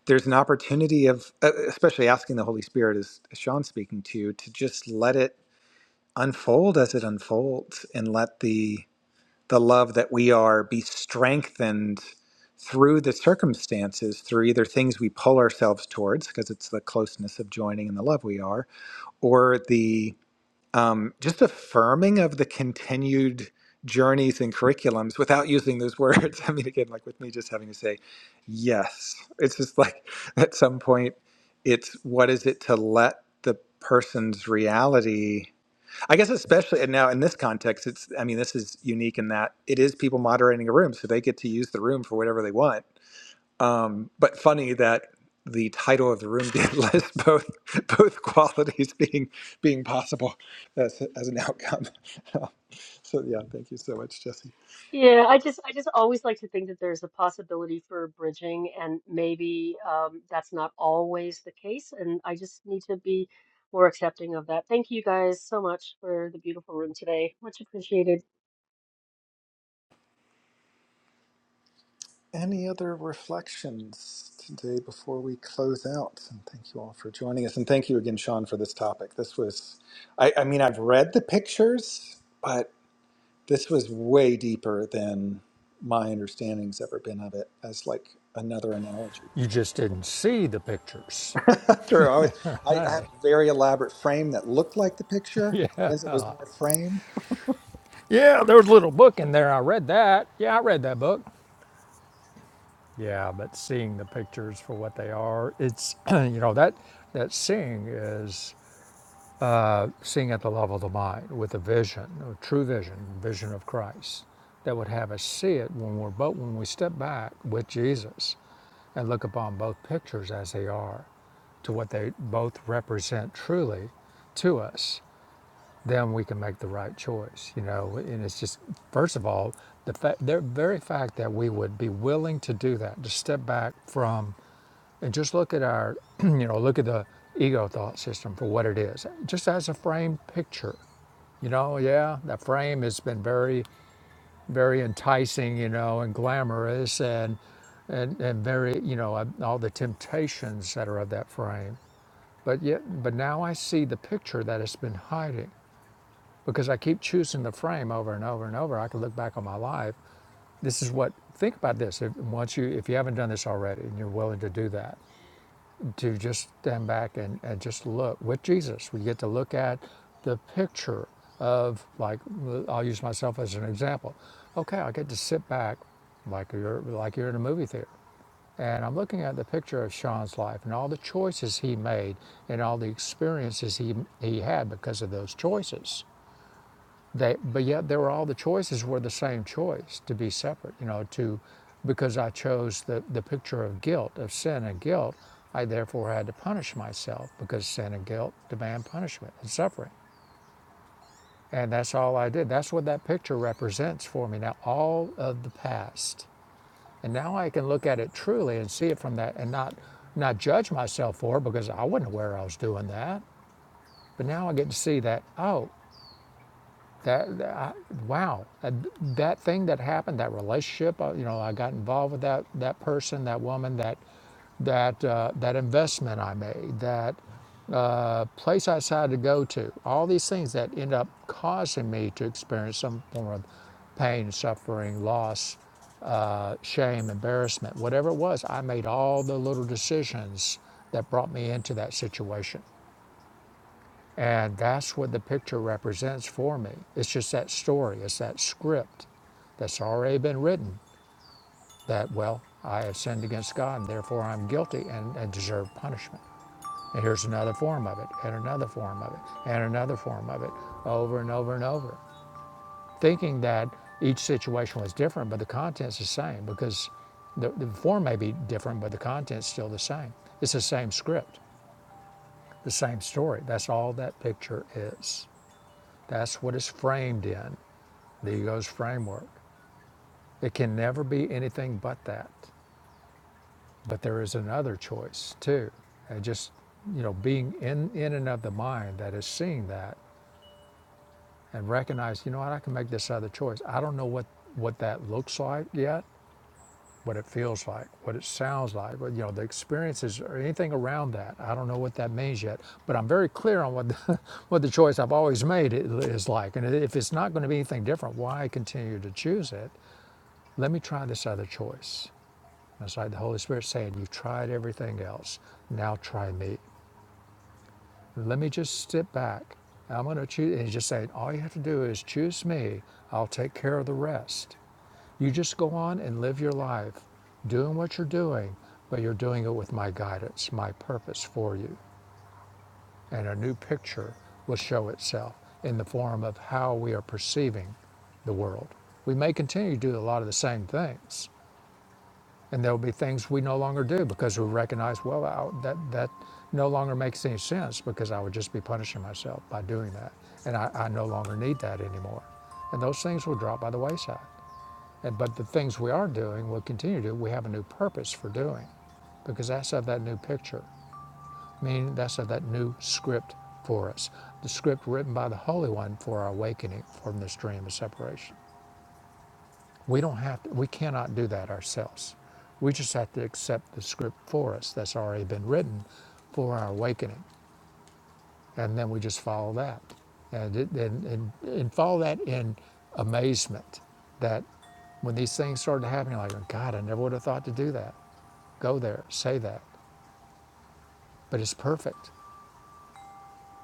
Speaker 2: there's an opportunity of uh, especially asking the holy spirit as sean's speaking to to just let it unfold as it unfolds and let the the love that we are be strengthened through the circumstances through either things we pull ourselves towards because it's the closeness of joining and the love we are or the um, just affirming of the continued journeys and curriculums without using those words. I mean, again, like with me just having to say yes, it's just like at some point, it's what is it to let the person's reality, I guess, especially and now in this context, it's, I mean, this is unique in that it is people moderating a room, so they get to use the room for whatever they want but funny that the title of the room did list both both qualities being being possible as, as an outcome. so yeah, thank you so much, Jesse.
Speaker 4: Yeah, I just I just always like to think that there's a possibility for bridging, and maybe um, that's not always the case. And I just need to be more accepting of that. Thank you guys so much for the beautiful room today. Much appreciated.
Speaker 2: Any other reflections today before we close out? And thank you all for joining us, and thank you again, Sean, for this topic. This was, I, I mean, I've read the pictures, but this was way deeper than my understanding's ever been of it as like another analogy. to
Speaker 1: You
Speaker 2: have.
Speaker 1: just didn't see the pictures.
Speaker 2: True. I, was, I, I had
Speaker 1: Hey,
Speaker 2: a very elaborate frame that looked like the picture,
Speaker 1: yeah.
Speaker 2: but as it was more frame.
Speaker 1: Yeah, there was a little book in there. I read that. Yeah, I read that book. Yeah, but seeing the pictures for what they are, it's, you know, that, that seeing is seeing at the level of the mind with a vision, a true vision, vision of Christ that would have us see it when we're, but when we step back with Jesus and look upon both pictures as they are to what they both represent truly to us then we can make the right choice, you know. And it's just, first of all, the fact the very fact that we would be willing to do that, to step back from and just look at our, you know, look at the ego thought system for what it is, just as a framed picture. You know, yeah, that frame has been very, very enticing, you know, and glamorous and and, and very, you know, uh, all the temptations that are of that frame. But yet, but now I see the picture that it's been hiding because I keep choosing the frame over and over and over. I can look back on my life. This is what. Think about this. If, once you, if you haven't done this already, and you're willing to do that, to just stand back and, and just look with Jesus, we get to look at the picture of like. I'll use myself as an example. Okay, I get to sit back, like you're like you're in a movie theater, and I'm looking at the picture of Sean's life and all the choices he made and all the experiences he he had because of those choices they, but yet there were all the choices were the same choice to be separate, you know, to because I chose the, the picture of guilt, of sin and guilt, I therefore had to punish myself because sin and guilt demand punishment and suffering. And that's all I did. That's what that picture represents for me now, all of the past. And now I can look at it truly and see it from that and not not judge myself for it because I wasn't aware I was doing that. But now I get to see that, oh, That, that- I, wow, that, that thing that happened, that relationship, uh, you know, I got involved with that that person, that woman, that that uh, that investment I made, that uh, place I decided to go to, all these things that end up causing me to experience some form of pain, suffering, loss, uh, shame, embarrassment, whatever it was, I made all the little decisions that brought me into that situation. And that's what the picture represents for me. It's just that story, it's that script that's already been written that, well, I have sinned against God and therefore I'm guilty and, and deserve punishment. And here's another form of it, and another form of it, and another form of it, over and over and over. Thinking that each situation was different, but the content's the same because the, the form may be different, but the content's still the same. It's the same script, the same story. That's all that picture is. That's what it's framed in, the ego's framework. It can never be anything but that. But there is another choice too. And just, you know, being in, in and of the mind that is seeing that and recognize, you know what, I can make this other choice. I don't know what, what that looks like yet, what it feels like, what it sounds like, what, you know, the experiences or anything around that. I don't know what that means yet, but I'm very clear on what the, what the choice I've always made i- is like. And if it's not going to be anything different, why continue to choose it? Let me try this other choice. It's like the Holy Spirit saying, You've tried everything else. Now try me. Let me just step back. I'm going to choose. And he's just saying, All you have to do is choose me. I'll take care of the rest. You just go on and live your life doing what you're doing, but you're doing it with my guidance, my purpose for you. And a new picture will show itself in the form of how we are perceiving the world. We may continue to do a lot of the same things, and there will be things we no longer do because we recognize well I, that that no longer makes any sense because I would just be punishing myself by doing that, and I, I no longer need that anymore, and those things will drop by the wayside, and but the things we are doing we will continue to do. We have a new purpose for doing, because that's of that new picture, meaning that's of that new script for us, the script written by the Holy One for our awakening from this dream of separation. We don't have to, we cannot do that ourselves. We just have to accept the script for us that's already been written for our awakening. And then we just follow that. And, it, and, and, and follow that in amazement that when these things started happening, you're like, oh, God, I never would have thought to do that. Go there, say that. But it's perfect.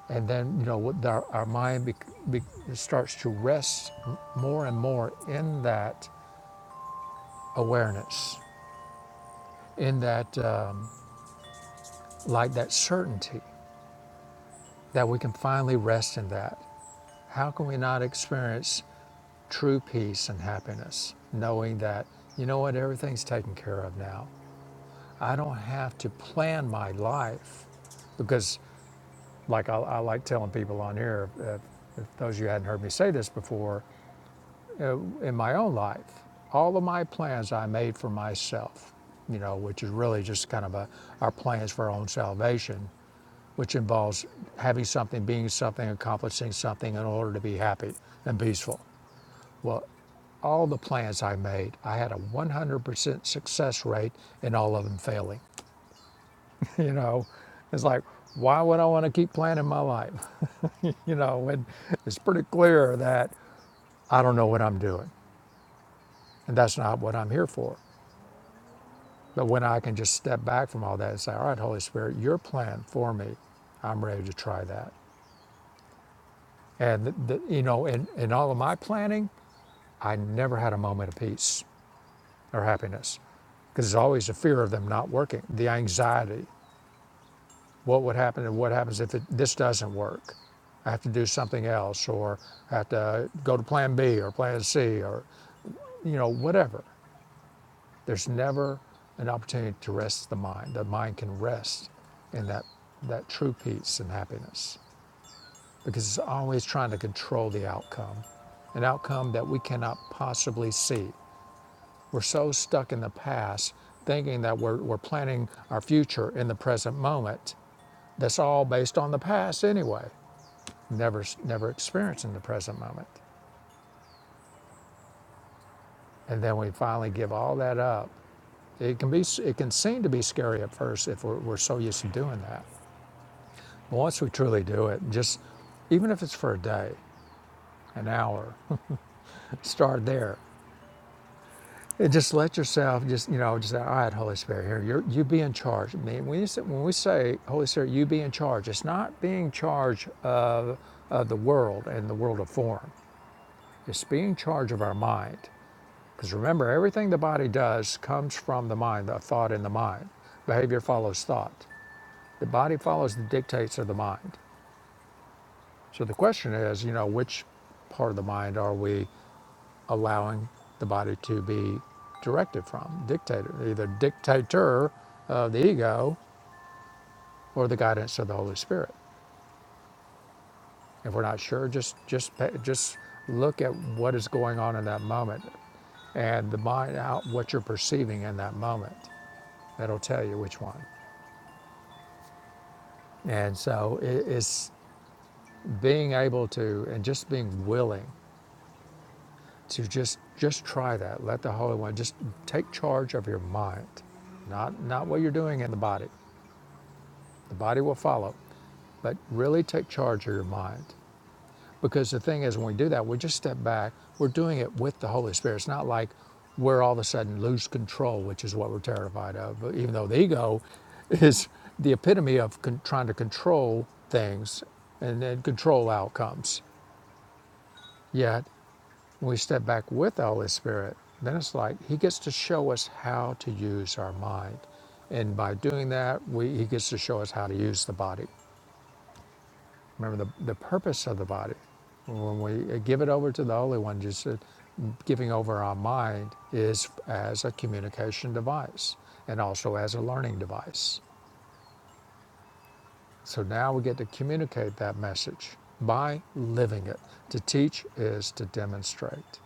Speaker 1: And then, you know, our, our mind bec be, starts to rest more and more in that awareness, in that. Um, like that certainty that we can finally rest in that. How can we not experience true peace and happiness knowing that, you know what, everything's taken care of now? I don't have to plan my life because, like I, I like telling people on here, uh, if those of you hadn't heard me say this before, uh, in my own life, all of my plans I made for myself, you know, which is really just kind of a, our plans for our own salvation which involves having something, being something, accomplishing something in order to be happy and peaceful. Well, all the plans I made, I had a 100% success rate in all of them failing. You know, it's like, why would I want to keep planning my life? You know, and it's pretty clear that I don't know what I'm doing, and that's not what I'm here for. But when I can just step back from all that and say, all right, Holy Spirit, your plan for me, I'm ready to try that. And, the, the, you know, in, in all of my planning, I never had a moment of peace or happiness because there's always a fear of them not working, the anxiety. What would happen and what happens if it, this doesn't work? I have to do something else or I have to go to plan B or plan C or, you know, whatever. There's never an opportunity to rest the mind. The mind can rest in that, that true peace and happiness because it's always trying to control the outcome, an outcome that we cannot possibly see We're so stuck in the past, thinking that we're, we're planning our future in the present moment. That's all based on the past anyway, never, never experiencing the present moment. And then we finally give all that up. It can, be, it can seem to be scary at first if we're, we're so used to doing that. But once we truly do it, just even if it's for a day, an hour, start there And just let yourself, just you know, just say, all right, Holy Spirit, here you're, you be in charge. I mean, when, you say, when we say Holy Spirit, you be in charge, it's not being charge uh, of the world and the world of form. It's being charge of our mind. Because remember, everything the body does comes from the mind, the thought in the mind. Behavior follows thought. The body follows the dictates of the mind. So the question is, you know, which part of the mind are we? allowing the body to be directed from, dictator, either dictator of the ego or the guidance of the Holy Spirit. If we're not sure, just just pay, just look at what is going on in that moment, and the mind out what you're perceiving in that moment. That'll tell you which one. And so i- it's being able to and just being willing to just just try that. Let the Holy One just take charge of your mind, not not what you're doing in the body. The body will follow, but really take charge of your mind. Because the thing is, when we do that, we just step back. We're doing it with the Holy Spirit. It's not like we're all of a sudden lose control, which is what we're terrified of. Even though the ego is the epitome of con- trying to control things and then control outcomes. Yet, when we step back with the Holy Spirit, then it's like He gets to show us how to use our mind. And by doing that, we, He gets to show us how to use the body. Remember the, the purpose of the body. When we give it over to the Holy One, just uh, giving over our mind is as a communication device and also as a learning device. So now we get to communicate that message by living it. To teach is to demonstrate.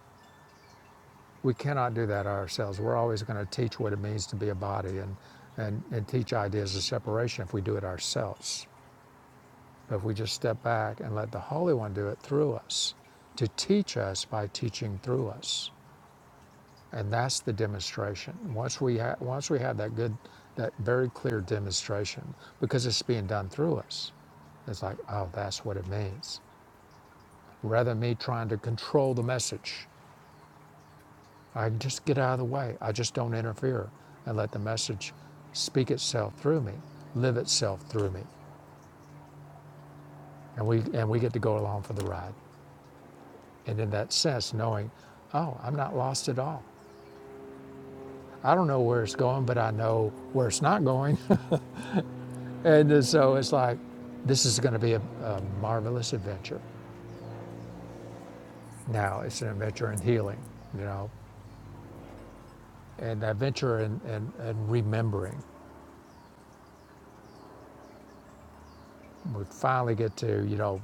Speaker 1: We cannot do that ourselves. We're always going to teach what it means to be a body and, and, and teach ideas of separation if we do it ourselves. But if we just step back and let the Holy One do it through us, to teach us by teaching through us, and that's the demonstration. Once we ha- once we have that good, that very clear demonstration, because it's being done through us, it's like, oh, that's what it means. Rather than me trying to control the message, I just get out of the way. I just don't interfere and let the message speak itself through me, live itself through me, and we and we get to go along for the ride. And in that sense, knowing, oh, I'm not lost at all. I don't know where it's going, but I know where it's not going. and so it's like, this is going to be a, a marvelous adventure. Now it's an adventure in healing, you know, and adventure in, in, in remembering. We finally get to, you know,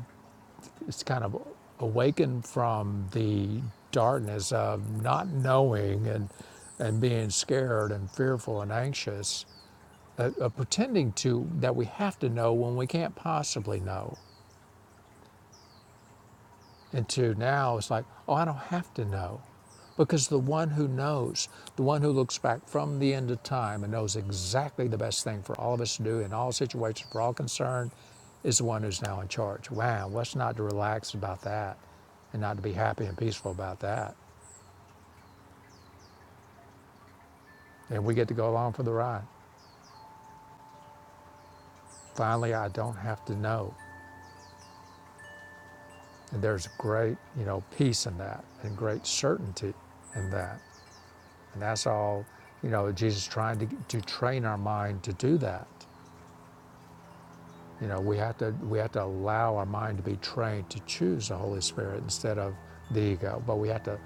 Speaker 1: it's kind of awaken from the darkness of not knowing and, and being scared and fearful and anxious uh, uh, pretending to that we have to know when we can't possibly know and to now it's like oh i don't have to know because the one who knows the one who looks back from the end of time and knows exactly the best thing for all of us to do in all situations for all concerned is the one who's now in charge wow what's not to relax about that and not to be happy and peaceful about that and we get to go along for the ride finally i don't have to know and there's great you know peace in that and great certainty in that And that's all, you know, Jesus trying to, to train our mind to do that. You know, we have to we have to allow our mind to be trained to choose the Holy Spirit instead of the ego. But we have to,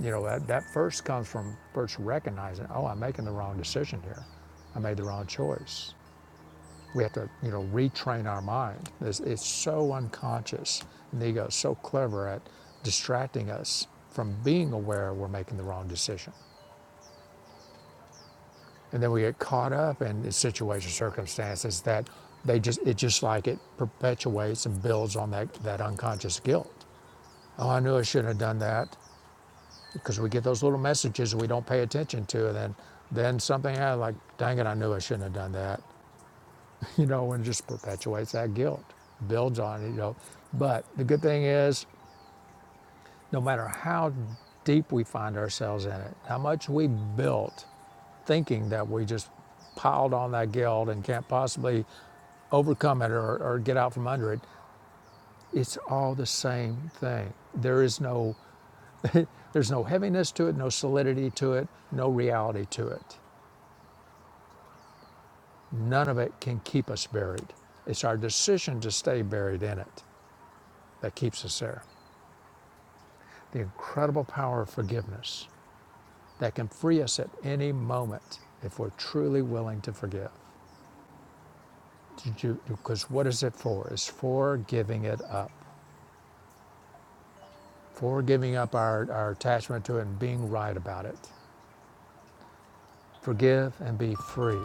Speaker 1: you know, that, that first comes from first recognizing, oh, I'm making the wrong decision here. I made the wrong choice. We have to, you know, retrain our mind. It's, it's so unconscious. And the ego is so clever at distracting us from being aware we're making the wrong decision. And then we get caught up in situations, circumstances that they just, it just like it perpetuates and builds on that, that unconscious guilt. Oh, I knew I shouldn't have done that because we get those little messages we don't pay attention to. And then, then something happened like, dang it, I knew I shouldn't have done that. You know, and it just perpetuates that guilt, builds on it, you know. But the good thing is, no matter how deep we find ourselves in it, how much we built thinking that we just piled on that guilt and can't possibly overcome it or, or get out from under it, it's all the same thing. There is no there's no heaviness to it, no solidity to it, no reality to it. None of it can keep us buried. It's our decision to stay buried in it that keeps us there. The incredible power of forgiveness that can free us at any moment if we're truly willing to forgive. Because what is it for? It's for giving it up. for giving up our, our attachment to it and being right about it. Forgive and be free.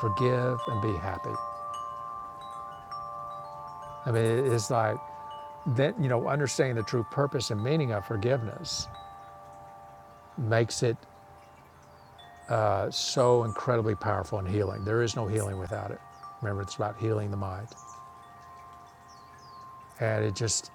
Speaker 1: Forgive and be happy. I mean, it's like that, you know, understanding the true purpose and meaning of forgiveness makes it uh, so incredibly powerful and healing. There is no healing without it. Remember, it's about healing the mind. And it just,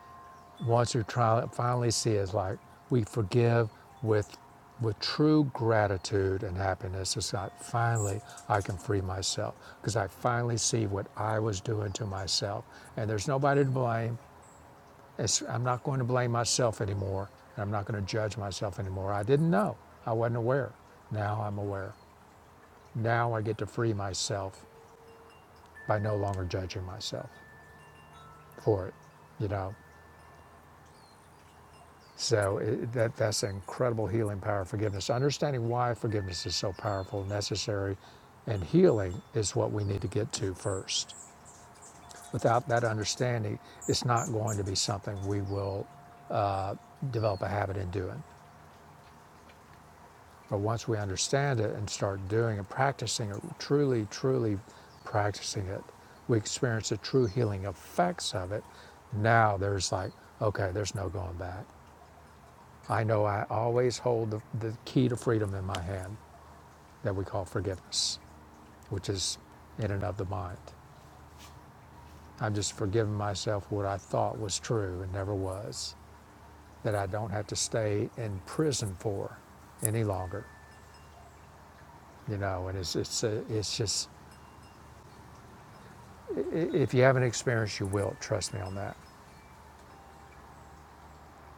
Speaker 1: Once you try, finally see is like we forgive with with true gratitude and happiness. It's like finally I can free myself because I finally see what I was doing to myself, and there's nobody to blame. It's, I'm not going to blame myself anymore, and I'm not going to judge myself anymore. I didn't know. I wasn't aware. Now I'm aware. Now I get to free myself by no longer judging myself for it. You know, So it, that that's the incredible healing power of forgiveness. Understanding why forgiveness is so powerful, necessary, and healing is what we need to get to first. Without that understanding, it's not going to be something we will uh, develop a habit in doing. But once we understand it and start doing it, practicing it, truly, truly practicing it, we experience the true healing effects of it. Now there's like, okay, there's no going back. I know I always hold the, the key to freedom in my hand that we call forgiveness, which is in and of the mind. I'm just forgiving myself what I thought was true and never was, that I don't have to stay in prison for any longer, you know. And it's it's uh, it's just if you haven't experienced, you will. Trust me on that.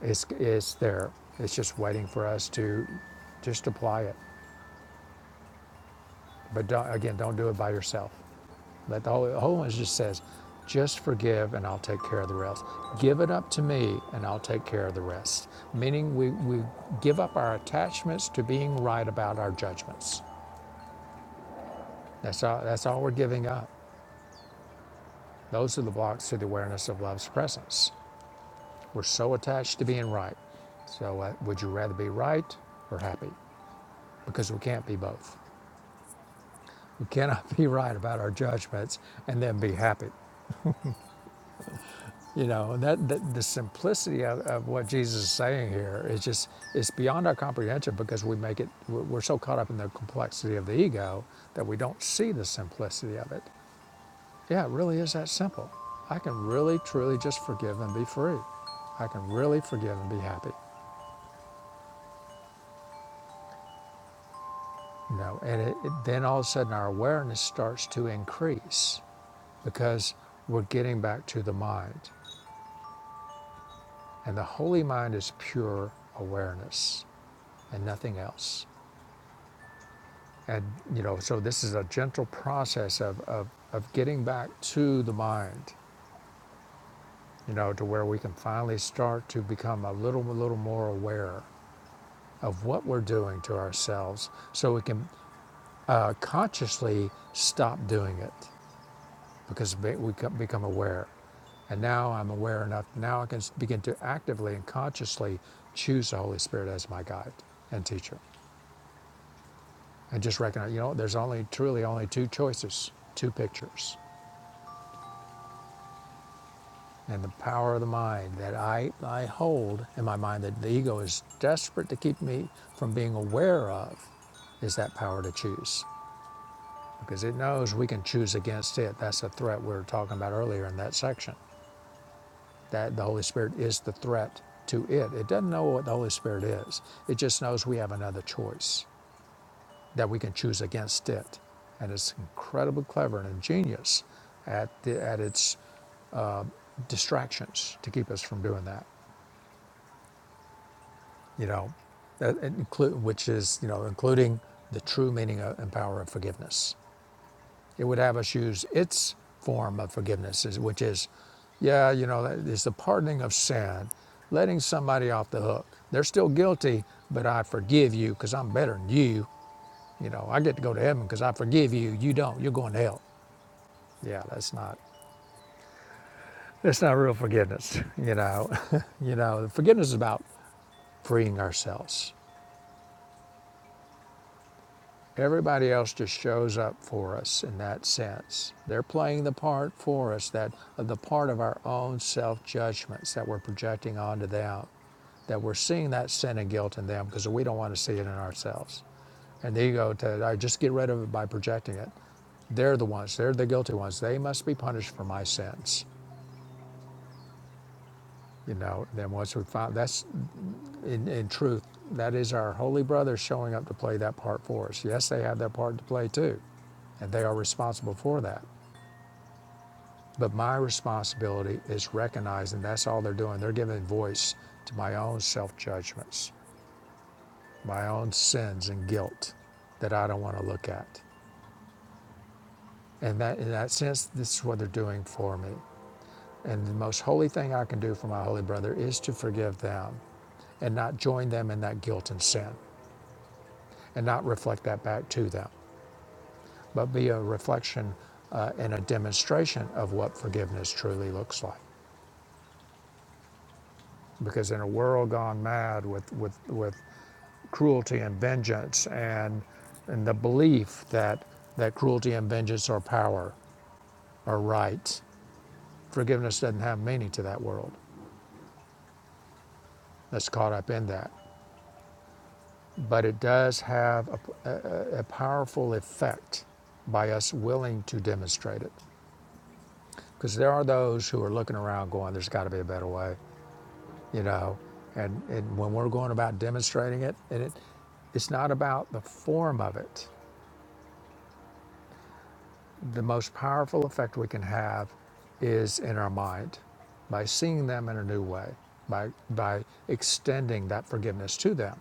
Speaker 1: It's it's there. It's just waiting for us to just apply it. But don't, again, don't do it by yourself. But the whole One just says, just forgive and I'll take care of the rest. Give it up to me and I'll take care of the rest. Meaning we, we give up our attachments to being right about our judgments. That's all, that's all we're giving up. Those are the blocks to the awareness of love's presence. We're so attached to being right. So uh, would you rather be right or happy? Because we can't be both. We cannot be right about our judgments and then be happy. You know, that, that the simplicity of, of what Jesus is saying here is just it's beyond our comprehension because we make it we're we're so caught up in the complexity of the ego that we don't see the simplicity of it. Yeah, it really is that simple. I can really truly just forgive and be free. I can really forgive and be happy. You know, and it, it, then all of a sudden our awareness starts to increase because we're getting back to the mind. And the holy mind is pure awareness and nothing else. And, you know, so this is a gentle process of, of, of getting back to the mind, you know, to where we can finally start to become a little, a little more aware of what we're doing to ourselves so we can uh, consciously stop doing it because we become aware. And now I'm aware enough, now I can begin to actively and consciously choose the Holy Spirit as my guide and teacher. And just recognize, you know, there's only truly only two choices, two pictures. and the power of the mind that I, I hold in my mind that the ego is desperate to keep me from being aware of is that power to choose because it knows we can choose against it. That's the threat we were talking about earlier in that section. That the Holy Spirit is the threat to it. It doesn't know what the Holy Spirit is. It just knows we have another choice that we can choose against it. And it's incredibly clever and ingenious at, the, at its distractions to keep us from doing that. you know, which is, you know, including the true meaning and power of forgiveness. It would have us use its form of forgiveness, which is, yeah, you know, it's the pardoning of sin, letting somebody off the hook. They're still guilty, but I forgive you because I'm better than you. You know, I get to go to heaven because I forgive you. You don't. You're going to hell. Yeah, that's not that's not real forgiveness. You know, you know, forgiveness is about freeing ourselves Everybody else just shows up for us in that sense. They're playing the part for us, that the part of our own self judgments that we're projecting onto them, that we're seeing that sin and guilt in them because we don't want to see it in ourselves. And the ego to I just get rid of it by projecting it. They're the ones. They're the guilty ones. They must be punished for my sins. You know. Then once we find that's in, in truth, that is our holy brothers showing up to play that part for us. Yes, they have their part to play too, and they are responsible for that. But my responsibility is recognizing that's all they're doing. They're giving voice to my own self judgments, my own sins and guilt that I don't want to look at. And that, in that sense, this is what they're doing for me. And the most holy thing I can do for my holy brother is to forgive them and not join them in that guilt and sin and not reflect that back to them. but be a reflection uh, and a demonstration of what forgiveness truly looks like. Because in a world gone mad with, with, with cruelty and vengeance and, and the belief that, that cruelty and vengeance are power, are right, forgiveness doesn't have meaning to that world that's caught up in that. But it does have a, a a powerful effect by us willing to demonstrate it. Because there are those who are looking around going, there's got to be a better way. you know, and, and when we're going about demonstrating it, and it, it's not about the form of it. The most powerful effect we can have is in our mind by seeing them in a new way, by, by extending that forgiveness to them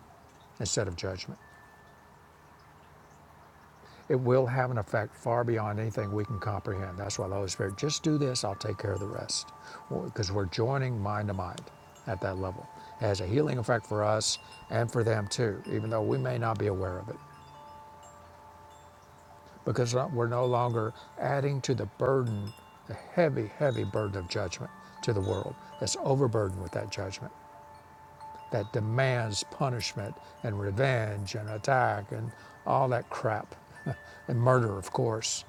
Speaker 1: instead of judgment. It will have an effect far beyond anything we can comprehend. That's why the Holy Spirit, just do this, I'll take care of the rest. Because we're joining mind to mind at that level. It has a healing effect for us and for them too, even though we may not be aware of it. Because we're no longer adding to the burden, the heavy, heavy burden of judgment to the world that's overburdened with that judgment. that demands punishment and revenge and attack and all that crap. and murder, of course.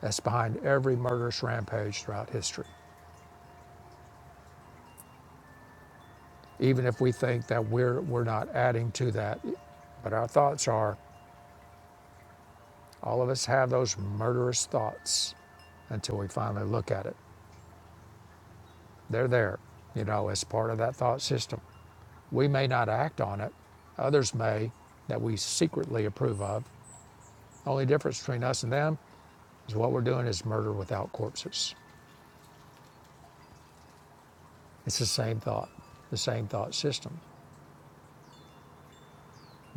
Speaker 1: That's behind every murderous rampage throughout history. Even if we think that we're, we're not adding to that, but our thoughts are all of us have those murderous thoughts until we finally look at it. They're there, you know, as part of that thought system. We may not act on it, others may that we secretly approve of. Only difference between us and them What we're doing is murder without corpses. It's the same thought, the same thought system.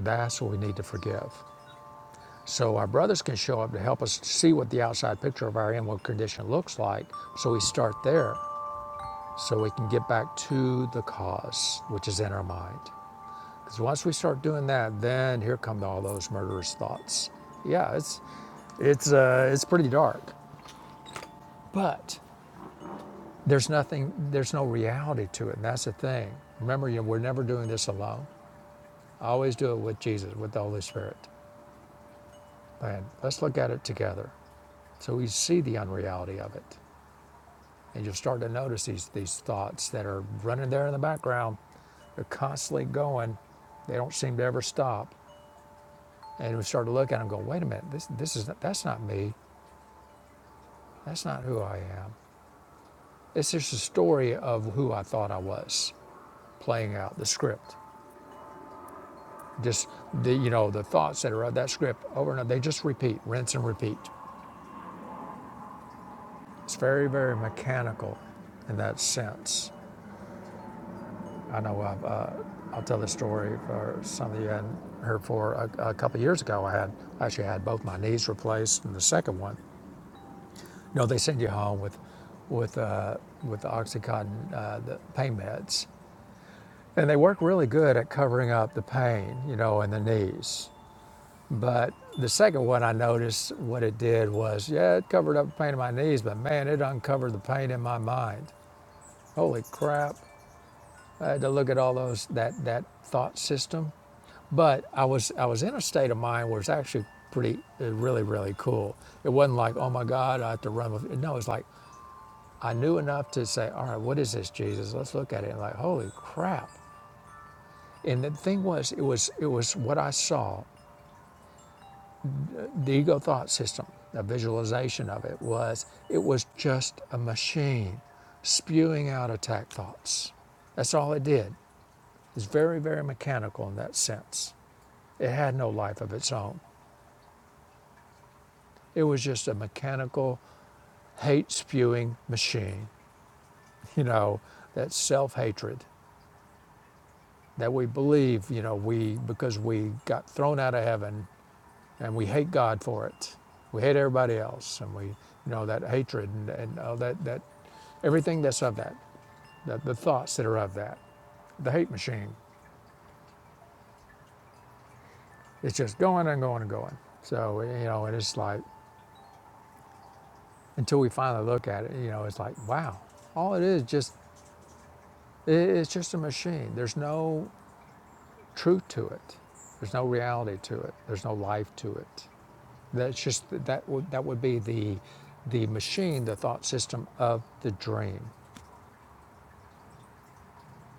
Speaker 1: That's what we need to forgive. So our brothers can show up to help us see what the outside picture of our inward condition looks like. So we start there so we can get back to the cause, which is in our mind. Because once we start doing that, then here come all those murderous thoughts. Yeah, it's it's uh, it's pretty dark, but there's nothing, there's no reality to it, and that's the thing. Remember, you know, we're never doing this alone. I always do it with Jesus, with the Holy Spirit. And let's look at it together. So we see the unreality of it. And you'll start to notice these, these thoughts that are running there in the background. They're constantly going. They don't seem to ever stop. And we start to look at them and go, wait a minute, this, this is, not, that's not me. That's not who I am. It's just a story of who I thought I was playing out the script. Just the, you know, the thoughts that are of that script over and over, they just repeat, rinse and repeat. It's very, very mechanical in that sense. I know I've, uh, I'll tell the story for some of you hadn't heard for a, a couple of years ago. I had I actually had both my knees replaced, and the second one, you know, they send you home with with uh, with the OxyContin uh, the pain meds, and they work really good at covering up the pain, you know, in the knees. But the second one, I noticed what it did was, yeah, it covered up the pain in my knees, but man, it uncovered the pain in my mind. Holy crap! uh, to look at all those that that thought system. But I was I was in a state of mind where it's actually pretty uh, really really cool. It wasn't like oh my God I have to run with it. no. It's like I knew enough to say all right what is this Jesus? Let's look at it and like holy crap. And the thing was it was it was what I saw the ego thought system. A visualization of it was it was just a machine spewing out attack thoughts. That's all it did. It's very, very mechanical in that sense. It had no life of its own. It was just a mechanical, hate spewing machine, you know, that self hatred that we believe, you know, we, because we got thrown out of heaven and we hate God for it. We hate everybody else and we, you know, that hatred and, and all that, that, everything that's of that, the, the thoughts that are of that, the hate machine, it's just going and going and going. So, you know, and it's like, until we finally look at it, you know, it's like, wow, all it is just It's just a machine. There's no truth to it. There's no reality to it. There's no life to it. That's just that would that would be the the machine, the thought system of the dream.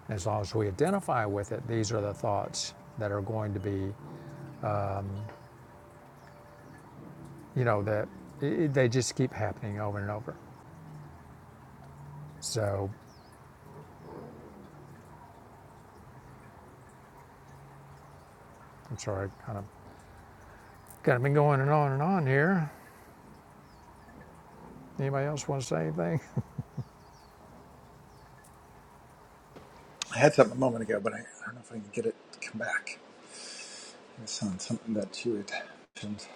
Speaker 1: And as long as we identify with it, these are the thoughts that are going to be, you know, that i they just keep happening over and over. So I'm sorry, I kind of kind of been going and on and on here. Anybody else want to say anything?
Speaker 2: I had something a moment ago, but I, I don't know if I can get it to come back. It was on something that you had mentioned.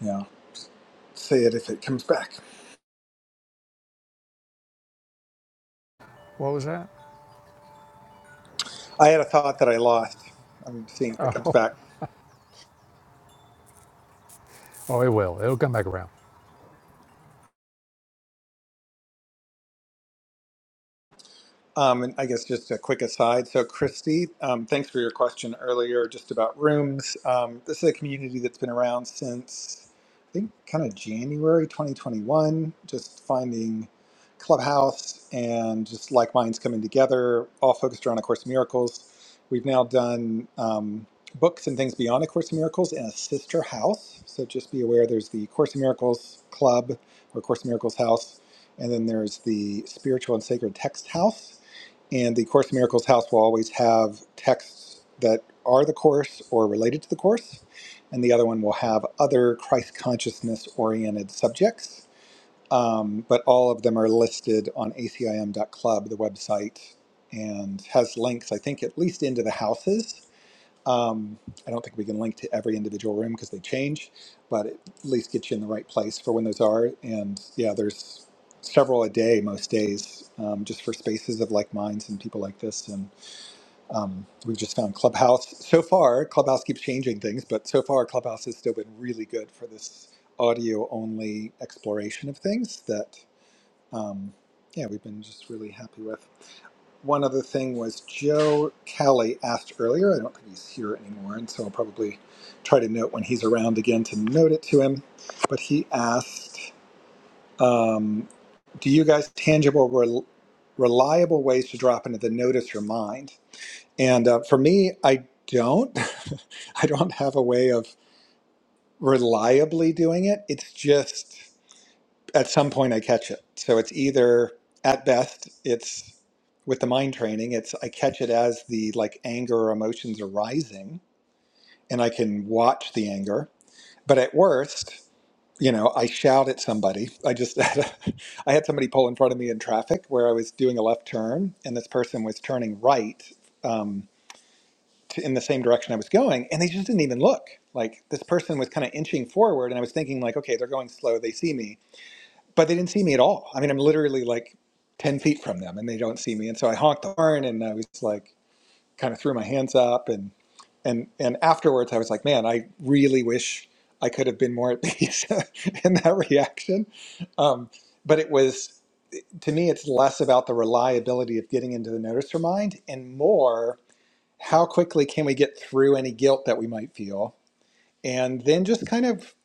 Speaker 2: Yeah. Say it if it comes back.
Speaker 1: What was that?
Speaker 2: I had a thought that I lost. I'm seeing if it comes
Speaker 1: Oh,
Speaker 2: back.
Speaker 1: oh, it will. It'll come back around.
Speaker 2: Um, and I guess just a quick aside. So, Christy, um, thanks for your question earlier just about rooms. Um, this is a community that's been around since, I think, kind of January 2021, just finding Clubhouse and just like minds coming together, all focused around A Course in Miracles. We've now done um, books and things beyond A Course in Miracles in a sister house. So, just be aware there's the Course in Miracles Club or Course in Miracles House, and then there's the Spiritual and Sacred Text House. And the Course in Miracles house will always have texts that are the Course or related to the Course. And the other one will have other Christ consciousness oriented subjects. Um, but all of them are listed on acim.club, the website, and has links, I think, at least into the houses um, I don't think we can link to every individual room because they change, but it at least get you in the right place for when those are. And yeah, there's several a day most days um, just for spaces of like minds and people like this. And um, we've just found Clubhouse so far. Clubhouse keeps changing things, but so far Clubhouse has still been really good for this audio only exploration of things that um, yeah we've been just really happy with. One other thing was Joe Kelly asked earlier. I don't think he's here anymore, and so I'll probably try to note when he's around again to note it to him. But he asked, um, "Do you guys tangible, rel reliable ways to drop into the notice your mind?" And uh, for me, I don't. I don't have a way of reliably doing it. It's just at some point I catch it. So it's either at best it's with the mind training, it's I catch it as the like anger or emotions are rising and I can watch the anger. But at worst, you know, I shout at somebody. I just had a, I had somebody pull in front of me in traffic where I was doing a left turn and this person was turning right um, to, in the same direction I was going and they just didn't even look. Like this person was kind of inching forward and I was thinking like, okay, they're going slow, they see me but they didn't see me at all. I mean, I'm literally like 10 feet from them and they don't see me. And so I honked the horn and I was like, kind of threw my hands up. And, and, and afterwards I was like, man, I really wish I could have been more at peace in that reaction. Um, but it was, to me, it's less about the reliability of getting into the noticer mind and more how quickly can we get through any guilt that we might feel and then just kind of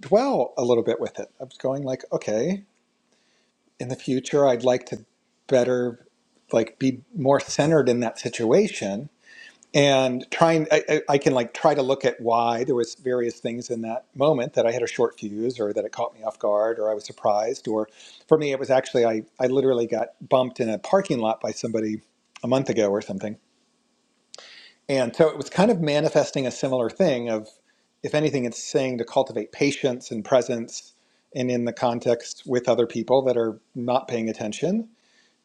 Speaker 2: dwell a little bit with it. I was going like, okay, in the future i'd like to better like be more centered in that situation and trying I, I I can like try to look at why there was various things in that moment that i had a short fuse or that it caught me off guard or i was surprised or for me it was actually i, I literally got bumped in a parking lot by somebody a month ago or something and so it was kind of manifesting a similar thing of if anything it's saying to cultivate patience and presence and in the context with other people that are not paying attention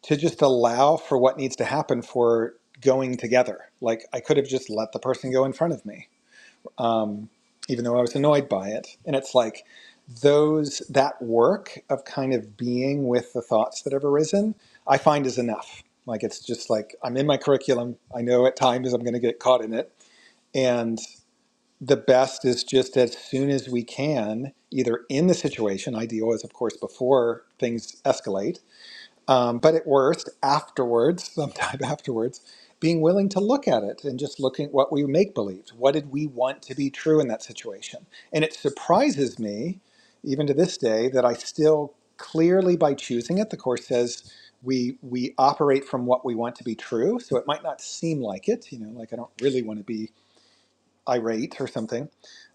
Speaker 2: to just allow for what needs to happen for going together. Like I could have just let the person go in front of me, um, even though I was annoyed by it. And it's like those that work of kind of being with the thoughts that have arisen, I find is enough. Like it's just like I'm in my curriculum. I know at times I'm going to get caught in it, and the best is just as soon as we can, either in the situation, ideal is of course before things escalate, um, but at worst, afterwards, sometime afterwards, being willing to look at it and just looking at what we make believe. What did we want to be true in that situation? And it surprises me, even to this day, that I still clearly by choosing it, the course says we we operate from what we want to be true. So it might not seem like it, you know, like I don't really want to be irate or something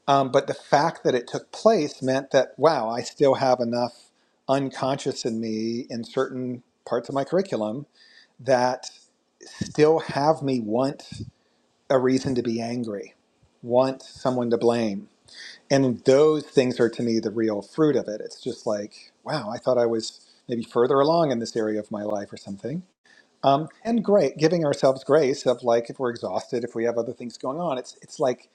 Speaker 2: um, but the fact that it took place meant that, wow, I still have enough unconscious in me in certain parts of my curriculum that still have me want a reason to be angry, want someone to blame. And those things are to me the real fruit of it. It's just like, wow, I thought I was maybe further along in this area of my life or something. Um, and great, giving ourselves grace of like if we're exhausted, if we have other things going on, it's it's like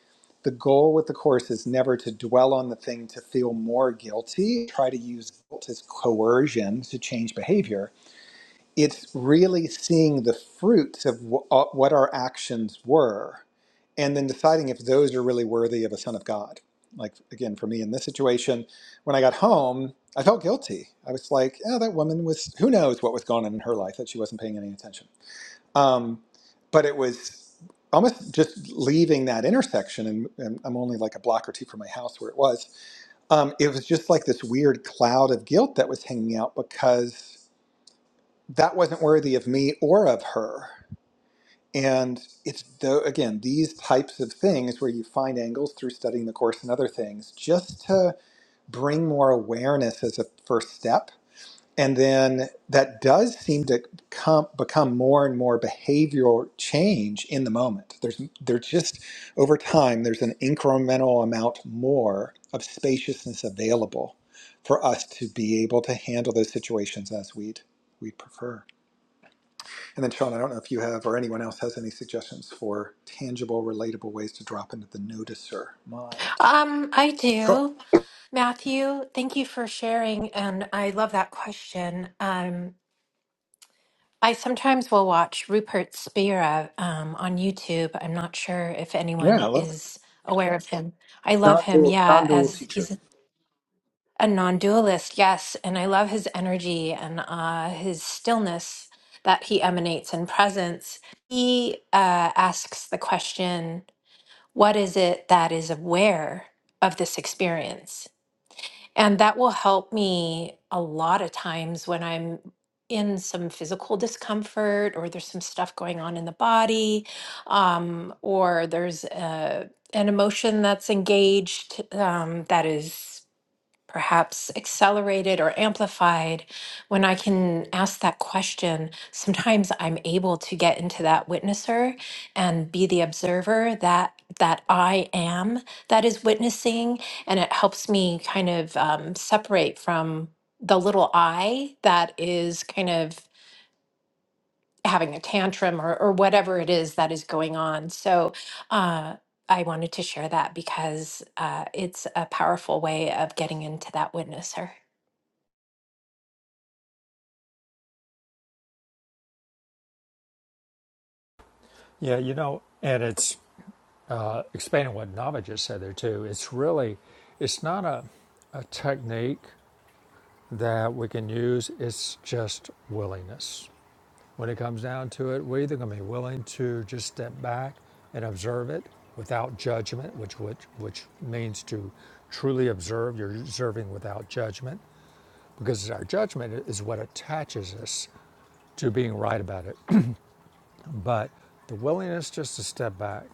Speaker 2: the goal with the course is never to dwell on the thing to feel more guilty. Try to use guilt as coercion to change behavior. It's really seeing the fruits of wh- uh, what our actions were, and then deciding if those are really worthy of a son of God. Like again, for me in this situation, when I got home, I felt guilty. I was like, "Oh, that woman was. Who knows what was going on in her life that she wasn't paying any attention." Um, but it was almost just leaving that intersection, and, and I'm only like a block or two from my house where it was. Um, it was just like this weird cloud of guilt that was hanging out because that wasn't worthy of me or of her. And it's though again these types of things where you find angles through studying the course and other things just to bring more awareness as a first step and then that does seem to come become more and more behavioral change in the moment there's there's just over time there's an incremental amount more of spaciousness available for us to be able to handle those situations as we'd we'd prefer and then sean i don't know if you have or anyone else has any suggestions for tangible relatable ways to drop into the noticer mind
Speaker 3: Um, I
Speaker 2: cool
Speaker 3: do. Matthew, thank you for sharing. And I love that question. Um, I sometimes will watch Rupert Spira um, on YouTube. I'm not sure if
Speaker 2: yeah
Speaker 3: anyone
Speaker 2: i love it
Speaker 3: is aware of him. I love him,
Speaker 2: Non-dual,
Speaker 3: yeah,
Speaker 2: non-dual
Speaker 3: as
Speaker 2: teacher.
Speaker 3: he's a non dualist, yes. And I love his energy and uh, his stillness that he emanates in presence. He uh, asks the question what is it that is aware of this experience? And that will help me a lot of times when I'm in some physical discomfort or there's some stuff going on in the body um, or there's uh an emotion that's engaged um, that is perhaps accelerated or amplified when I can ask that question. Sometimes I'm able to get into that witnesser and be the observer that that I am that is witnessing, and it helps me kind of um, separate from the little I that is kind of having a tantrum or, or whatever it is that is going on. So. Uh, I wanted to share that because uh, it's a powerful way of getting into that witnesser.
Speaker 1: Yeah, you know, and it's uh, expanding what Nava just said there too, it's really, it's not a, a technique that we can use. It's just willingness. When it comes down to it, we're either going to be willing to just step back and observe it without judgment, which which, which means to truly observe. You're observing without judgment because our judgment is what attaches us to being right about it. but the willingness just to step back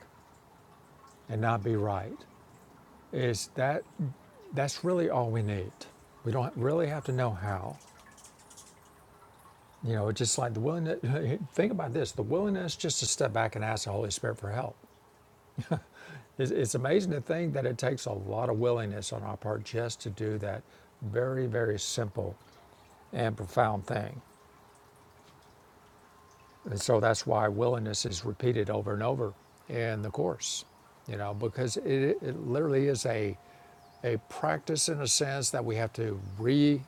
Speaker 1: and not be right is that That's really all we need. We don't really have to know how. You know, it's just like the willingness. Think about this: the willingness just to step back and ask the Holy Spirit for help. It's, it's amazing to think that it takes a lot of willingness on our part just to do that very, very simple and profound thing. And so that's why willingness is repeated over and over in the course. You know, because it, it literally is a a practice in a sense that we have to re.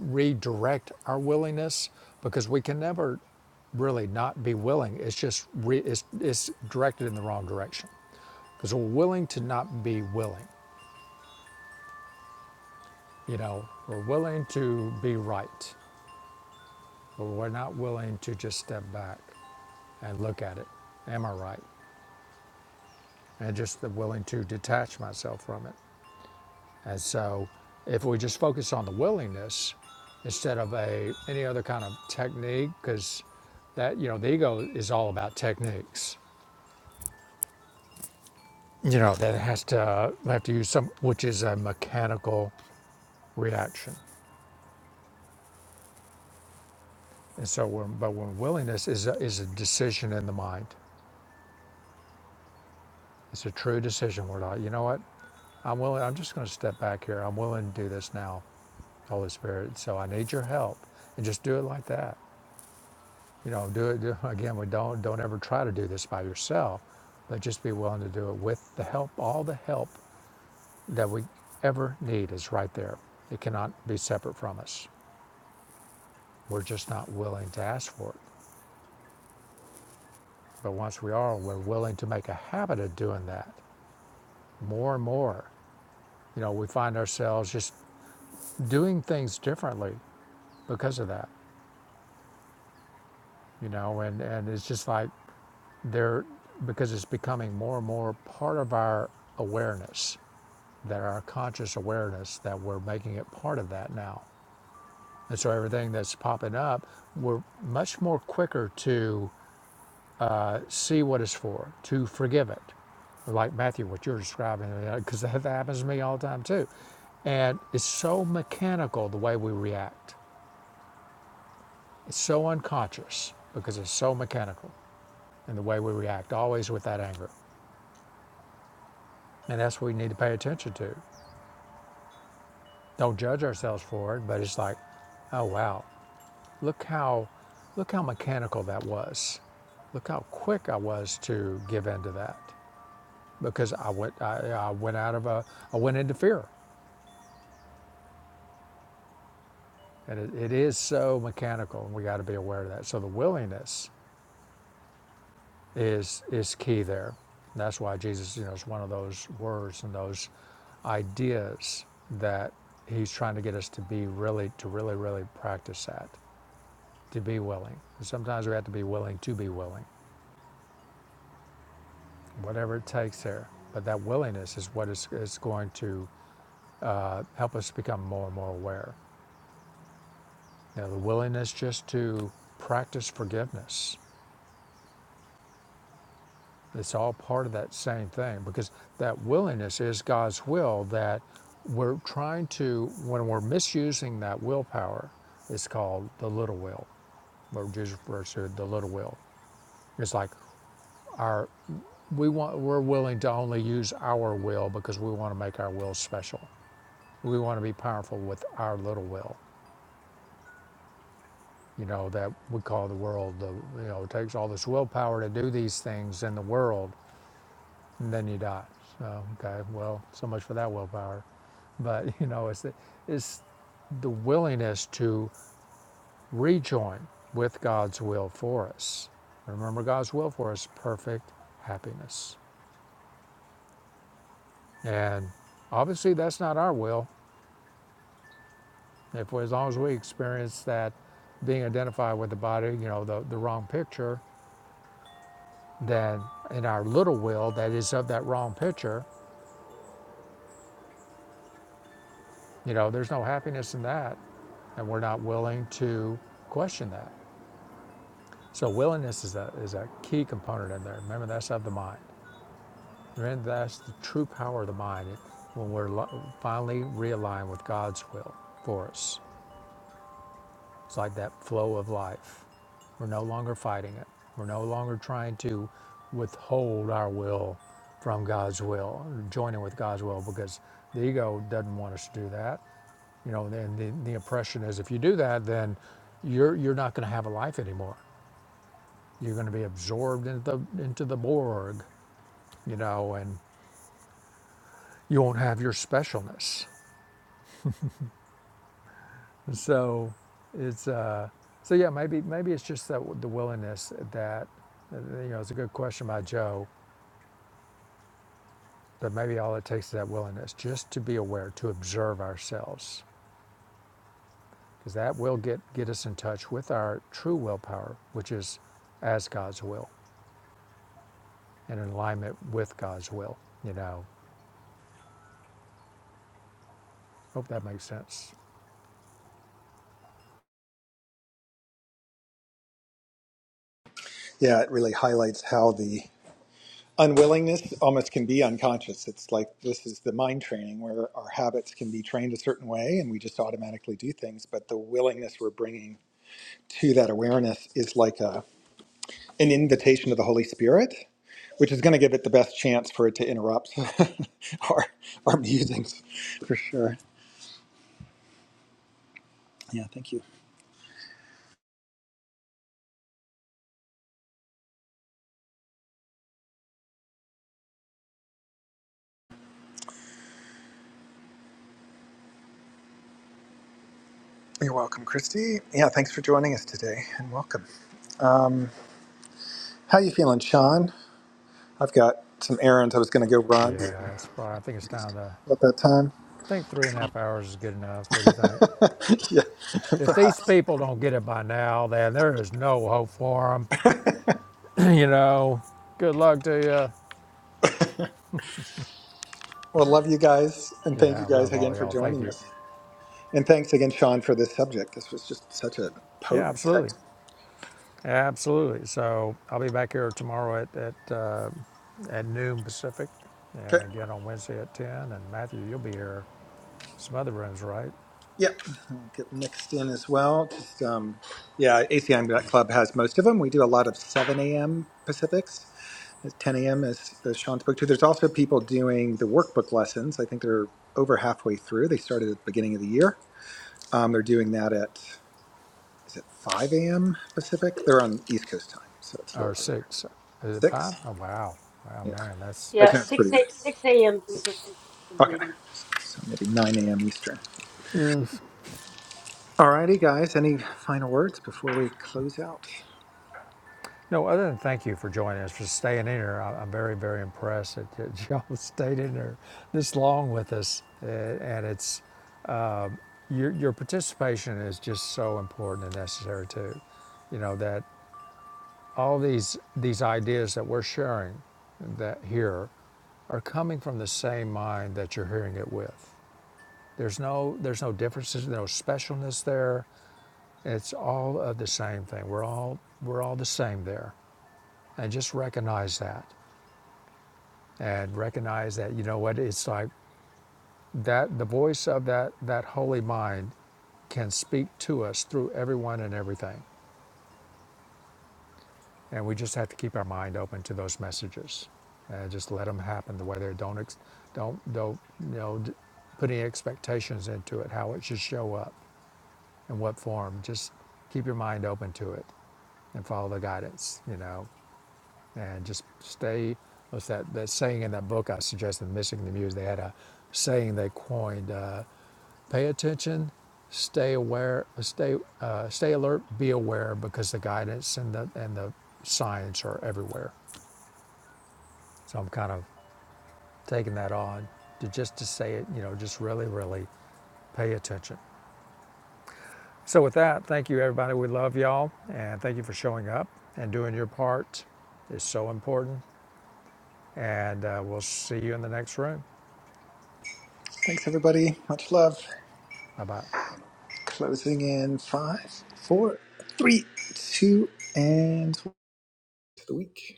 Speaker 1: redirect our willingness because we can never really not be willing. It's just re, it's, it's directed in the wrong direction because we're willing to not be willing. You know, we're willing to be right, but we're not willing to just step back and look at it. Am I right? And just the willing to detach myself from it. And so if we just focus on the willingness instead of a any other kind of technique, because that you know the ego is all about techniques. You know that it has to have to use some, which is a mechanical reaction. And so, when, but when willingness is a, is a decision in the mind, it's a true decision. We're like, you know what, I'm willing. I'm just going to step back here. I'm willing to do this now, Holy Spirit. So I need your help, and just do it like that. You know, do it do- again. We don't don't ever try to do this by yourself, but just be willing to do it with the help. All the help that we ever need is right there. It cannot be separate from us. We're just not willing to ask for it. But once we are, we're willing to make a habit of doing that more and more. You know, we find ourselves just doing things differently because of that. You know, and and it's just like they're because it's becoming more and more part of our awareness that our conscious awareness that we're making it part of that now. And so everything that's popping up, we're much more quicker to uh, see what it's for, to forgive it. Like Matthew, what you're describing, because that happens to me all the time too. And it's so mechanical the way we react. It's so unconscious because it's so mechanical in the way we react, always with that anger. And that's what we need to pay attention to. Don't judge ourselves for it, but it's like, oh wow, Look how, look how mechanical that was. Look how quick I was to give in to that because I went, I, I went out of a, I went into fear. And it, it is so mechanical and we got to be aware of that. So the willingness is, is key there. And that's why Jesus, you know, is one of those words and those ideas that he's trying to get us to be really, to really, really practice that, to be willing. And sometimes we have to be willing to be willing. whatever it takes there. But that willingness is what is, is going to uh, help us become more and more aware. You know, the willingness just to practice forgiveness. It's all part of that same thing because that willingness is God's will that we're trying to, when we're misusing that willpower, it's called the little will, what Jesus refers to the little will. It's like our, we want, we're willing to only use our will because we want to make our will special We want to be powerful with our little will, you know, that we call the world. The, you know, it takes all this willpower to do these things in the world, and then you die. So, okay, well, so much for that willpower. But, you know, it's the, it's the willingness to rejoin with God's will for us. Remember, God's will for us perfect happiness. And obviously, that's not our will. If as long as we experience that being identified with the body, you know, the, the wrong picture, than in our little will that is of that wrong picture. You know, there's no happiness in that, and we're not willing to question that. So willingness is a is a key component in there. Remember, that's of the mind. Remember, that's the true power of the mind when we're finally realigned with God's will for us. It's like that flow of life. We're no longer fighting it. We're no longer trying to withhold our will from God's will, or joining with God's will, because the ego doesn't want us to do that. You know, and the, the impression is if you do that, then you're you're not going to have a life anymore. You're going to be absorbed into the into the Borg, you know, and you won't have your specialness. So it's uh, so yeah. Maybe maybe it's just that the willingness that uh, you know it's a good question by Joe, but maybe all it takes is that willingness just to be aware to observe ourselves because that will get get us in touch with our true willpower, which is as God's will and in alignment with God's will. You know, hope that makes sense.
Speaker 2: yeah, it really highlights how the unwillingness almost can be unconscious. It's like this is the mind training where our habits can be trained a certain way and we just automatically do things. But the willingness we're bringing to that awareness is like a, an invitation to the Holy Spirit, which is going to give it the best chance for it to interrupt our, our musings for sure. Yeah, thank you. You're welcome, Christy. Yeah, thanks for joining us today and welcome. Um, how you feeling, Sean? I've got some errands I was going to go run
Speaker 1: Yeah, it's probably, I think it's time to
Speaker 2: about that time.
Speaker 1: I think three and a half hours is good enough. What do you think?
Speaker 2: yeah,
Speaker 1: If these
Speaker 2: perhaps.
Speaker 1: people don't get it by now, then there is no hope for them. you know, good luck to you.
Speaker 2: Well, love you guys, and thank
Speaker 1: Yeah,
Speaker 2: you
Speaker 1: I
Speaker 2: guys
Speaker 1: love
Speaker 2: again
Speaker 1: all
Speaker 2: for
Speaker 1: y'all. Thank
Speaker 2: joining
Speaker 1: you.
Speaker 2: us. And thanks again, Sean, for this subject. This was just such a
Speaker 1: Yeah,
Speaker 2: potent
Speaker 1: absolutely.
Speaker 2: section.
Speaker 1: Absolutely. So I'll be back here tomorrow at, at, uh, at noon Pacific and
Speaker 2: Okay.
Speaker 1: again on Wednesday at 10. And Matthew, you'll be here some other rooms, right?
Speaker 2: Yep. I'll get mixed in as well. Just um, yeah, ACM Club has most of them. We do a lot of 7 a.m. Pacifics, 10 a.m. as, as Sean spoke to. There's also people doing the workbook lessons. I think they're over halfway through. They started at the beginning of the year. Um, they're doing that at is it 5 a.m. Pacific? They're on East Coast time, so it's a
Speaker 1: Or
Speaker 2: little earlier.
Speaker 1: six. Is it
Speaker 2: Six.
Speaker 1: five? Oh, wow. Wow,
Speaker 2: Yeah.
Speaker 1: man, that's.
Speaker 2: I think
Speaker 4: Yeah,
Speaker 2: that's
Speaker 4: 6
Speaker 2: pretty.
Speaker 4: a, 6 a.m. Pacific, indeed.
Speaker 2: Okay. So maybe 9 a.m. Eastern. Alrighty, guys. Any final words before we close out?
Speaker 1: No, other than thank you for joining us, for staying in here. I- I'm very, very impressed that that y'all stayed in there this long with us. Uh, And it's your, your participation is just so important and necessary too. You know that all these these ideas that we're sharing that here are coming from the same mind that you're hearing it with. There's no there's no differences, no specialness there. It's all of the same thing. We're all we're all the same there. And just recognize that. And recognize that, you know what, it's like that the voice of that that holy mind can speak to us through everyone and everything. And we just have to keep our mind open to those messages and just let them happen the way they don't, ex- don't, don't, you know, put any expectations into it, how it should show up in what form. Just keep your mind open to it and follow the guidance, you know, and just stay. What's that, that saying in that book I suggested, Missing the Muse? They had a saying they coined. Uh, Pay attention, stay aware, stay uh, stay alert, be aware because the guidance and the and the science are everywhere. So I'm kind of taking that on to just to say it, you know, just really, really pay attention. So with that, thank you everybody. We love y'all and thank you for showing up and doing your part. It's so important. And uh, we'll see you in the next room.
Speaker 2: Thanks, everybody. Much love.
Speaker 1: Bye bye.
Speaker 2: Closing in five, four, three, two, and one. to the week.